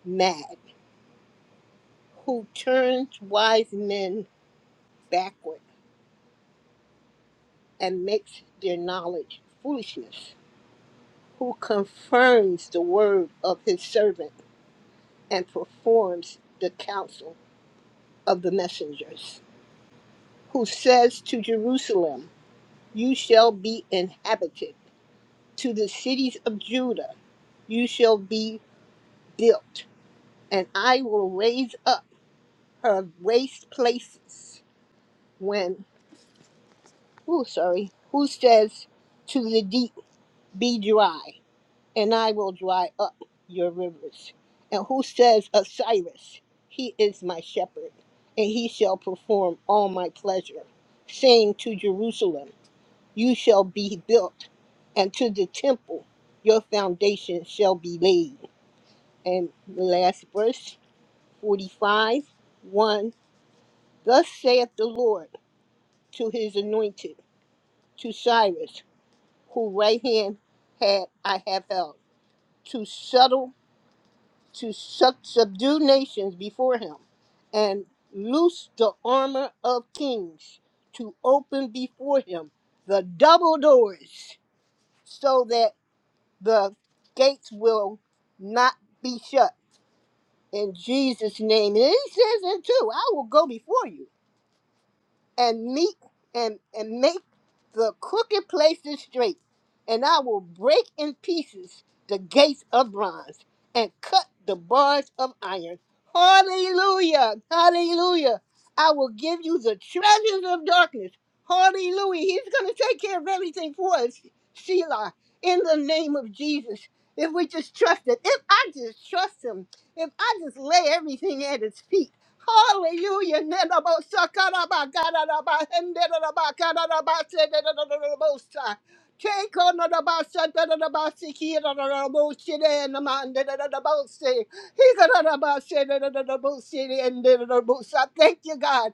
mad, who turns wise men backward and makes their knowledge foolishness, who confirms the word of his servant and performs the counsel of the messengers who says to Jerusalem, You shall be inhabited, to the cities of Judah, you shall be built, and I will raise up her waste places. When, oh, sorry, who says to the deep, Be dry, and I will dry up your rivers. And who says, Osiris, he is my shepherd, and he shall perform all my pleasure, saying to Jerusalem, You shall be built, and to the temple your foundation shall be laid. And the last verse, 45 1 Thus saith the Lord to his anointed, to Cyrus, whose right hand had I have held, to settle to sub- subdue nations before him, and loose the armor of kings to open before him the double doors, so that the gates will not be shut. In Jesus' name. And he says it too I will go before you and meet and and make the crooked places straight and i will break in pieces the gates of bronze and cut the bars of iron hallelujah hallelujah i will give you the treasures of darkness hallelujah he's going to take care of everything for us sheila in the name of jesus if we just trust it if i just trust him if i just lay everything at his feet Hallelujah. Nedabosakarabakarabahenderabakarabasedadadadabosa. Take on the basa, da da da basi, here da da da bosi, and the man da da da bosi, he da da da basi, da da da bosi, and da da da bosa. Thank you, God.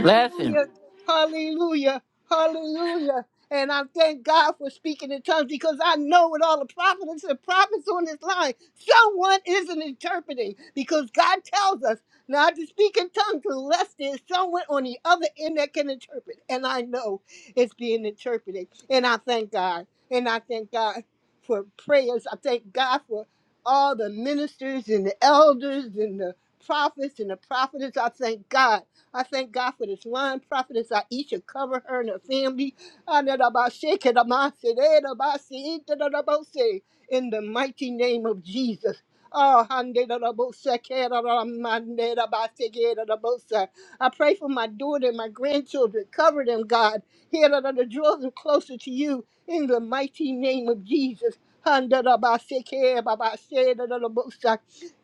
Bless him.
Hallelujah, Hallelujah. And I thank God for speaking in tongues because I know with all the prophets and prophets on this line, someone isn't interpreting because God tells us. Now I can speak in tongues unless there's someone on the other end that can interpret. And I know it's being interpreted. And I thank God. And I thank God for prayers. I thank God for all the ministers and the elders and the prophets and the prophetess. I thank God. I thank God for this line prophetess. I each and cover her and her family. In the mighty name of Jesus. Oh, hande da da bo da da mande da ba se, da da bo I pray for my daughter and my grandchildren. Cover them, God. Here da da da, draw them closer to you in the mighty name of Jesus. Hande da ba se, ba ba se, da da da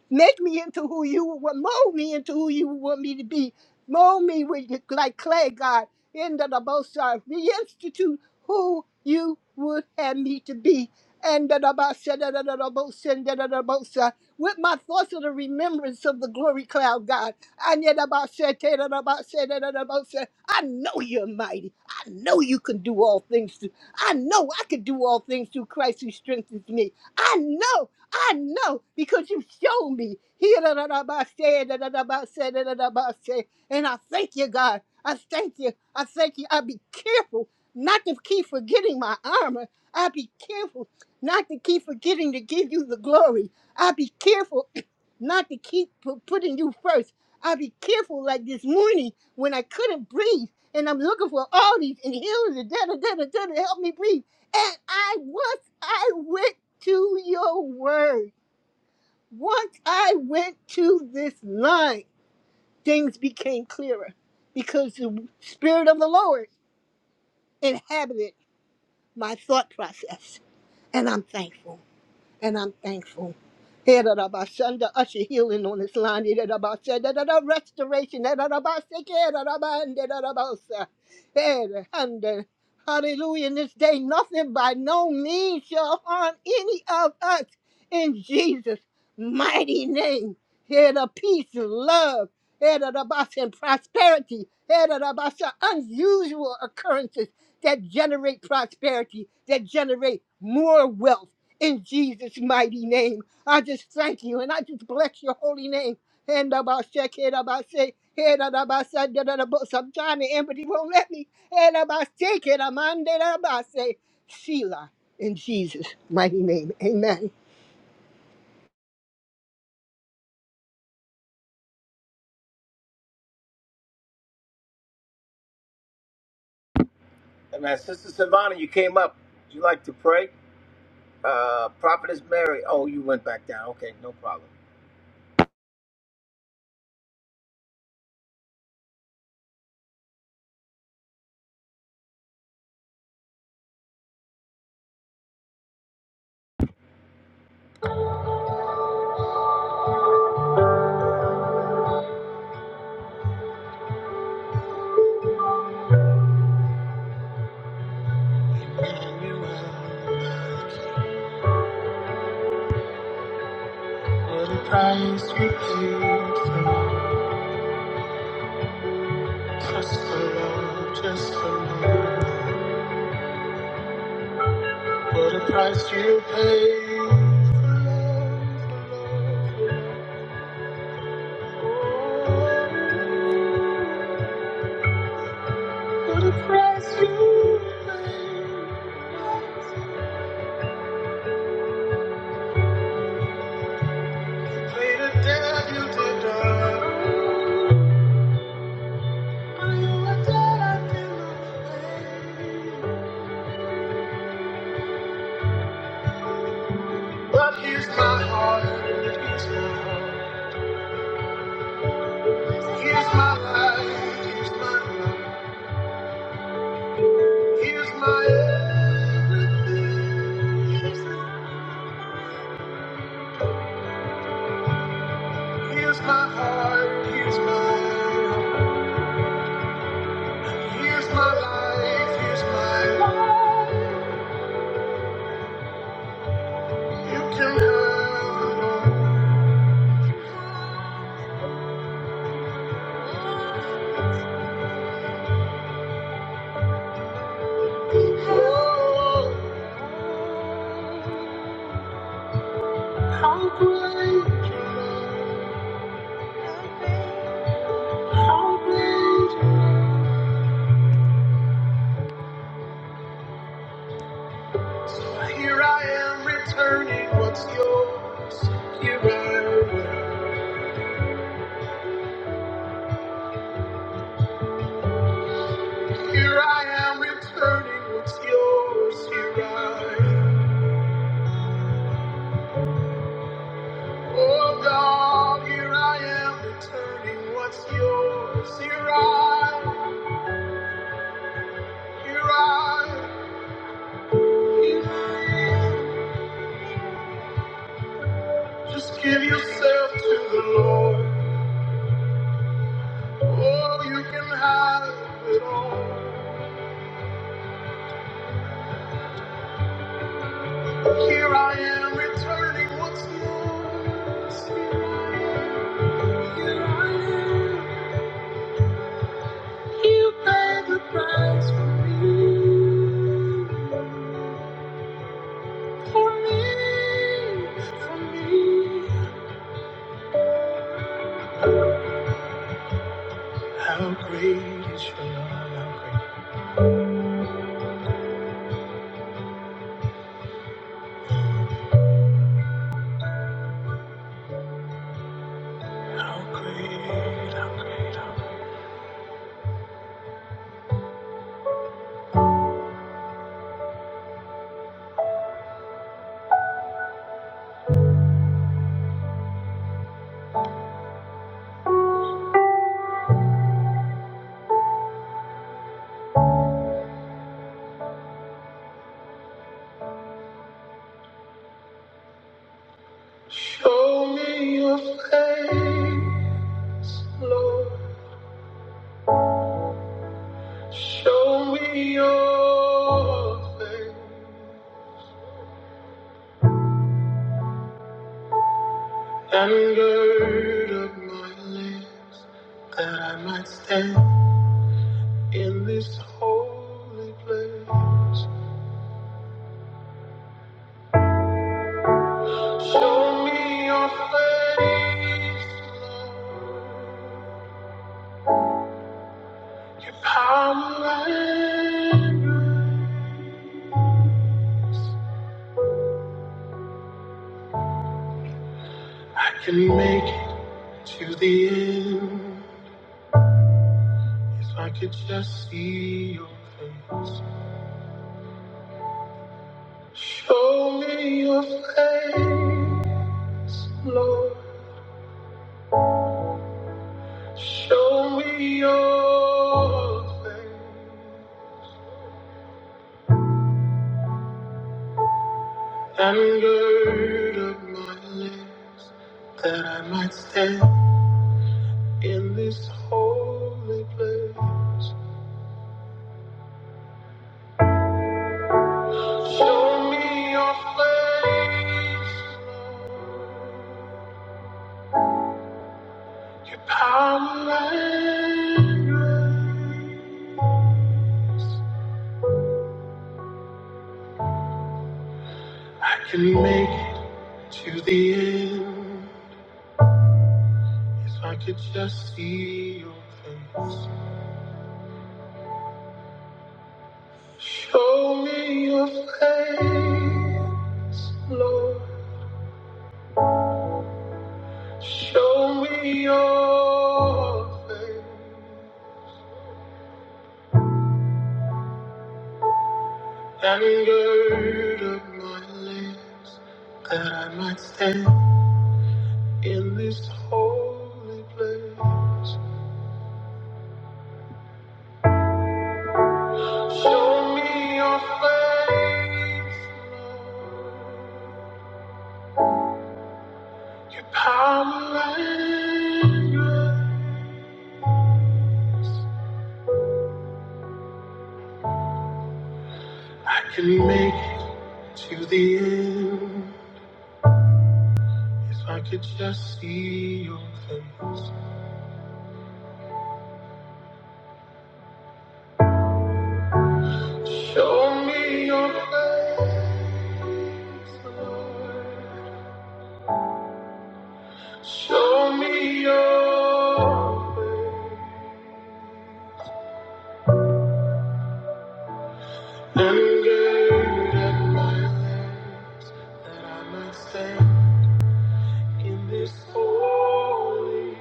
Make me into who you want, mold me into who you want me to be. Mold me with your- like clay, God. In the Nabosa, reinstitute who you would have me to be. And the Nabosa, with my thoughts of the remembrance of the glory cloud, God. I need about said tell and about said that it about say. I know you're mighty. I know you can do all things. Through. I know I can do all things through Christ who strengthens me. I know, I know, because you showed me. Here that it about said that it about said that it about say. And I thank you, God. I thank you. I thank you. I be careful not to keep forgetting my armor. I be careful not to keep forgetting to give you the glory. I'll be careful not to keep pu- putting you first. I'll be careful like this morning when I couldn't breathe and I'm looking for all these inhalers and da da da da da to help me breathe. And I once I went to your word, once I went to this line, things became clearer because the spirit of the Lord inhabited my thought process. And I'm thankful. and I'm thankful. Herabashanda, usher healing on this line. Herabashanda, da-da, Restoration. Herabashake, herabande, herabasa. Herahanda. Hallelujah. In this day, nothing by no means shall harm any of us in Jesus' mighty name. Head of peace and love. Head of and prosperity. Head of unusual occurrences that generate prosperity, that generate more wealth in Jesus' mighty name. I just thank you and I just bless your holy name. And about shake, head about shake, head about side, da da da. But sometimes the empathy won't let me. Head about shake, it. I'm head about say, Sheila, in Jesus' mighty name. Amen.
Amen. Sister Savannah, you came up. Would you like to pray? Uh, Prophetess Mary. Oh, you went back down. Okay, no problem. Just for love, just for love. What a price you pay. for love, for love. What a price you pay. Paid a debt you did not owe, a debt I did not pay. But here's my heart, here's my heart, here's my life, here's my life, here's my everything. Oh, how great, how great. Return what's yours. Here I am returning what's yours. Here I Oh God, here I am returning what's yours. Here I Here I Just give yourself to the Lord. Oh, you can have it all. Here I am returning what's yours. You pay the price for me, for me, for me. How great is your love? How great, how great, how great, how great. And gird up my lips that I might stand in this holy place. Show me your face, Lord. Power, I can make it to the end if I could just see your face. Show me your face, Lord. Show me your face and gird up my legs that I might stand in this holy place. Show me your face, your power and grace. I can make it to the end if I could just see your face. Show me your face, Lord. Show me your face and gird up my lips that I might stand. In this holy place, show me your face, Lord. Your power and grace. I can make it to the end if I could just see your face. Show me your face, Lord. Show me your face and gird at my life. That I might stand in this holy.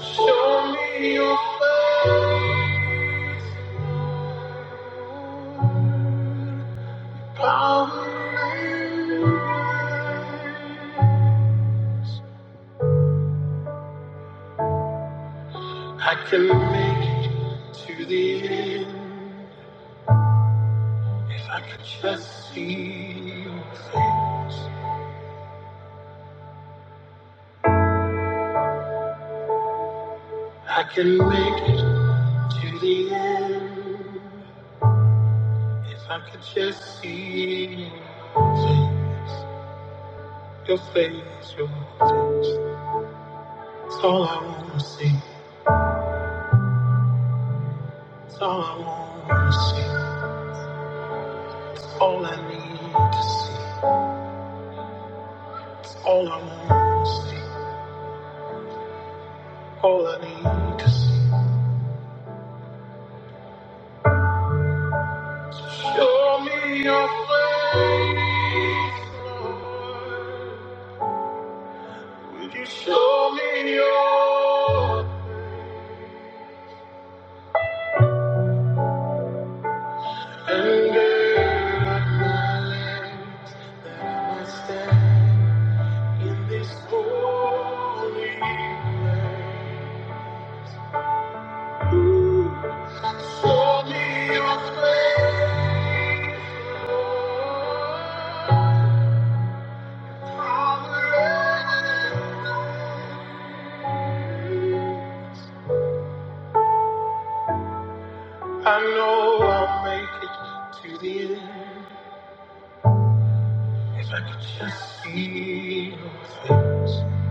Show me your face, Lord. Power. and might. I can make it to the end if I could just see your face. I can make it to the end if I could just see your face. Your face, your face. It's all I wanna see. It's all I wanna see. All I need is all I want. All I need is show me your face, Lord. Will you show me your anger? That I stand in this holy place. Show me your face. I know I'll make it to the end if I could just see those things.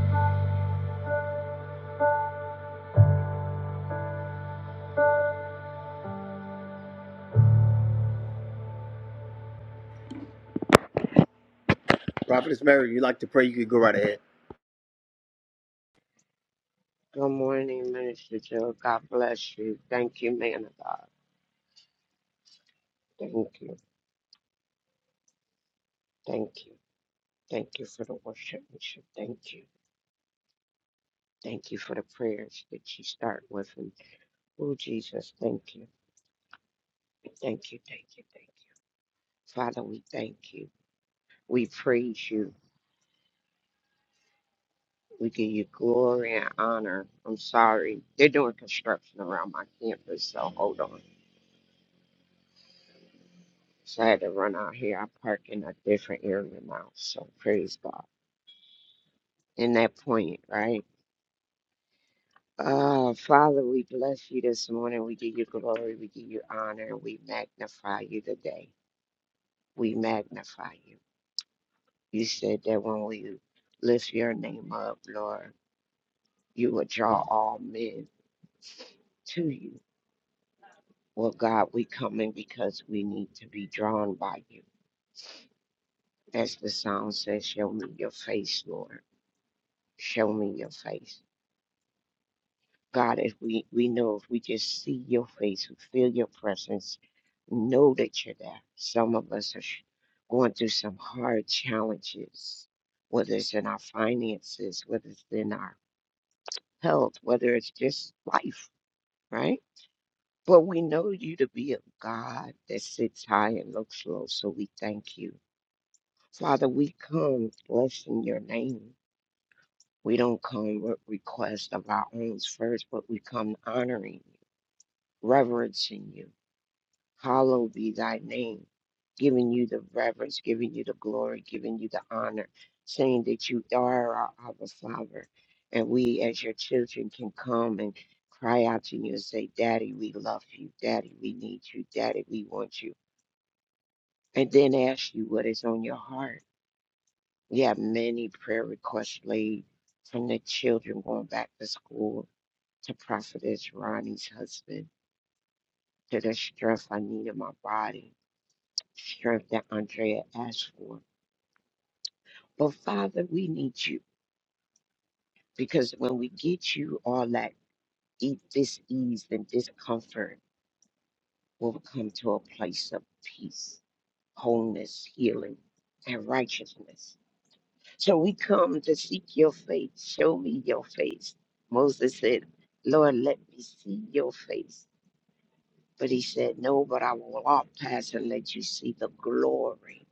Prophetess Mary, you like to pray? You could go right ahead.
Good morning, Minister Joe. God bless you. Thank you, man of God. Thank you. Thank you. Thank you for the worship, Bishop. Thank you. Thank you for the prayers that you start with. And oh, Jesus, thank you. Thank you. Thank you. Thank you. Father, we thank you. We praise you. We give you glory and honor. I'm sorry. They're doing construction around my campus, so hold on. So I had to run out here. I park in a different area now. So praise God. In that point, right? Ah, Father, we bless you this morning. We give you glory. We give you honor. and We magnify you today. We magnify you. You said that when we lift your name up, Lord, you will draw all men to you. Well, God, we come in because we need to be drawn by you. As the song says, show me your face, Lord. Show me your face. God, if we, we know if we just see your face, we feel your presence, know that you're there. Some of us are sh- going through some hard challenges, whether it's in our finances, whether it's in our health, whether it's just life, right? But we know you to be a God that sits high and looks low, so we thank you. Father, we come blessing your name. We don't come with requests of our own first, but we come honoring you, reverencing you Hallowed be thy name, giving you the reverence, giving you the glory, giving you the honor, saying that you are our Abba Father. And we, as your children, can come and cry out to you and say, Daddy, we love you. Daddy, we need you. Daddy, we want you. And then ask you what is on your heart. We have many prayer requests laid from the children going back to school to Prophetess Ronnie's husband, to the stress I need in my body strength that Andrea asked for. But Father, we need you because when we get you all that e- this ease and discomfort, will come to a place of peace, wholeness, healing, and righteousness. So we come to seek your face. Show me your face. Moses said, Lord, let me see your face. But he said, No, but I will walk past and let you see the glory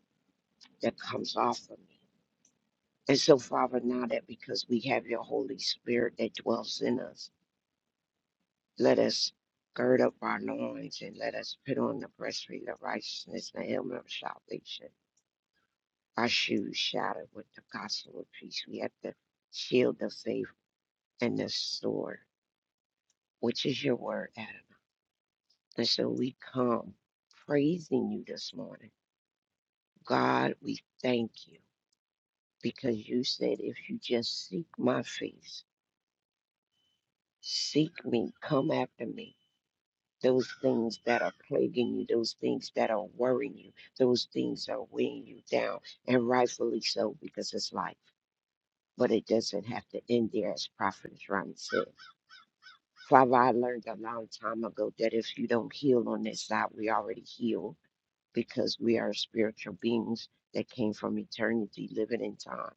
that comes off of me. And so, Father, now that because we have your Holy Spirit that dwells in us, let us gird up our loins and let us put on the breastplate of righteousness and the helmet of salvation. Our shoes shattered with the gospel of peace. We have the shield of faith and the sword, which is your word, Adam. And so we come praising you this morning. God, we thank you because you said, if you just seek my face, seek me, come after me those things that are plaguing you, those things that are worrying you, those things are weighing you down, and rightfully so because it's life. But it doesn't have to end there, as Prophet Ryan said. Father, I learned a long time ago that if you don't heal on this side, we already heal because we are spiritual beings that came from eternity, living in time.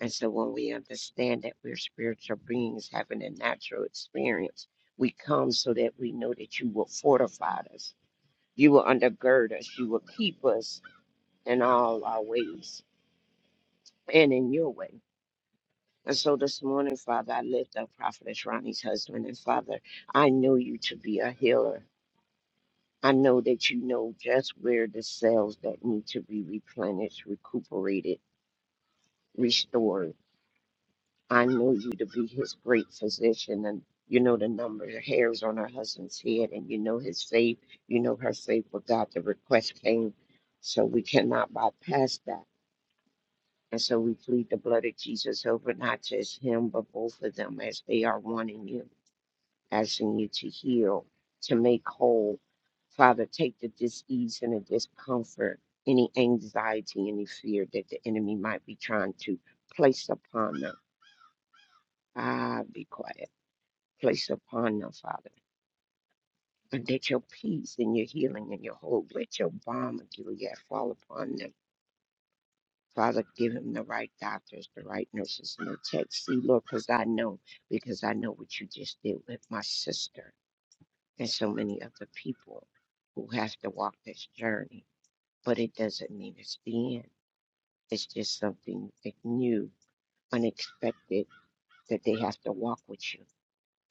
And so when we understand that we're spiritual beings having a natural experience, we come so that we know that you will fortify us You will undergird us. You will keep us in all our ways and in your way. And so this morning, Father, I lift up Prophetess Ronnie's husband. And Father, I know you to be a healer. I know that you know just where the cells that need to be replenished, recuperated, restored. I know you to be his great physician. And you know the number of hairs on her husband's head, and you know his faith. You know her faith, but God, the request came. So we cannot bypass that And so we plead the blood of Jesus over not just him, but both of them as they are wanting you, asking you to heal, to make whole. Father, take the disease and the discomfort, any anxiety, any fear that the enemy might be trying to place upon them. Ah, be quiet. Place upon them, Father. And that your peace and your healing and your hope, let your balm of Gilead fall upon them Father, give him the right doctors, the right nurses, and the techs. See, Lord, because I know, because I know what you just did with my sister and so many other people who have to walk this journey. But it doesn't mean it's the end. It's just something that new, unexpected, that they have to walk with you.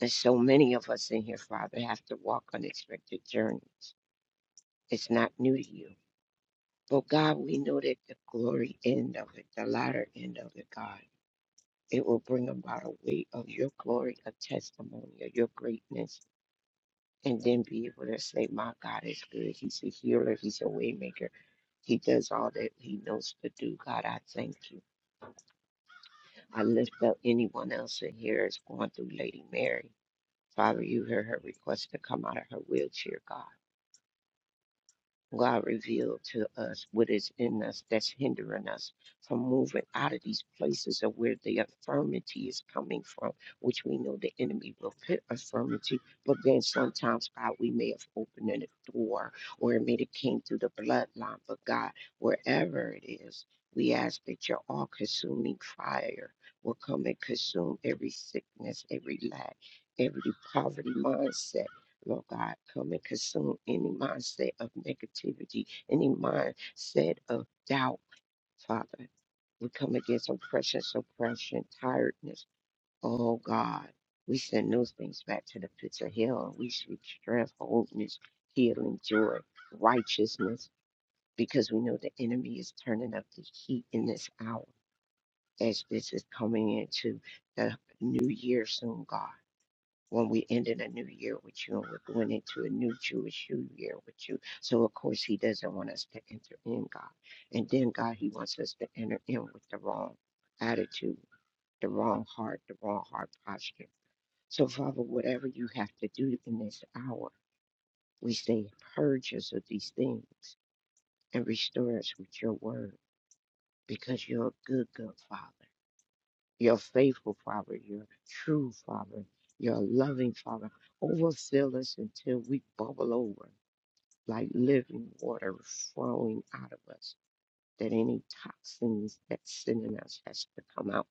And so many of us in here, Father, have to walk unexpected journeys. It's not new to you. But God, we know that the glory end of it, the latter end of it, God It will bring about a weight of your glory, a testimony of your greatness, and then be able to say, My God is good. He's a healer, He's a waymaker. He does all that he knows to do. God, I thank you. I lift up anyone else in here is going through Lady Mary. Father, you heard her request to come out of her wheelchair, God. God revealed to us what is in us that's hindering us from moving out of these places of where the affirmity is coming from, which we know the enemy will put affirmity, but then sometimes God, we may have opened a door or it may have came through the bloodline, but God, wherever it is, we ask that your all consuming fire will come and consume every sickness, every lack, every poverty mindset Lord God, come and consume any mindset of negativity, any mindset of doubt, Father. We come against oppression, suppression, tiredness. Oh God, we send those things back to the pits of hell. We seek strength, wholeness, healing, joy, righteousness, because we know the enemy is turning up the heat in this hour as this is coming into the new year soon, God when we ended a new year with you and we're going into a new Jewish New year with you. So, of course, He doesn't want us to enter in, God. And then, God, He wants us to enter in with the wrong attitude, the wrong heart, the wrong heart posture. So, Father, whatever you have to do in this hour, we say, purge us of these things and restore us with your word because you're a good, good Father. You're a faithful, Father. You're a true, Father. You're a loving, Father. Overfill us until we bubble over like living water flowing out of us, that any toxins that's in us has to come out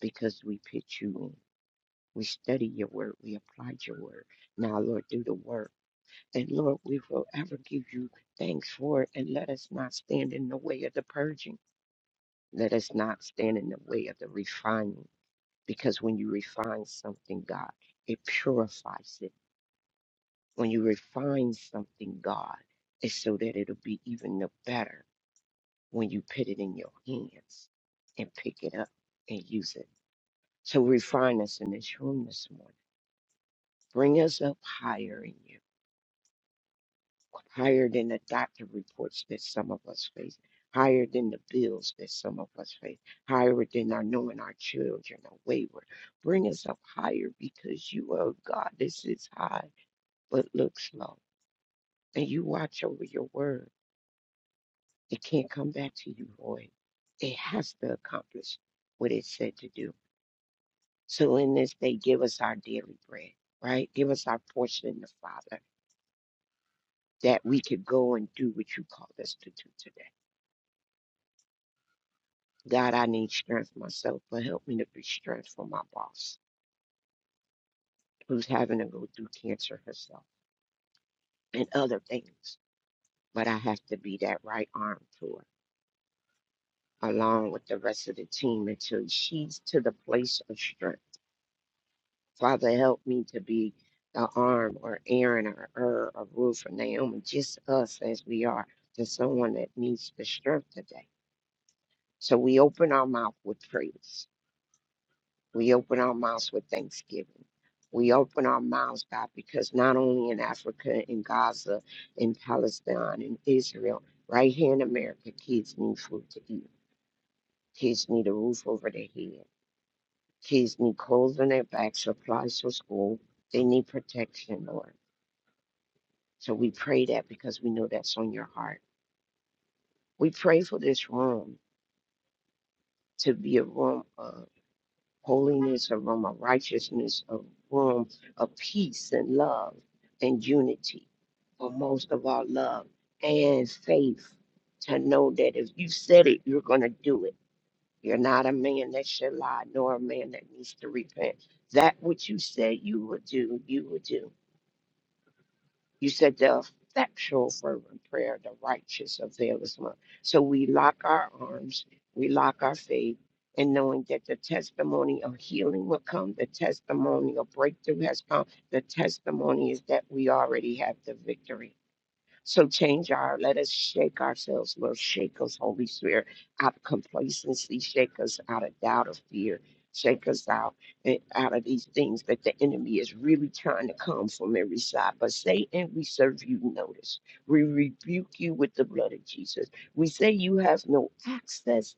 because we pitch you in. We study your word. We applied your word. Now, Lord, do the work. And Lord, we will ever give you thanks for it. And let us not stand in the way of the purging. Let us not stand in the way of the refining. because when you refine something, God, it purifies it. When you refine something, God, it's so that it'll be even the better when you put it in your hands and pick it up and use it. So refine us in this room this morning. Bring us up higher in you, higher than the doctor reports that some of us face, higher than the bills that some of us face, higher than our knowing our children are wayward. Bring us up higher because you are a God that sits high but looks low. And you watch over your word. It can't come back to you void. It has to accomplish what it said to do. So in this day, give us our daily bread, right? Give us our portion in the Father that we could go and do what you called us to do today. God, I need strength myself, but help me to be strength for my boss who's having to go through cancer herself and other things. But I have to be that right arm to her along with the rest of the team until she's to the place of strength. Father, help me to be the arm or Aaron or Er or Ruth or Naomi, just us as we are, to someone that needs the strength today. So we open our mouth with praise. We open our mouths with thanksgiving. We open our mouths, God, because not only in Africa, in Gaza, in Palestine, in Israel, right here in America, kids need food to eat. Kids need a roof over their head Kids need clothes on their back, supplies for school. They need protection, Lord. So we pray that because we know that's on your heart. We pray for this room to be a room of holiness, a room of righteousness, a room of peace and love and unity, but most of all, love and faith to know that if you said it, you're going to do it. You're not a man that should lie, nor a man that needs to repent. That which you said you would do, you would do. You said the effectual fervent prayer of the righteous availeth much. So we lock our arms, we lock our faith, and knowing that the testimony of healing will come, the testimony of breakthrough has come, the testimony is that we already have the victory. So change our, let us shake ourselves, Lord. Shake us, Holy Spirit, out of complacency. Shake us out of doubt of fear. Shake us out, eh, out of these things that the enemy is really trying to come from every side. But Satan, we serve you notice. We rebuke you with the blood of Jesus. We say you have no access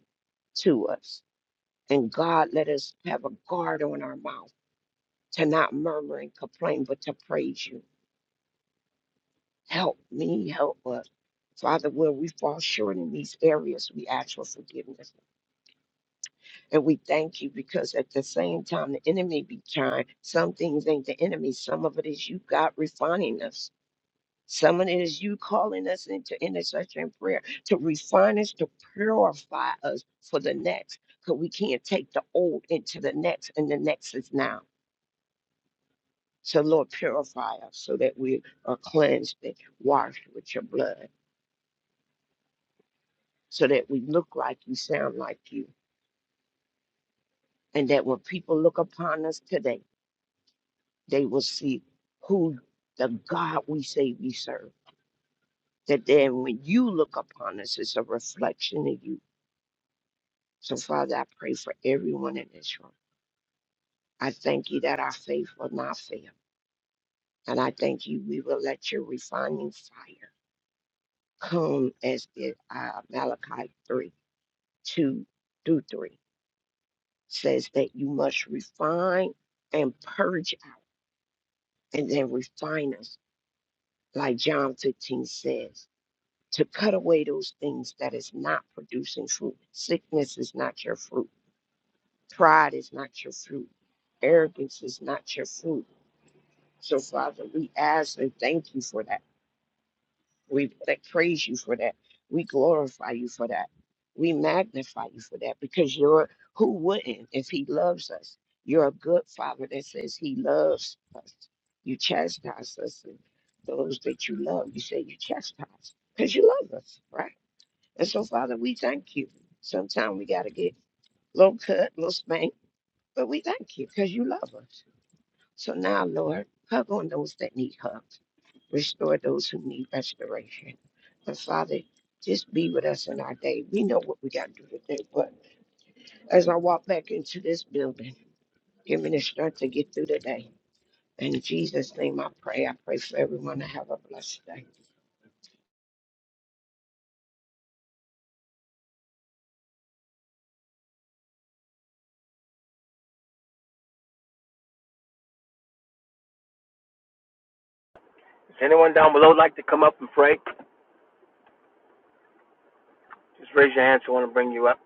to us. And God, let us have a guard on our mouth to not murmur and complain, but to praise you Help me, help us. Father, where we fall short in these areas, we ask for forgiveness. And we thank you because at the same time, the enemy be trying. Some things ain't the enemy, some of it is you, God, refining us. Some of it is you calling us into intercession and prayer to refine us, to purify us for the next, because we can't take the old into the next, and the next is now. So, Lord, purify us so that we are cleansed and washed with your blood. so that we look like you, sound like you, and that when people look upon us today, they will see who the God we say we serve. That then when you look upon us, it's a reflection of you. So, Father, I pray for everyone in this room. I thank you that our faith will not fail. And I thank you, we will let your refining fire come as did uh, Malachi 3 2 through 3 says that you must refine and purge and then refine us, like John 15 says, to cut away those things that is not producing fruit. Sickness is not your fruit. Pride is not your fruit. Arrogance is not your fruit. So, Father, we ask and thank you for that. We pra- praise you for that. We glorify you for that. We magnify you for that because you're who wouldn't if he loves us. You're a good father that says he loves us. You chastise us and those that you love. You say you chastise because you love us, right? And so, Father, we thank you. Sometimes we got to get a little cut, little spank, but we thank you because you love us. So now, Lord, hug on those that need hugs. Restore those who need restoration. And Father, just be with us in our day. We know what we got to do today, but as I walk back into this building, give me the strength to get through the day. In Jesus' name I pray. I pray for everyone to have a blessed day.
Does anyone down below like to come up and pray? Just raise your hand so I want to bring you up.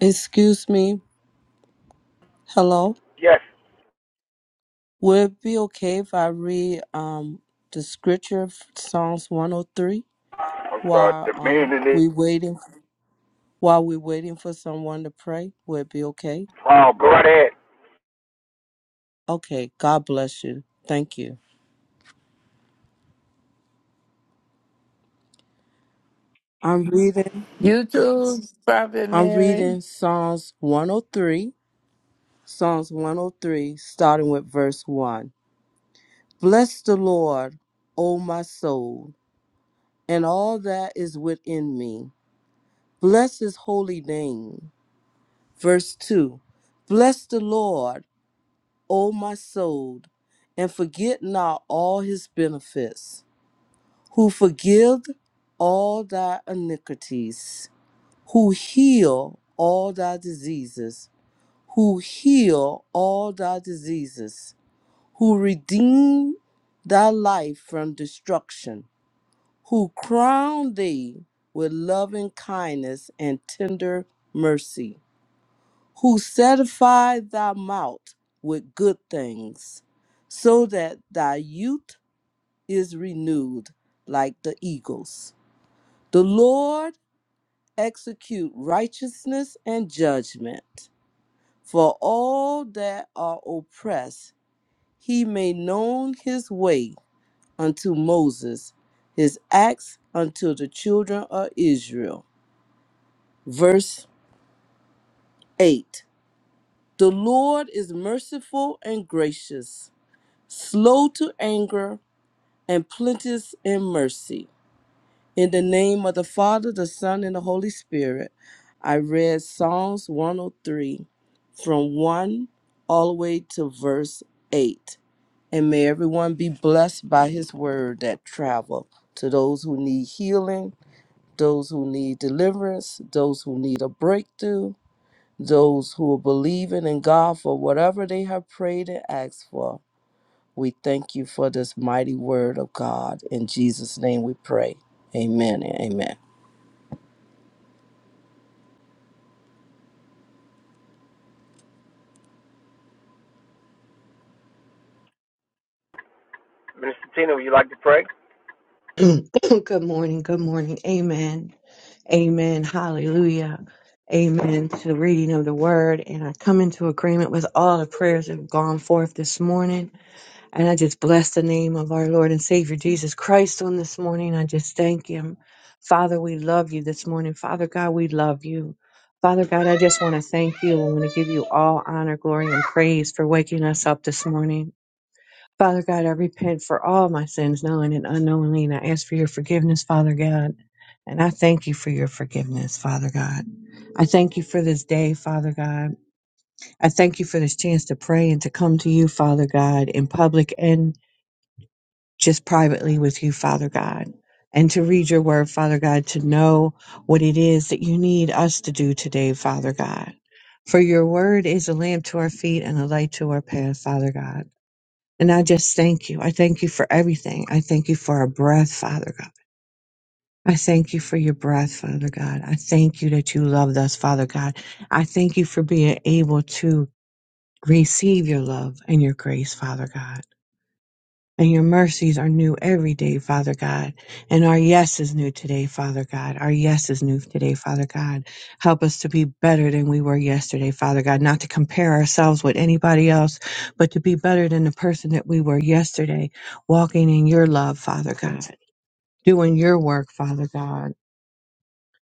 Excuse me. Hello.
Yes,
Would it be okay if I read um the scripture of Psalms 103
I'm sorry,
while
the man
um
in this
we waiting while we waiting for someone to pray? Would it be okay?
problem. go right ahead.
Okay. God bless you. Thank you. I'm reading
You too, Prophet
I'm
Mary.
reading Psalms 103. Psalms 103 starting with verse 1. Bless the Lord, O my soul, and all that is within me. Bless his holy name. Verse 2 Bless the Lord, O my soul, and forget not all his benefits, who forgive all thy iniquities, who heal all thy diseases, who heal all thy diseases, who redeem thy life from destruction who crown thee with loving kindness and tender mercy, who satisfy thy mouth with good things, so that thy youth is renewed like the eagles. The Lord execute righteousness and judgment for all that are oppressed. He made known his way unto Moses, his acts unto the children of Israel. Verse 8 The Lord is merciful and gracious, slow to anger, and plenteous in mercy. In the name of the Father, the Son, and the Holy Spirit, I read Psalms 103 from 1 all the way to verse 8. And may everyone be blessed by his word that travel to those who need healing, those who need deliverance, those who need a breakthrough, those who are believing in God for whatever they have prayed and asked for. We thank you for this mighty word of God. In Jesus' name we pray. Amen and amen.
Minister Tina, would you like to pray?
good morning. Good morning. Amen. Amen. Hallelujah. Amen to the reading of the word. And I come into agreement with all the prayers that have gone forth this morning. And I just bless the name of our Lord and Savior Jesus Christ on this morning. I just thank him. Father, we love you this morning. Father God, we love you. Father God, I just want to thank you. I want to give you all honor, glory, and praise for waking us up this morning. Father God, I repent for all my sins, knowing and unknowingly, and I ask for your forgiveness, Father God. And I thank you for your forgiveness, Father God. I thank you for this day, Father God. I thank you for this chance to pray and to come to you, Father God, in public and just privately with you, Father God. And to read your word, Father God, to know what it is that you need us to do today, Father God. For your word is a lamp to our feet and a light to our path, Father God. And I just thank you. I thank you for everything. I thank you for our breath, Father God. I thank you for your breath, Father God. I thank you that you loved us, Father God. I thank you for being able to receive your love and your grace, Father God. And your mercies are new every day, Father God. And our yes is new today, Father God. Our yes is new today, Father God. Help us to be better than we were yesterday, Father God. Not to compare ourselves with anybody else, but to be better than the person that we were yesterday, walking in your love, Father God. Doing your work, Father God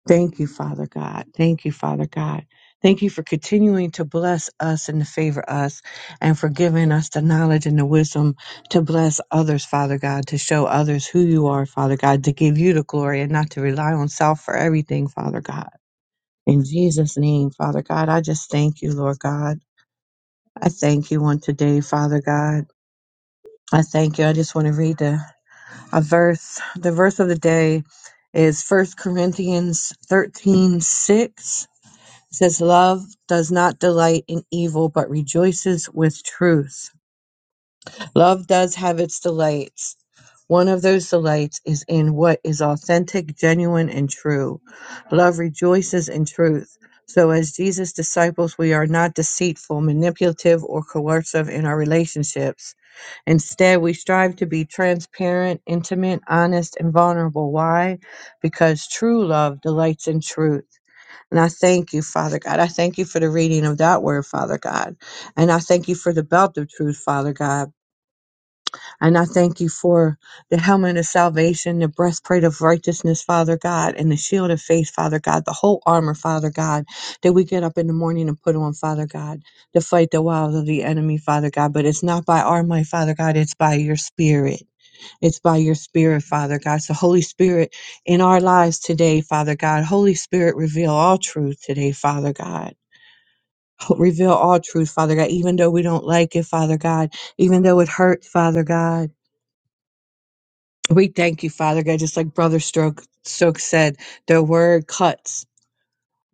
Thank you, Father God. Thank you, Father God. Thank you for continuing to bless us and to favor us and for giving us the knowledge and the wisdom to bless others, Father God, to show others who you are, Father God, to give you the glory and not to rely on self for everything, Father God. In Jesus' name, Father God, I just thank you, Lord God. I thank you on today, Father God. I thank you. I just want to read the, a verse. The verse of the day is First Corinthians thirteen six. It says, Love does not delight in evil, but rejoices with truth. Love does have its delights. One of those delights is in what is authentic, genuine, and true. Love rejoices in truth. So, as Jesus' disciples, we are not deceitful, manipulative, or coercive in our relationships. Instead, we strive to be transparent, intimate, honest, and vulnerable. Why? Because true love delights in truth. And I thank you, Father God. I thank you for the reading of that word, Father God. And I thank you for the belt of truth, Father God. And I thank you for the helmet of salvation, the breastplate of righteousness, Father God, and the shield of faith, Father God, the whole armor, Father God, that we get up in the morning and put on, Father God, to fight the wiles of the enemy, Father God. But it's not by our might, Father God, it's by your spirit. It's by your spirit, Father God. So, Holy Spirit, in our lives today, Father God, Holy Spirit, reveal all truth today, Father God. Ho- Reveal all truth, Father God, even though we don't like it, Father God, even though it hurts, Father God. We thank you, Father God, just like Brother Stroke, Stokes said, the word cuts.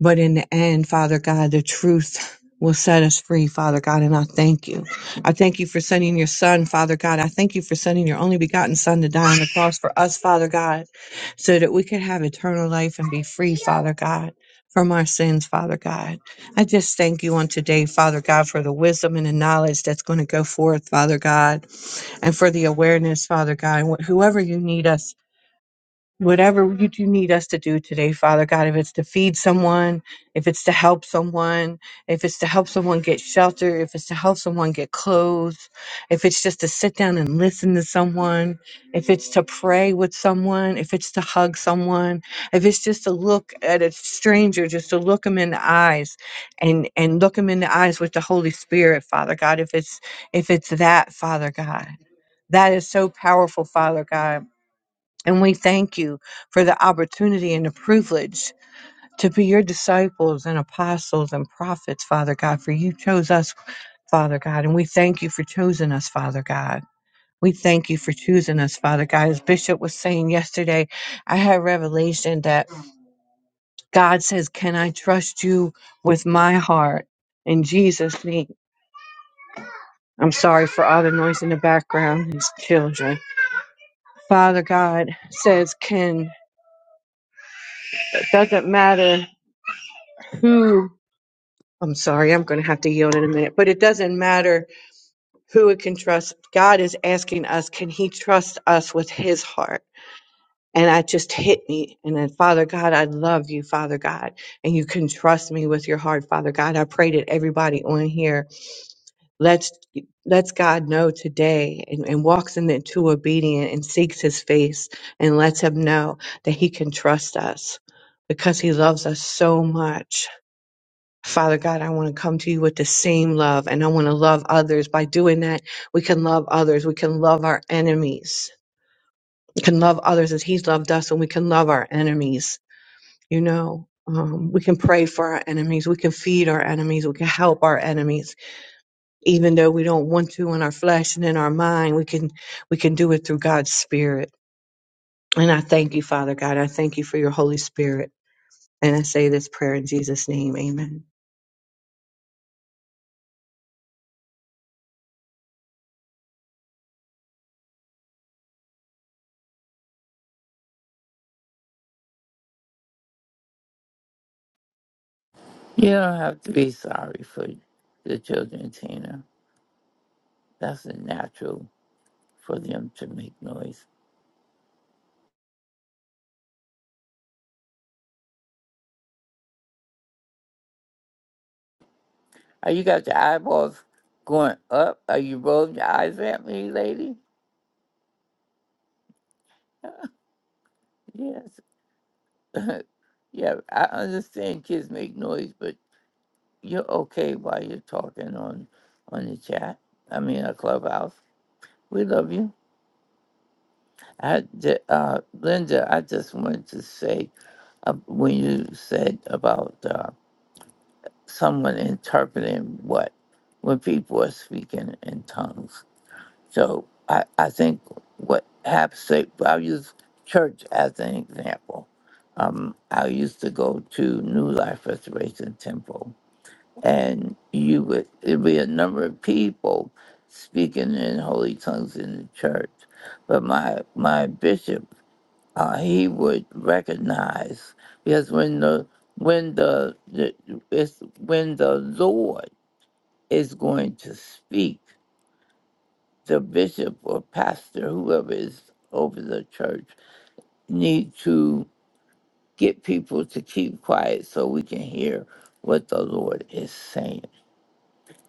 But in the end, Father God, the truth will set us free, Father God, and I thank you. I thank you for sending your son, Father God. I thank you for sending your only begotten son to die on the cross for us, Father God, so that we could have eternal life and be free, Father God. From our sins, Father God. I just thank you on today, Father God, for the wisdom and the knowledge that's going to go forth, Father God, and for the awareness, Father God, wh- whoever you need us whatever you do need us to do today, Father God, if it's to feed someone, if it's to help someone, if it's to help someone get shelter, if it's to help someone get clothes, if it's just to sit down and listen to someone, if it's to pray with someone, if it's to hug someone, if it's just to look at a stranger, just to look them in the eyes and and look them in the eyes with the Holy Spirit, Father God, if it's if it's that, Father God. That is so powerful, Father God and we thank you for the opportunity and the privilege to be your disciples and apostles and prophets, Father God, for you chose us, Father God. And we thank you for choosing us, Father God. We thank you for choosing us, Father God. As Bishop was saying yesterday, I had revelation that God says, Can I trust you with my heart? In Jesus' name. I'm sorry for all the noise in the background, his children. Father God says, Can, it doesn't matter who I'm sorry, I'm going to have to yield in a minute, but it doesn't matter who it can trust. God is asking us, can he trust us with his heart? And that just hit me. And then, Father God, I love you, Father God, and you can trust me with your heart, Father God. I pray that everybody on here lets lets God know today and, and walks in into obedience and seeks his face and lets him know that he can trust us because he loves us so much Father God, I want to come to you with the same love and I want to love others. By doing that, we can love others. We can love our enemies. We can love others as He's loved us and we can love our enemies. You know, um, we can pray for our enemies. We can feed our enemies. We can help our enemies. Even though we don't want to in our flesh and in our mind, we can, we can do it through God's Spirit. And I thank you, Father God. I thank you for your Holy Spirit. And I say this prayer in Jesus' name. Amen.
You don't have to be sorry for the children, Tina. That's a natural for them to make noise. Are you got your eyeballs going up? Are you rolling your eyes at me, lady? Yes. Yeah, I understand kids make noise, but you're okay while you're talking on on the chat. I mean, a clubhouse. We love you. I, ju- uh, Linda, I just wanted to say uh, when you said about uh, someone interpreting what when people are speaking in tongues. So I, I think what happens. I'll use church as an example. Um, I used to go to New Life Restoration Temple and you would it'd be a number of people speaking in holy tongues in the church. But my my bishop, uh, he would recognize because when the when the, the it's when the Lord is going to speak, the bishop or pastor, whoever is over the church, need to get people to keep quiet so we can hear what the Lord is saying.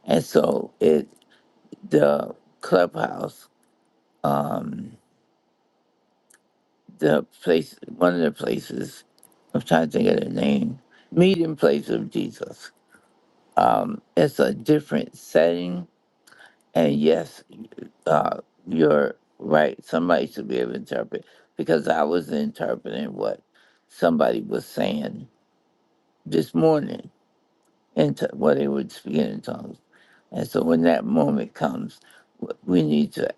And so it the clubhouse, um, the place, one of the places, I'm trying to think of the name, meeting place of Jesus. Um, it's a different setting, and yes, uh, you're right. Somebody should be able to interpret because I was interpreting what somebody was saying this morning into what they were speaking in tongues. And so when that moment comes, w- we need to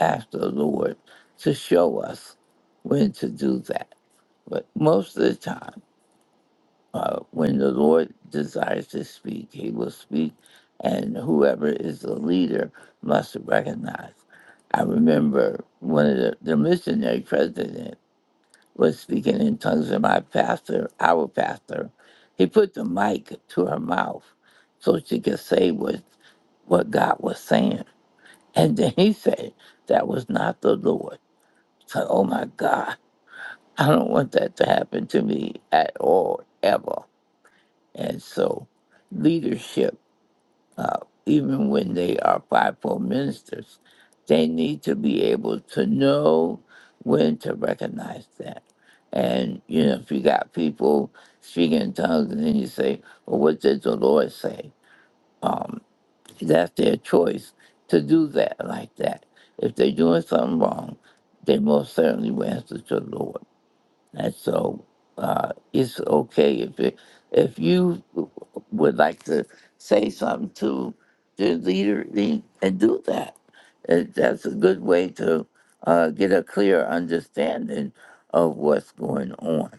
ask the Lord to show us when to do that. But most of the time, uh, when the Lord desires to speak, he will speak, and whoever is the leader must recognize. I remember one of the, the missionary president was speaking in tongues, and my pastor, our pastor, he put the mic to her mouth so she could say what, what God was saying. And then he said, That was not the Lord. Like, Oh my God, I don't want that to happen to me at all, ever. And so, leadership, uh, even when they are fivefold ministers, they need to be able to know when to recognize that. And, you know, if you got people speaking in tongues and then you say, well, what did the Lord say? Um, that's their choice to do that like that. If they're doing something wrong, they most certainly will answer to the Lord And so uh, it's okay if it, if you would like to say something to the leader then- and do that. It, that's a good way to uh, get a clear understanding of what's going on.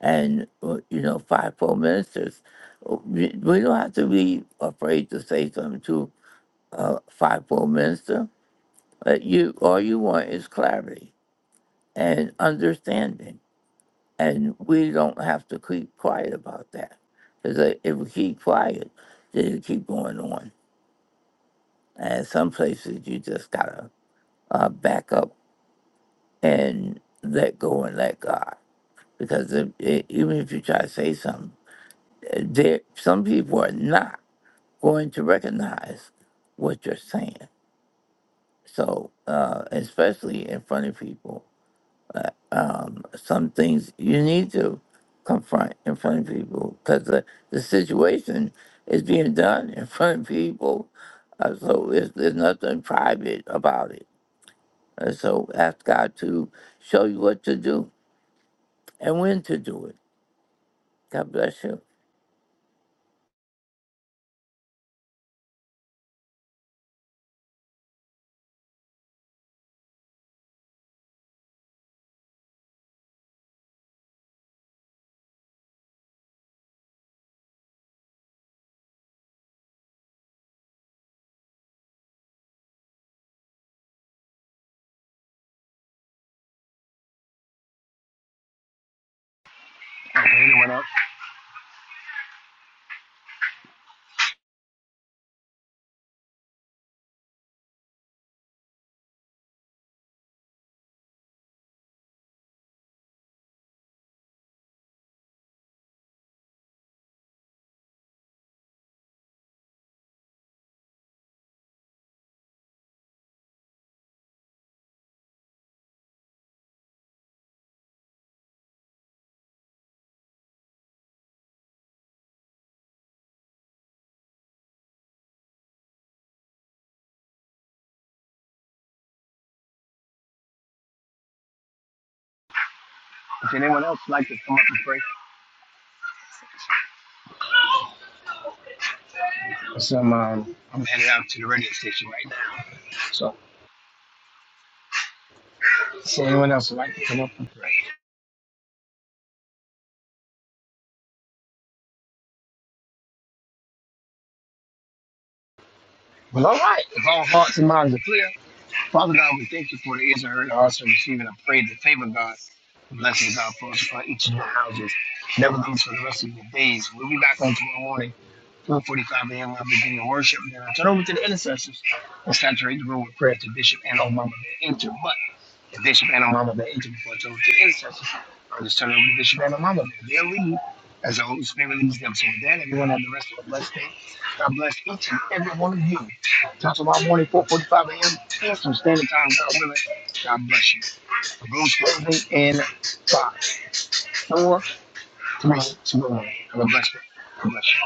And, uh, you know, fivefold ministers, uh, we we don't have to be afraid to say something to a fivefold minister. Uh, you All you want is clarity and understanding and we don't have to keep quiet about that. Because if we keep quiet, then it keep going on. And some places you just gotta uh, back up and let go and let God. Because if, i even if you try to say something, there some people are not going to recognize what you're saying. So uh, especially in front of people, um, some things you need to confront in front of people because the, the situation is being done in front of people. Uh, so it's, there's nothing private about it. And so ask God to show you what to do and when to do it. God bless you.
Does anyone else? Does anyone else like to come up and pray? Cause I'm, um, I'm headed out to the radio station right now. So, does anyone else would like to come up and pray? Well, all right. If all hearts and minds are clear, Father God, we thank you for the ears that heard, the hearts that received, I pray the favor God, the blessings God for us for each of your houses. Never lose for the rest of your days. We'll be back on tomorrow morning. 4:45 a.m. I'll be doing worship. Then I turn over to the intercessors and saturate the room with prayer to Bishop and Omama Bear enter. But if Bishop and Omama Bear enter before I turn over to the intercessors, I'll just turn over to Bishop and Omama Bear. They'll leave as the Holy Spirit leads them. So with that, everyone have the rest of a blessed day. God bless each and every one of you. Talk tomorrow morning, 4:45 a.m. Eastern Standard Time. God willing. God bless you. The room's closing in five, four, three, two, one. Have a blessed day. God bless you.